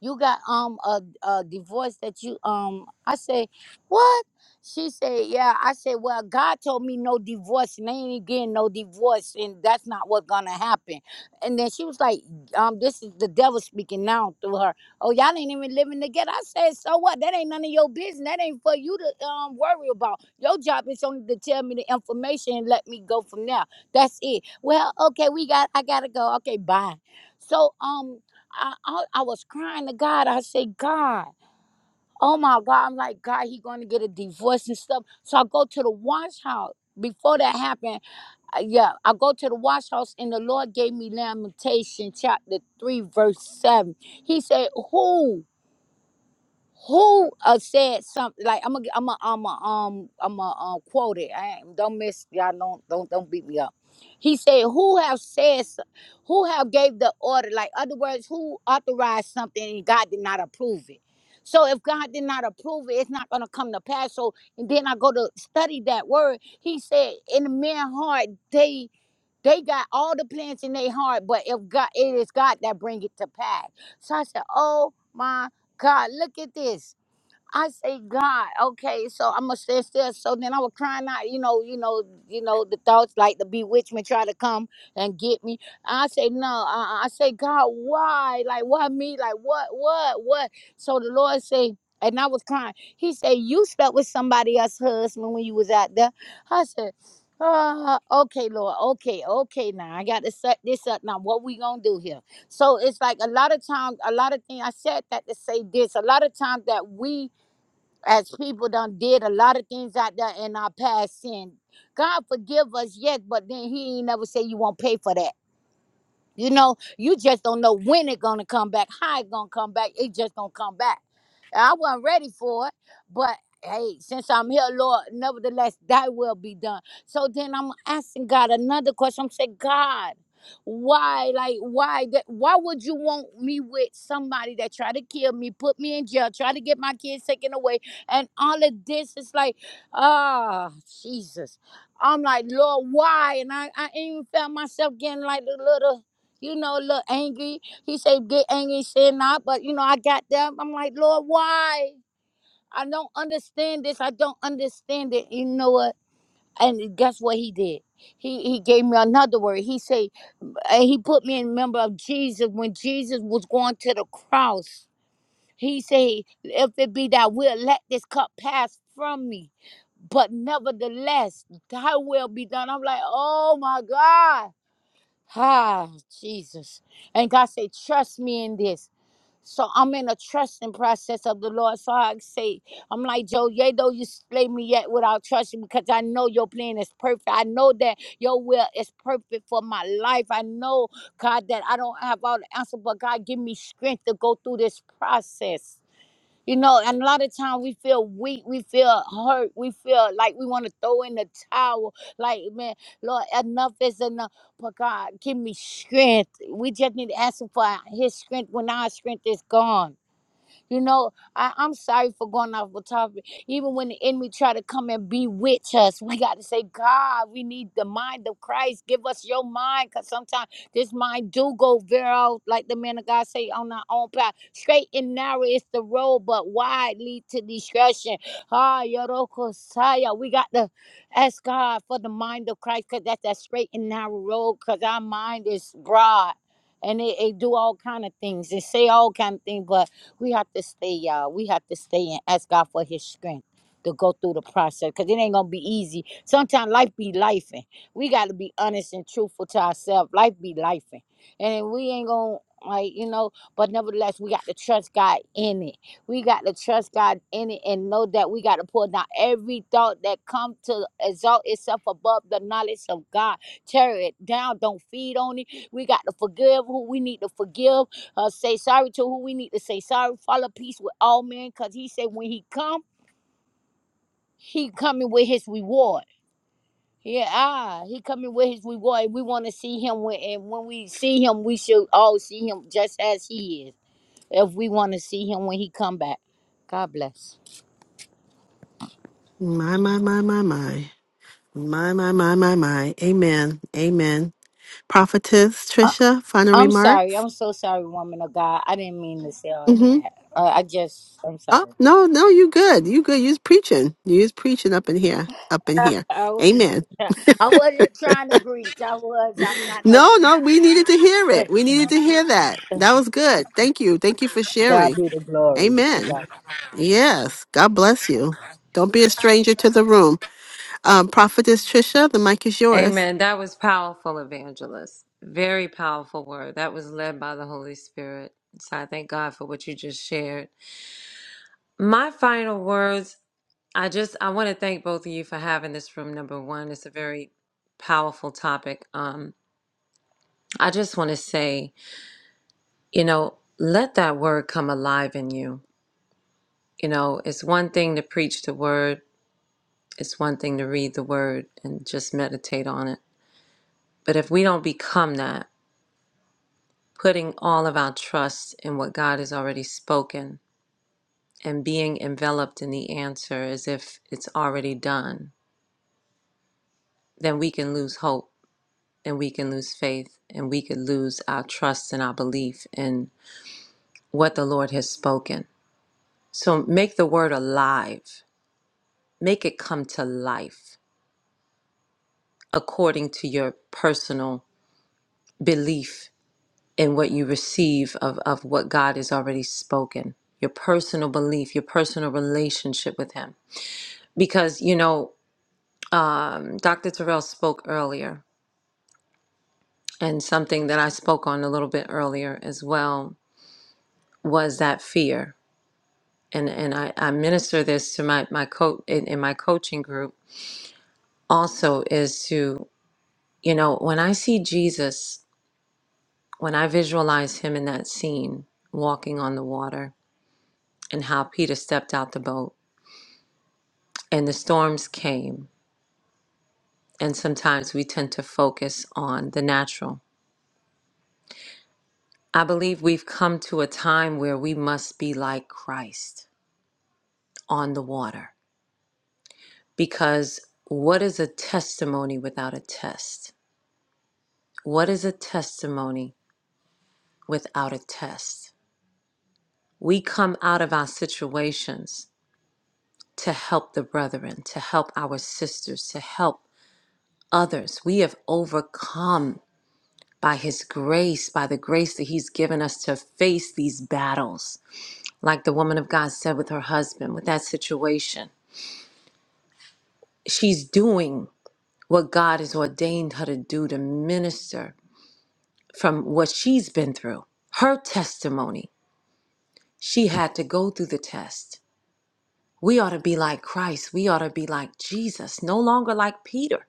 S14: you got um a, a divorce that you um i say what she said yeah i said well god told me no divorce and they ain't getting no divorce and that's not what's gonna happen and then she was like um this is the devil speaking now through her oh y'all ain't even living together i said so what that ain't none of your business that ain't for you to um worry about your job is only to tell me the information and let me go from there that's it well okay we got i gotta go okay bye so um I, I I was crying to God. I said, God, oh my God, I'm like, God, he going to get a divorce and stuff. So I go to the wash house. Before that happened, uh, yeah, I go to the wash house and the Lord gave me Lamentation chapter 3, verse 7. He said, Who? who uh, said something like I'm gonna I'm gonna I'm gonna um I'm gonna um, quote it. I ain't, don't miss y'all. Don't don't don't beat me up. He said, "Who have said so- who have gave the order? Like other words, who authorized something and God did not approve it." So if God did not approve it, it's not gonna come to pass. So and then I go to study that word. He said, "In the man heart, they." They got all the plans in their heart, but if God, it is God that bring it to pass. So I said, "Oh my God, look at this! I say, God, okay, so I'm gonna stand still. So then I was crying out, you know, you know, you know, the thoughts like the bewitchment try to come and get me. I say, no, uh-uh. I say, God, why? Like, why me? Like, what, what, what? So the Lord say, and I was crying. He said, you slept with somebody else's husband when you was out there. I said, uh, okay, Lord, okay, okay. Now I got to set this up. Now what we gonna do here? So it's like a lot of times, a lot of things. I said that to say this. A lot of times that we as people done did a lot of things out there in our past sin. God forgive us, yes, but then he ain't never say you won't pay for that. You know, you just don't know when it's gonna come back, how it's gonna come back. It just gonna come back. And I wasn't ready for it, but hey, since I'm here, Lord, nevertheless, thy will be done. So then I'm asking God another question. I'm saying, God, why, like, why that why would you want me with somebody that tried to kill me, put me in jail, try to get my kids taken away, and all of this is like, ah, Jesus. I'm like, Lord, why? And I, I even felt myself getting like a little you know, a little angry. He said, get angry and sin not. But, you know, I got there. I'm like, Lord, why? I don't understand this. I don't understand it. You know what? And guess what he did? He he gave me another word. He said, and he put me in member of Jesus when Jesus was going to the cross. He said, if it be that will, let this cup pass from me. But nevertheless, thy will be done. I'm like, oh my God. Ah, Jesus. And God said, trust me in this. So I'm in a trusting process of the Lord. So I say, I'm like, Joe, yea, though you slay me yet without trusting, because I know your plan is perfect. I know that your will is perfect for my life. I know, God, that I don't have all the answer, but God, give me strength to go through this process. You know, and a lot of time we feel weak, we feel hurt, we feel like we want to throw in the towel. Like, man, Lord, enough is enough. But God, give me strength. We just need to ask Him for His strength when our strength is gone. You know, I, I'm sorry for going off the topic. Even when the enemy try to come and bewitch us, we got to say, God, we need the mind of Christ. Give us your mind, because sometimes this mind do go viral, like the man of God say, on our own path. Straight and narrow is the road, but wide lead to destruction. Ah, Yorokosaya. We got to ask God for the mind of Christ, because that's that straight and narrow road, because our mind is broad. And it, it do all kind of things. It say all kind of things, but we have to stay, y'all. We have to stay and ask God for His strength to go through the process because it ain't gonna be easy. Sometimes life be lifing. we got to be honest and truthful to ourselves. Life be lifing, and we ain't gonna. Like, you know, but nevertheless, we got to trust God in it. We got to trust God in it and know that we got to pull down every thought that come to exalt itself above the knowledge of God. Tear it down. Don't feed on it. We got to forgive who we need to forgive uh, say sorry to who we need to say sorry. Follow peace with all men, cause he said when he come, he coming with his reward. Yeah, ah, he coming with his reward. We want to see him when, and when we see him, we should all see him just as he is. If we want to see him when he come back, God bless.
S2: My my my my my. My my my my my. Amen. Amen. Prophetess
S14: I,
S2: Trisha, final
S14: I'm sorry.
S2: remarks.
S14: I'm so sorry, woman of God. I didn't mean to say all of
S2: Mhm.
S14: that. Uh, I just, I'm
S2: Oh,
S14: sorry.
S2: no, no, you good. You good. You's preaching. You's preaching up in here. Up
S14: [LAUGHS]
S2: in here.
S14: I, was, [LAUGHS] I wasn't trying to preach. I was. I'm not no
S2: No, no,
S14: preacher.
S2: we needed to hear it. We needed to hear that. That was good. Thank you. Thank you for
S14: To God
S2: sharing.
S14: be the glory. To
S2: Amen.
S14: God.
S2: Yes. God bless you. Don't be a stranger to the room. Um, Prophetess Trisha, the mic is yours.
S11: Amen. That was powerful, evangelist. Very powerful word. That was led by the Holy Spirit. So I thank God for what you just shared. My final words I just I want to thank both of you for having this room. Number one, it's a very powerful topic. Um, I just want to say, you know, let that word come alive in you. You know, it's one thing to preach the word. It's one thing to read the word and just meditate on it. But if we don't become that, putting all of our trust in what God has already spoken and being enveloped in the answer as if it's already done, then we can lose hope and we can lose faith and we could lose our trust and our belief in what the Lord has spoken. So make the word alive, make it come to life according to your personal belief in what you receive of, of what God has already spoken, your personal belief, your personal relationship with Him. Because, you know, um, Dr. Terrell spoke earlier, and something that I spoke on a little bit earlier as well was that fear and and I, I minister this to my my coach in, in my coaching group also is to you know when I see Jesus when I visualize him in that scene walking on the water and how Peter stepped out the boat and the storms came and sometimes we tend to focus on the natural I believe we've come to a time where we must be like Christ on the water because what is a testimony without a test what is a testimony without a test. We come out of our situations to help the brethren, to help our sisters, to help others. We have overcome by His grace, by the grace that He's given us to face these battles. Like the woman of God said with her husband, with that situation, she's doing what God has ordained her to do to minister from what she's been through. Her testimony, she had to go through the test We ought to be like Christ. We ought to be like Jesus, no longer like Peter.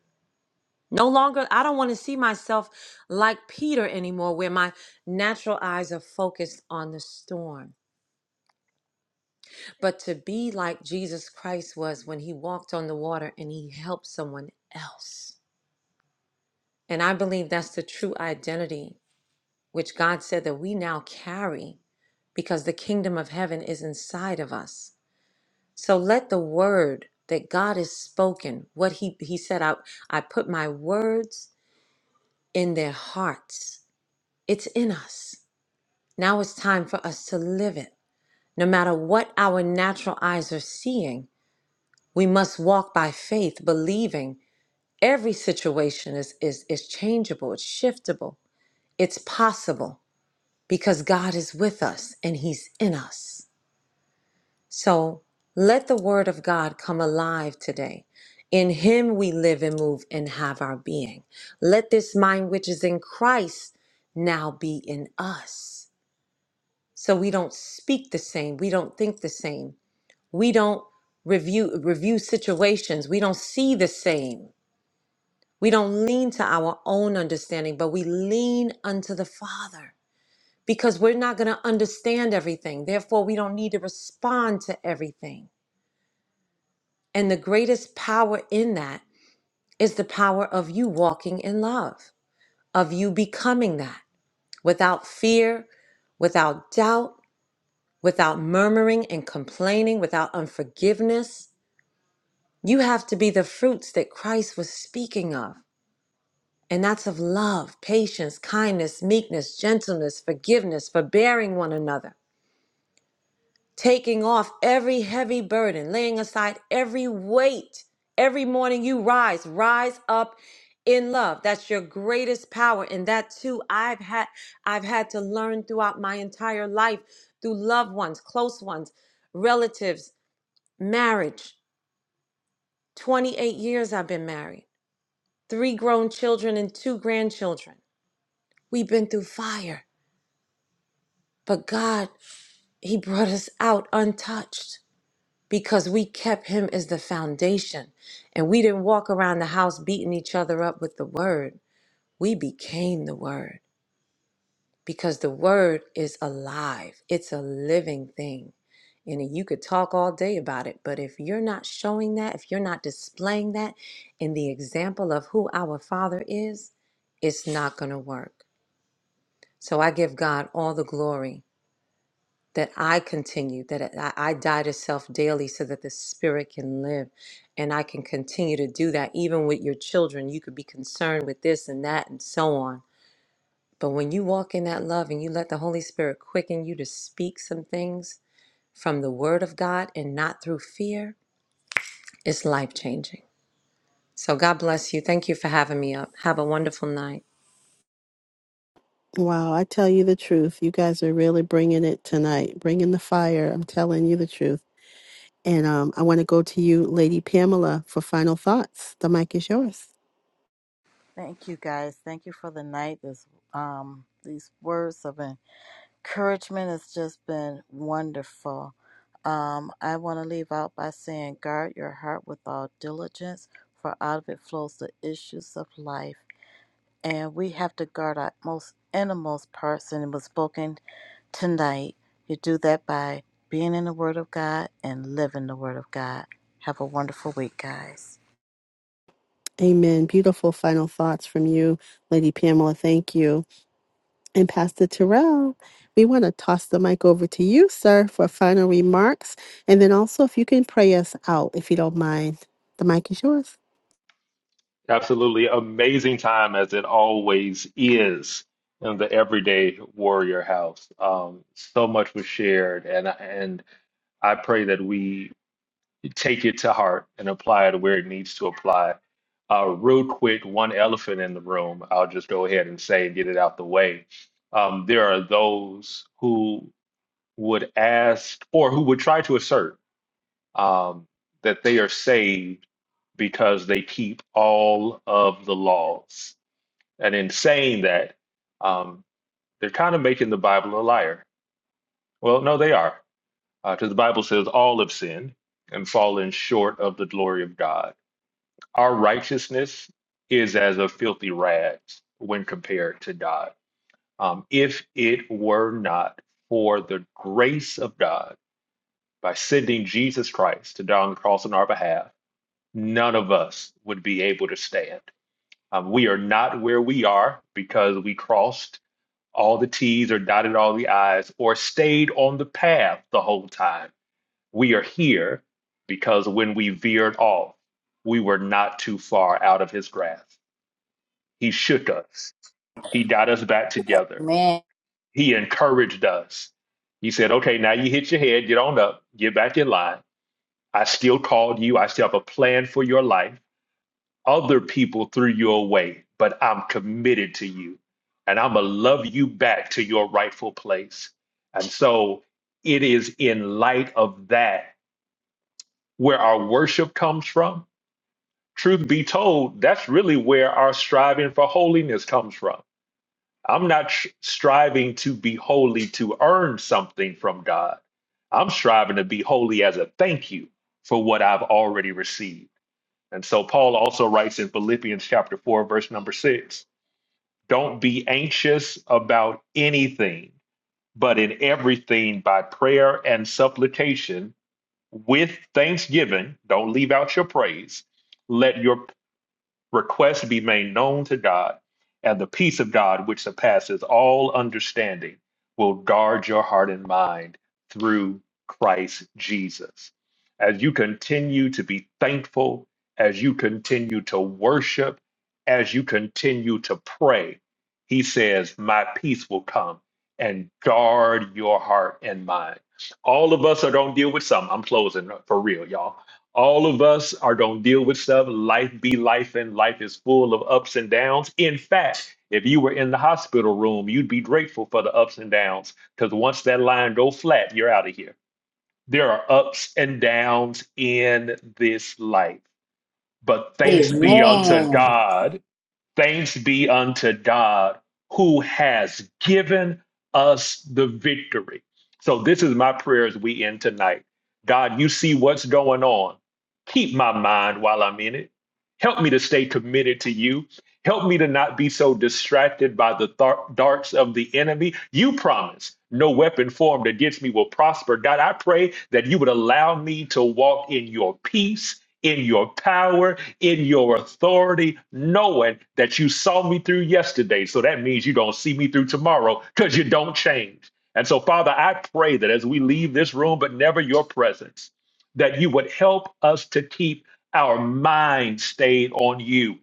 S11: No longer, I don't want to see myself like Peter anymore, where my natural eyes are focused on the storm. But to be like Jesus Christ was when he walked on the water and he helped someone else. And I believe that's the true identity which God said that we now carry because the kingdom of heaven is inside of us. So let the word that God has spoken, what he, he said, I, I put my words in their hearts. It's in us. Now it's time for us to live it. No matter what our natural eyes are seeing, we must walk by faith, believing every situation is, is, is changeable, it's shiftable, it's possible because God is with us and he's in us. So let the word of God come alive today. In him we live and move and have our being. Let this mind which is in Christ now be in us. So we don't speak the same, we don't think the same. We don't review review situations, we don't see the same. We don't lean to our own understanding, but we lean unto the Father because we're not going to understand everything. Therefore, we don't need to respond to everything And the greatest power in that is the power of you walking in love, of you becoming that without fear, without doubt, without murmuring and complaining, without unforgiveness. You have to be the fruits that Christ was speaking of. And that's of love, patience, kindness, meekness, gentleness, forgiveness, forbearing one another. taking off every heavy burden, laying aside every weight. Every morning you rise, rise up in love. That's your greatest power and that too I've had I've had to learn throughout my entire life through loved ones, close ones, relatives, marriage. 28 years I've been married. 3 grown children and 2 grandchildren. We've been through fire, but God, he brought us out untouched. because we kept him as the foundation and we didn't walk around the house beating each other up with the word. We became the word because the word is alive, it's a living thing. And you could talk all day about it, but if you're not showing that, if you're not displaying that in the example of who our Father is, it's not going to work. So I give God all the glory that I continue, that I, I die to self daily so that the spirit can live. And I can continue to do that even with your children. You could be concerned with this and that and so on. But when you walk in that love and you let the Holy Spirit quicken you to speak some things from the Word of God and not through fear, it's life changing. So God bless you. Thank you for having me up. Have a wonderful night.
S2: Wow, I tell you the truth. You guys are really bringing it tonight, bringing the fire. I'm telling you the truth. And um, I want to go to you, Lady Pamela, for final thoughts. The mic is yours.
S13: Thank you guys. Thank you for the night. This um these words have been. encouragement has just been wonderful. Um, I want to leave out by saying, guard your heart with all diligence, for out of it flows the issues of life. And we have to guard our most innermost parts, and it was spoken tonight. You do that by being in the Word of God and living the Word of God. Have a wonderful week, guys.
S2: Amen. Beautiful final thoughts from you, Lady Pamela. Thank you. And Pastor Terrell, we want to toss the mic over to you, sir, for final remarks. And then also, if you can pray us out, if you don't mind, the mic is yours.
S4: Absolutely amazing time as it always is in the everyday warrior house. Um, so much was shared, and and I pray that we take it to heart and apply it where it needs to apply. Uh, real quick, one elephant in the room, I'll just go ahead and say and get it out the way. Um, there are those who would ask or who would try to assert um, that they are saved because they keep all of the laws. And in saying that, um, they're kind of making the Bible a liar. Well, no, they are, because the Bible says all have sinned and fallen short of the glory of God our righteousness is as a filthy rags when compared to God. Um, if it were not for the grace of God by sending Jesus Christ to die on the cross on our behalf, none of us would be able to stand. Um, we are not where we are because we crossed all the T's or dotted all the I's or stayed on the path the whole time. We are here because when we veered off, we were not too far out of his grasp He shook us. He got us back together.
S14: Amen.
S4: He encouraged us. He said, okay, now you hit your head, get on up, get back in line. I still called you. I still have a plan for your life. Other people threw you away, but I'm committed to you and I'm going to love you back to your rightful place. And so it is in light of that where our worship comes from. Truth be told, that's really where our striving for holiness comes from I'm not sh- striving to be holy to earn something from God. I'm striving to be holy as a thank you for what I've already received. And so Paul also writes in Philippians chapter 4 verse number 6, don't be anxious about anything, but in everything by prayer and supplication with thanksgiving, don't leave out your praise. Let your requests be made known to God, and the peace of God, which surpasses all understanding, will guard your heart and mind through Christ Jesus. As you continue to be thankful, as you continue to worship, as you continue to pray, he says, My peace will come and guard your heart and mind. All of us are going to deal with some. I'm closing for real, y'all all of us are going to deal with stuff. Life be life, and life is full of ups and downs. In fact, if you were in the hospital room, you'd be grateful for the ups and downs because once that line go flat, you're out of here. There are ups and downs in this life. But thanks be unto
S14: Amen.
S4: God Thanks be unto God who has given us the victory. So, this is my prayer as we end tonight. God, you see what's going on. Keep my mind while I'm in it. Help me to stay committed to you. Help me to not be so distracted by the thar- darts of the enemy. You promise no weapon formed against me will prosper. God, I pray that you would allow me to walk in your peace, in your power, in your authority, knowing that you saw me through yesterday. So that means you're going to see me through tomorrow because you don't change. And so, Father, I pray that as we leave this room, but never your presence, that you would help us to keep our mind stayed on you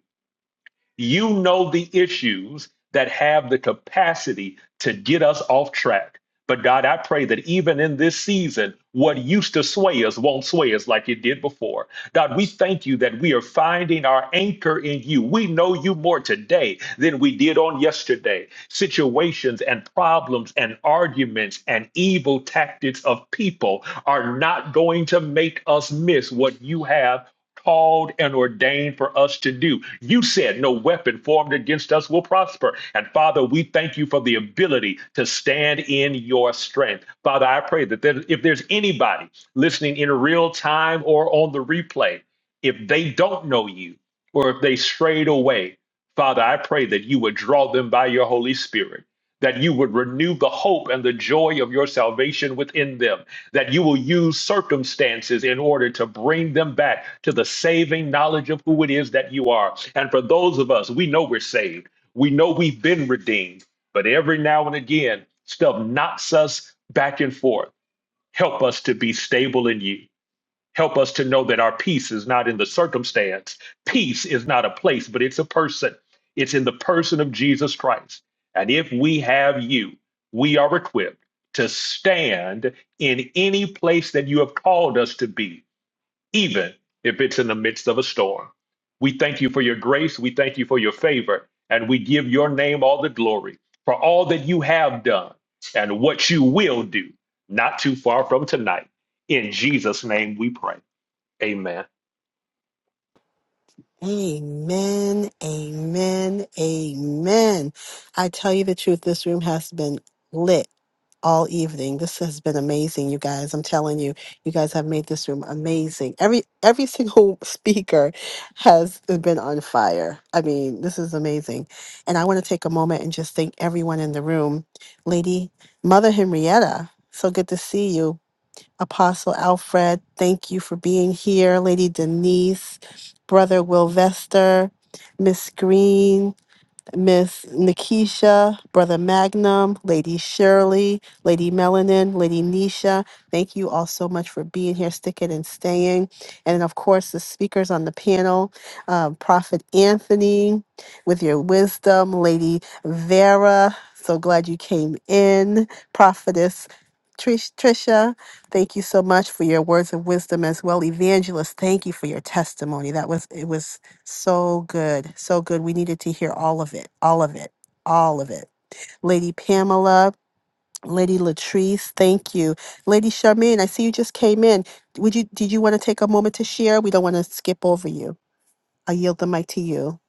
S4: you know the issues that have the capacity to get us off track. But God, I pray that even in this season, what used to sway us won't sway us like it did before. God, we thank you that we are finding our anchor in you. We know you more today than we did on yesterday. Situations and problems and arguments and evil tactics of people are not going to make us miss what you have called and ordained for us to do. You said, No weapon formed against us will prosper. And Father, we thank you for the ability to stand in your strength. Father, I pray that there- if there's anybody listening in real time or on the replay, if they don't know you or if they strayed away, Father, I pray that you would draw them by your Holy Spirit, that you would renew the hope and the joy of your salvation within them that you will use circumstances in order to bring them back to the saving knowledge of who it is that you are. And for those of us, we know we're saved, we know we've been redeemed, but every now and again, stuff knocks us back and forth. Help us to be stable in you. Help us to know that our peace is not in the circumstance. Peace is not a place, but it's a person. It's in the person of Jesus Christ. And if we have you, we are equipped to stand in any place that you have called us to be, even if it's in the midst of a storm. We thank you for your grace. We thank you for your favor. And we give your name all the glory for all that you have done and what you will do not too far from tonight. In Jesus' name we pray. Amen
S2: Amen, amen, amen. I tell you the truth, this room has been lit. all evening. This has been amazing, you guys. I'm telling you, you guys have made this room amazing. Every every single [LAUGHS] speaker has been on fire. I mean, this is amazing. And I want to take a moment and just thank everyone in the room. Lady Mother Henrietta, so good to see you. Apostle Alfred, thank you for being here. Lady Denise, Brother Wilvester, Miss Green, Miss Nikisha, Brother Magnum, Lady Shirley, Lady Melanin, Lady Nisha. Thank you all so much for being here, sticking and staying. And of course, the speakers on the panel, uh, Prophet Anthony, with your wisdom, Lady Vera. So glad you came in, Prophetess. Trish, Trisha, thank you so much for your words of wisdom as well. Evangelist, thank you for your testimony. That was it was so good. So good. We needed to hear all of it. All of it. All of it. Lady Pamela, Lady Latrice, thank you. Lady Charmaine, I see you just came in. Would you did you want to take a moment to share? We don't want to skip over you. I yield the mic to you.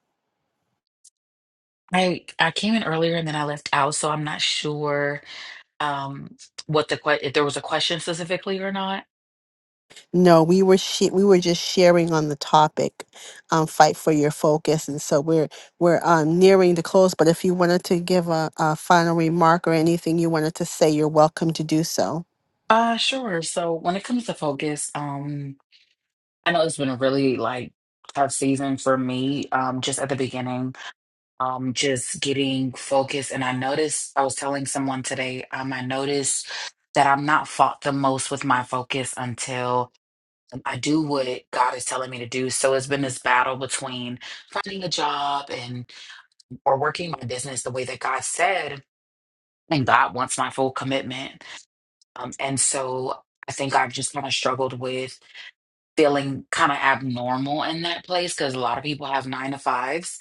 S15: I I came in earlier and then I left out, so I'm not sure um what the que if there was a question specifically or not.
S2: No, we were she- we were just sharing on the topic, um, fight for your focus, and so we're we're um, nearing the close. But if you wanted to give a, a final remark or anything you wanted to say, you're welcome to do so.
S15: Uh sure. So when it comes to focus, um I know it's been a really like tough season for me um just at the beginning, um just getting focused and I noticed I was telling someone today, um I noticed that I'm not fought the most with my focus until I do what God is telling me to do. So it's been this battle between finding a job and or working my business the way that God said, and God wants my full commitment. Um, and so I think I've just kind of struggled with feeling kind of abnormal in that place because a lot of people have nine to fives.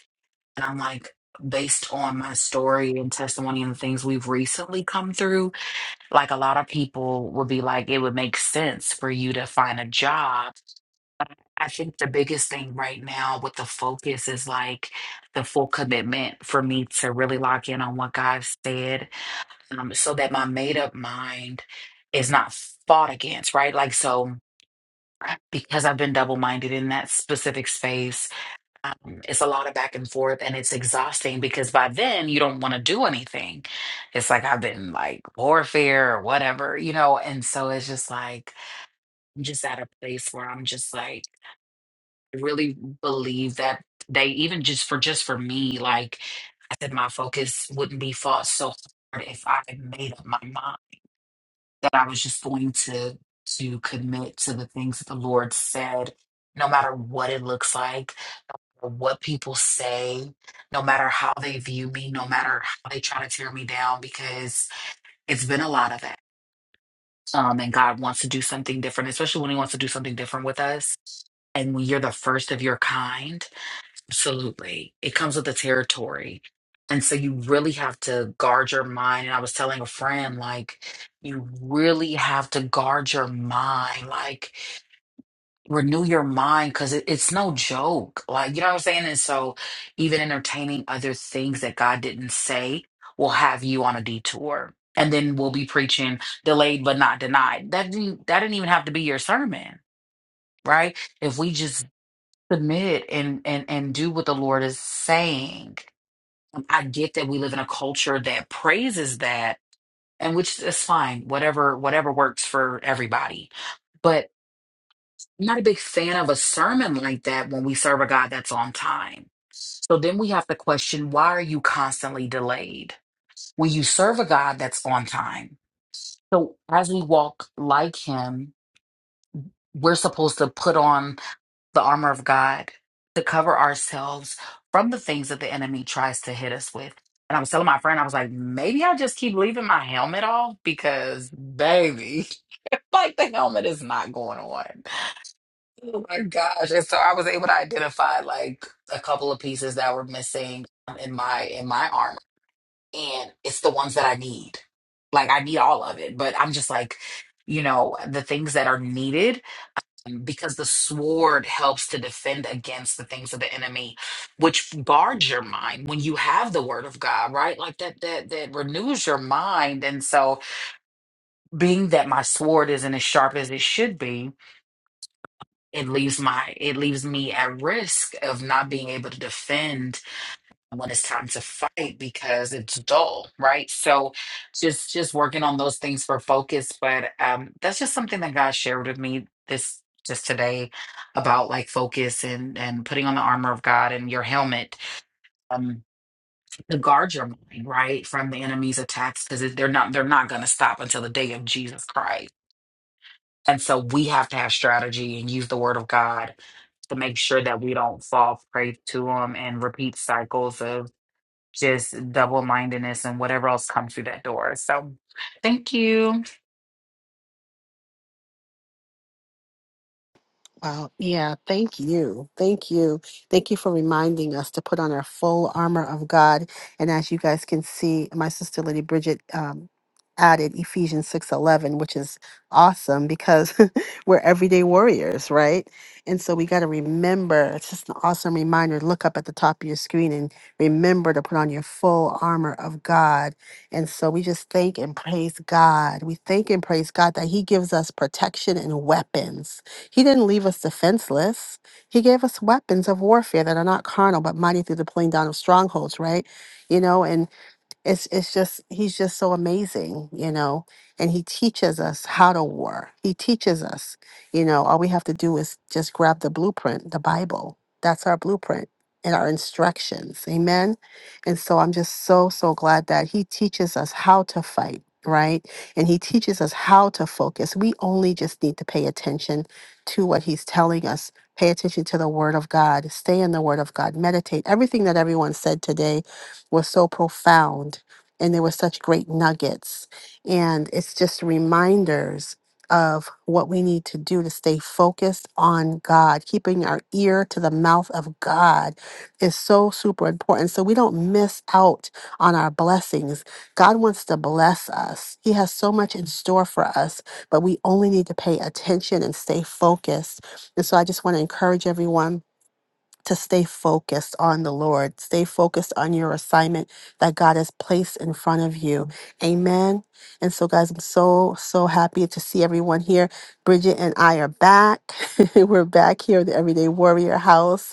S15: And I'm like, based on my story and testimony and the things we've recently come through, like a lot of people would be like, it would make sense for you to find a job. I think the biggest thing right now with the focus is like the full commitment for me to really lock in on what God said um, so that my made up mind is not fought against, right? Like, so because I've been double minded in that specific space, it's a lot of back and forth and it's exhausting because by then you don't want to do anything. It's like I've been like warfare or whatever, you know? And so it's just like, I'm just at a place where I'm just like, I really believe that they, even just for, just for me, like I said, my focus wouldn't be fought so hard if I had made up my mind that I was just going to to commit to the things that the Lord said, no matter what it looks like, or what people say, no matter how they view me, no matter how they try to tear me down, because it's been a lot of that. Um, and God wants to do something different, especially when He wants to do something different with us. And when you're the first of your kind, Absolutely. It comes with the territory. And so you really have to guard your mind. And I was telling a friend, like, you really have to guard your mind. Like, renew your mind because it, it's no joke. Like, you know what I'm saying? And so even entertaining other things that God didn't say will have you on a detour. And then we'll be preaching delayed but not denied. That didn't, that didn't even have to be your sermon, right? If we just submit and and and do what the Lord is saying. I get that we live in a culture that praises that, and which is fine, whatever whatever works for everybody. But I'm not a big fan of a sermon like that when we serve a God that's on time. So then we have to question why are you constantly delayed when you serve a God that's on time? So as we walk like him, we're supposed to put on the armor of God to cover ourselves from the things that the enemy tries to hit us with. And I was telling my friend, I was like, maybe I just keep leaving my helmet off because, baby, [LAUGHS] like the helmet is not going on. Oh my gosh! And so I was able to identify like a couple of pieces that were missing in my in my armor, and it's the ones that I need. Like I need all of it, but I'm just like, you know, the things that are needed because the sword helps to defend against the things of the enemy which guards your mind when you have the word of god right like that that that renews your mind and so being that my sword isn't as sharp as it should be it leaves my it leaves me at risk of not being able to defend when it's time to fight because it's dull right so just just working on those things for focus but um that's just something that god shared with me this just today about like focus and and putting on the armor of god and your helmet um to guard your mind right from the enemy's attacks because they're not they're not going to stop until the day of jesus christ and so we have to have strategy and use the word of god to make sure that we don't fall prey to them and repeat cycles just double mindedness and whatever else comes through that door. So thank you.
S2: Wow. Yeah. Thank you. Thank you. Thank you for reminding us to put on our full armor of God. And as you guys can see, my sister Lady Bridget um, added Ephesians six eleven, which is awesome because [LAUGHS] we're everyday warriors, right? And so we got to remember. It's just an awesome reminder. Look up at the top of your screen and remember to put on your full armor of God. And so we just thank and praise God. We thank and praise God that He gives us protection and weapons he didn't leave us defenseless. He gave us weapons of warfare that are not carnal, but mighty through the pulling down of strongholds, right? You know, and it's it's just he's just so amazing, you know. And he teaches us how to war. He teaches us, you know, all we have to do is just grab the blueprint, the Bible. That's our blueprint and our instructions. Amen. And so I'm just so so glad that he teaches us how to fight, right? And he teaches us how to focus. We only just need to pay attention to what he's telling us. Pay attention to the word of God. Stay in the word of God. Meditate. Everything that everyone said today was so profound and there were such great nuggets. And it's just reminders of what we need to do to stay focused on God. Keeping our ear to the mouth of God is so super important so we don't miss out on our blessings. God wants to bless us, He has so much in store for us, but we only need to pay attention and stay focused. And so I just want to encourage everyone to stay focused on the Lord. Stay focused on your assignment that God has placed in front of you. Mm. Amen. And so, guys, I'm so, so happy to see everyone here. Bridget and I are back. [LAUGHS] We're back here at the Everyday Warrior House.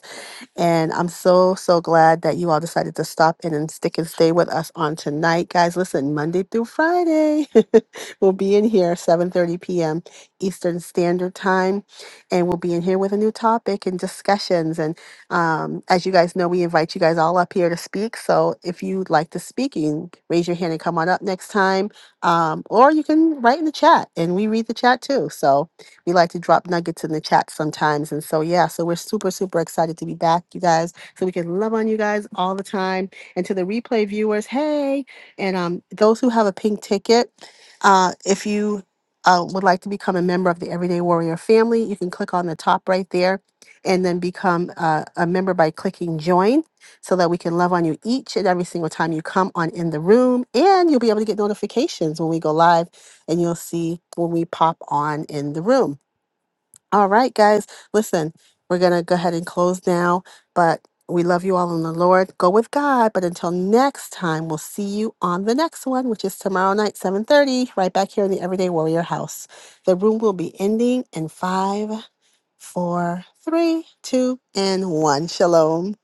S2: And I'm so, so glad that you all decided to stop in and stick and stay with us on tonight. Guys, listen, Monday through Friday, [LAUGHS] we'll be in here 7.30 p.m. Eastern Standard Time. And we'll be in here with a new topic and discussions. And um, as you guys know, we invite you guys all up here to speak. So if you'd like to speak, you can raise your hand and come on up next time. Um, or you can write in the chat and we read the chat too. So we like to drop nuggets in the chat sometimes. And so, yeah, so we're super, super excited to be back, you guys, so we can love on you guys all the time. And to the replay viewers, hey. And um, those who have a pink ticket, uh, if you uh, would like to become a member of the Everyday Warrior family, you can click on the top right there and then become uh, a member by clicking join so that we can love on you each and every single time you come on in the room. And you'll be able to get notifications when we go live and you'll see when we pop on in the room. All right, guys. Listen, we're going to go ahead and close now, but we love you all in the Lord. Go with God, but until next time, we'll see you on the next one, which is tomorrow night, 7:30, right back here in the Everyday Warrior House. The room will be ending in five, four, three, two, and one. Shalom.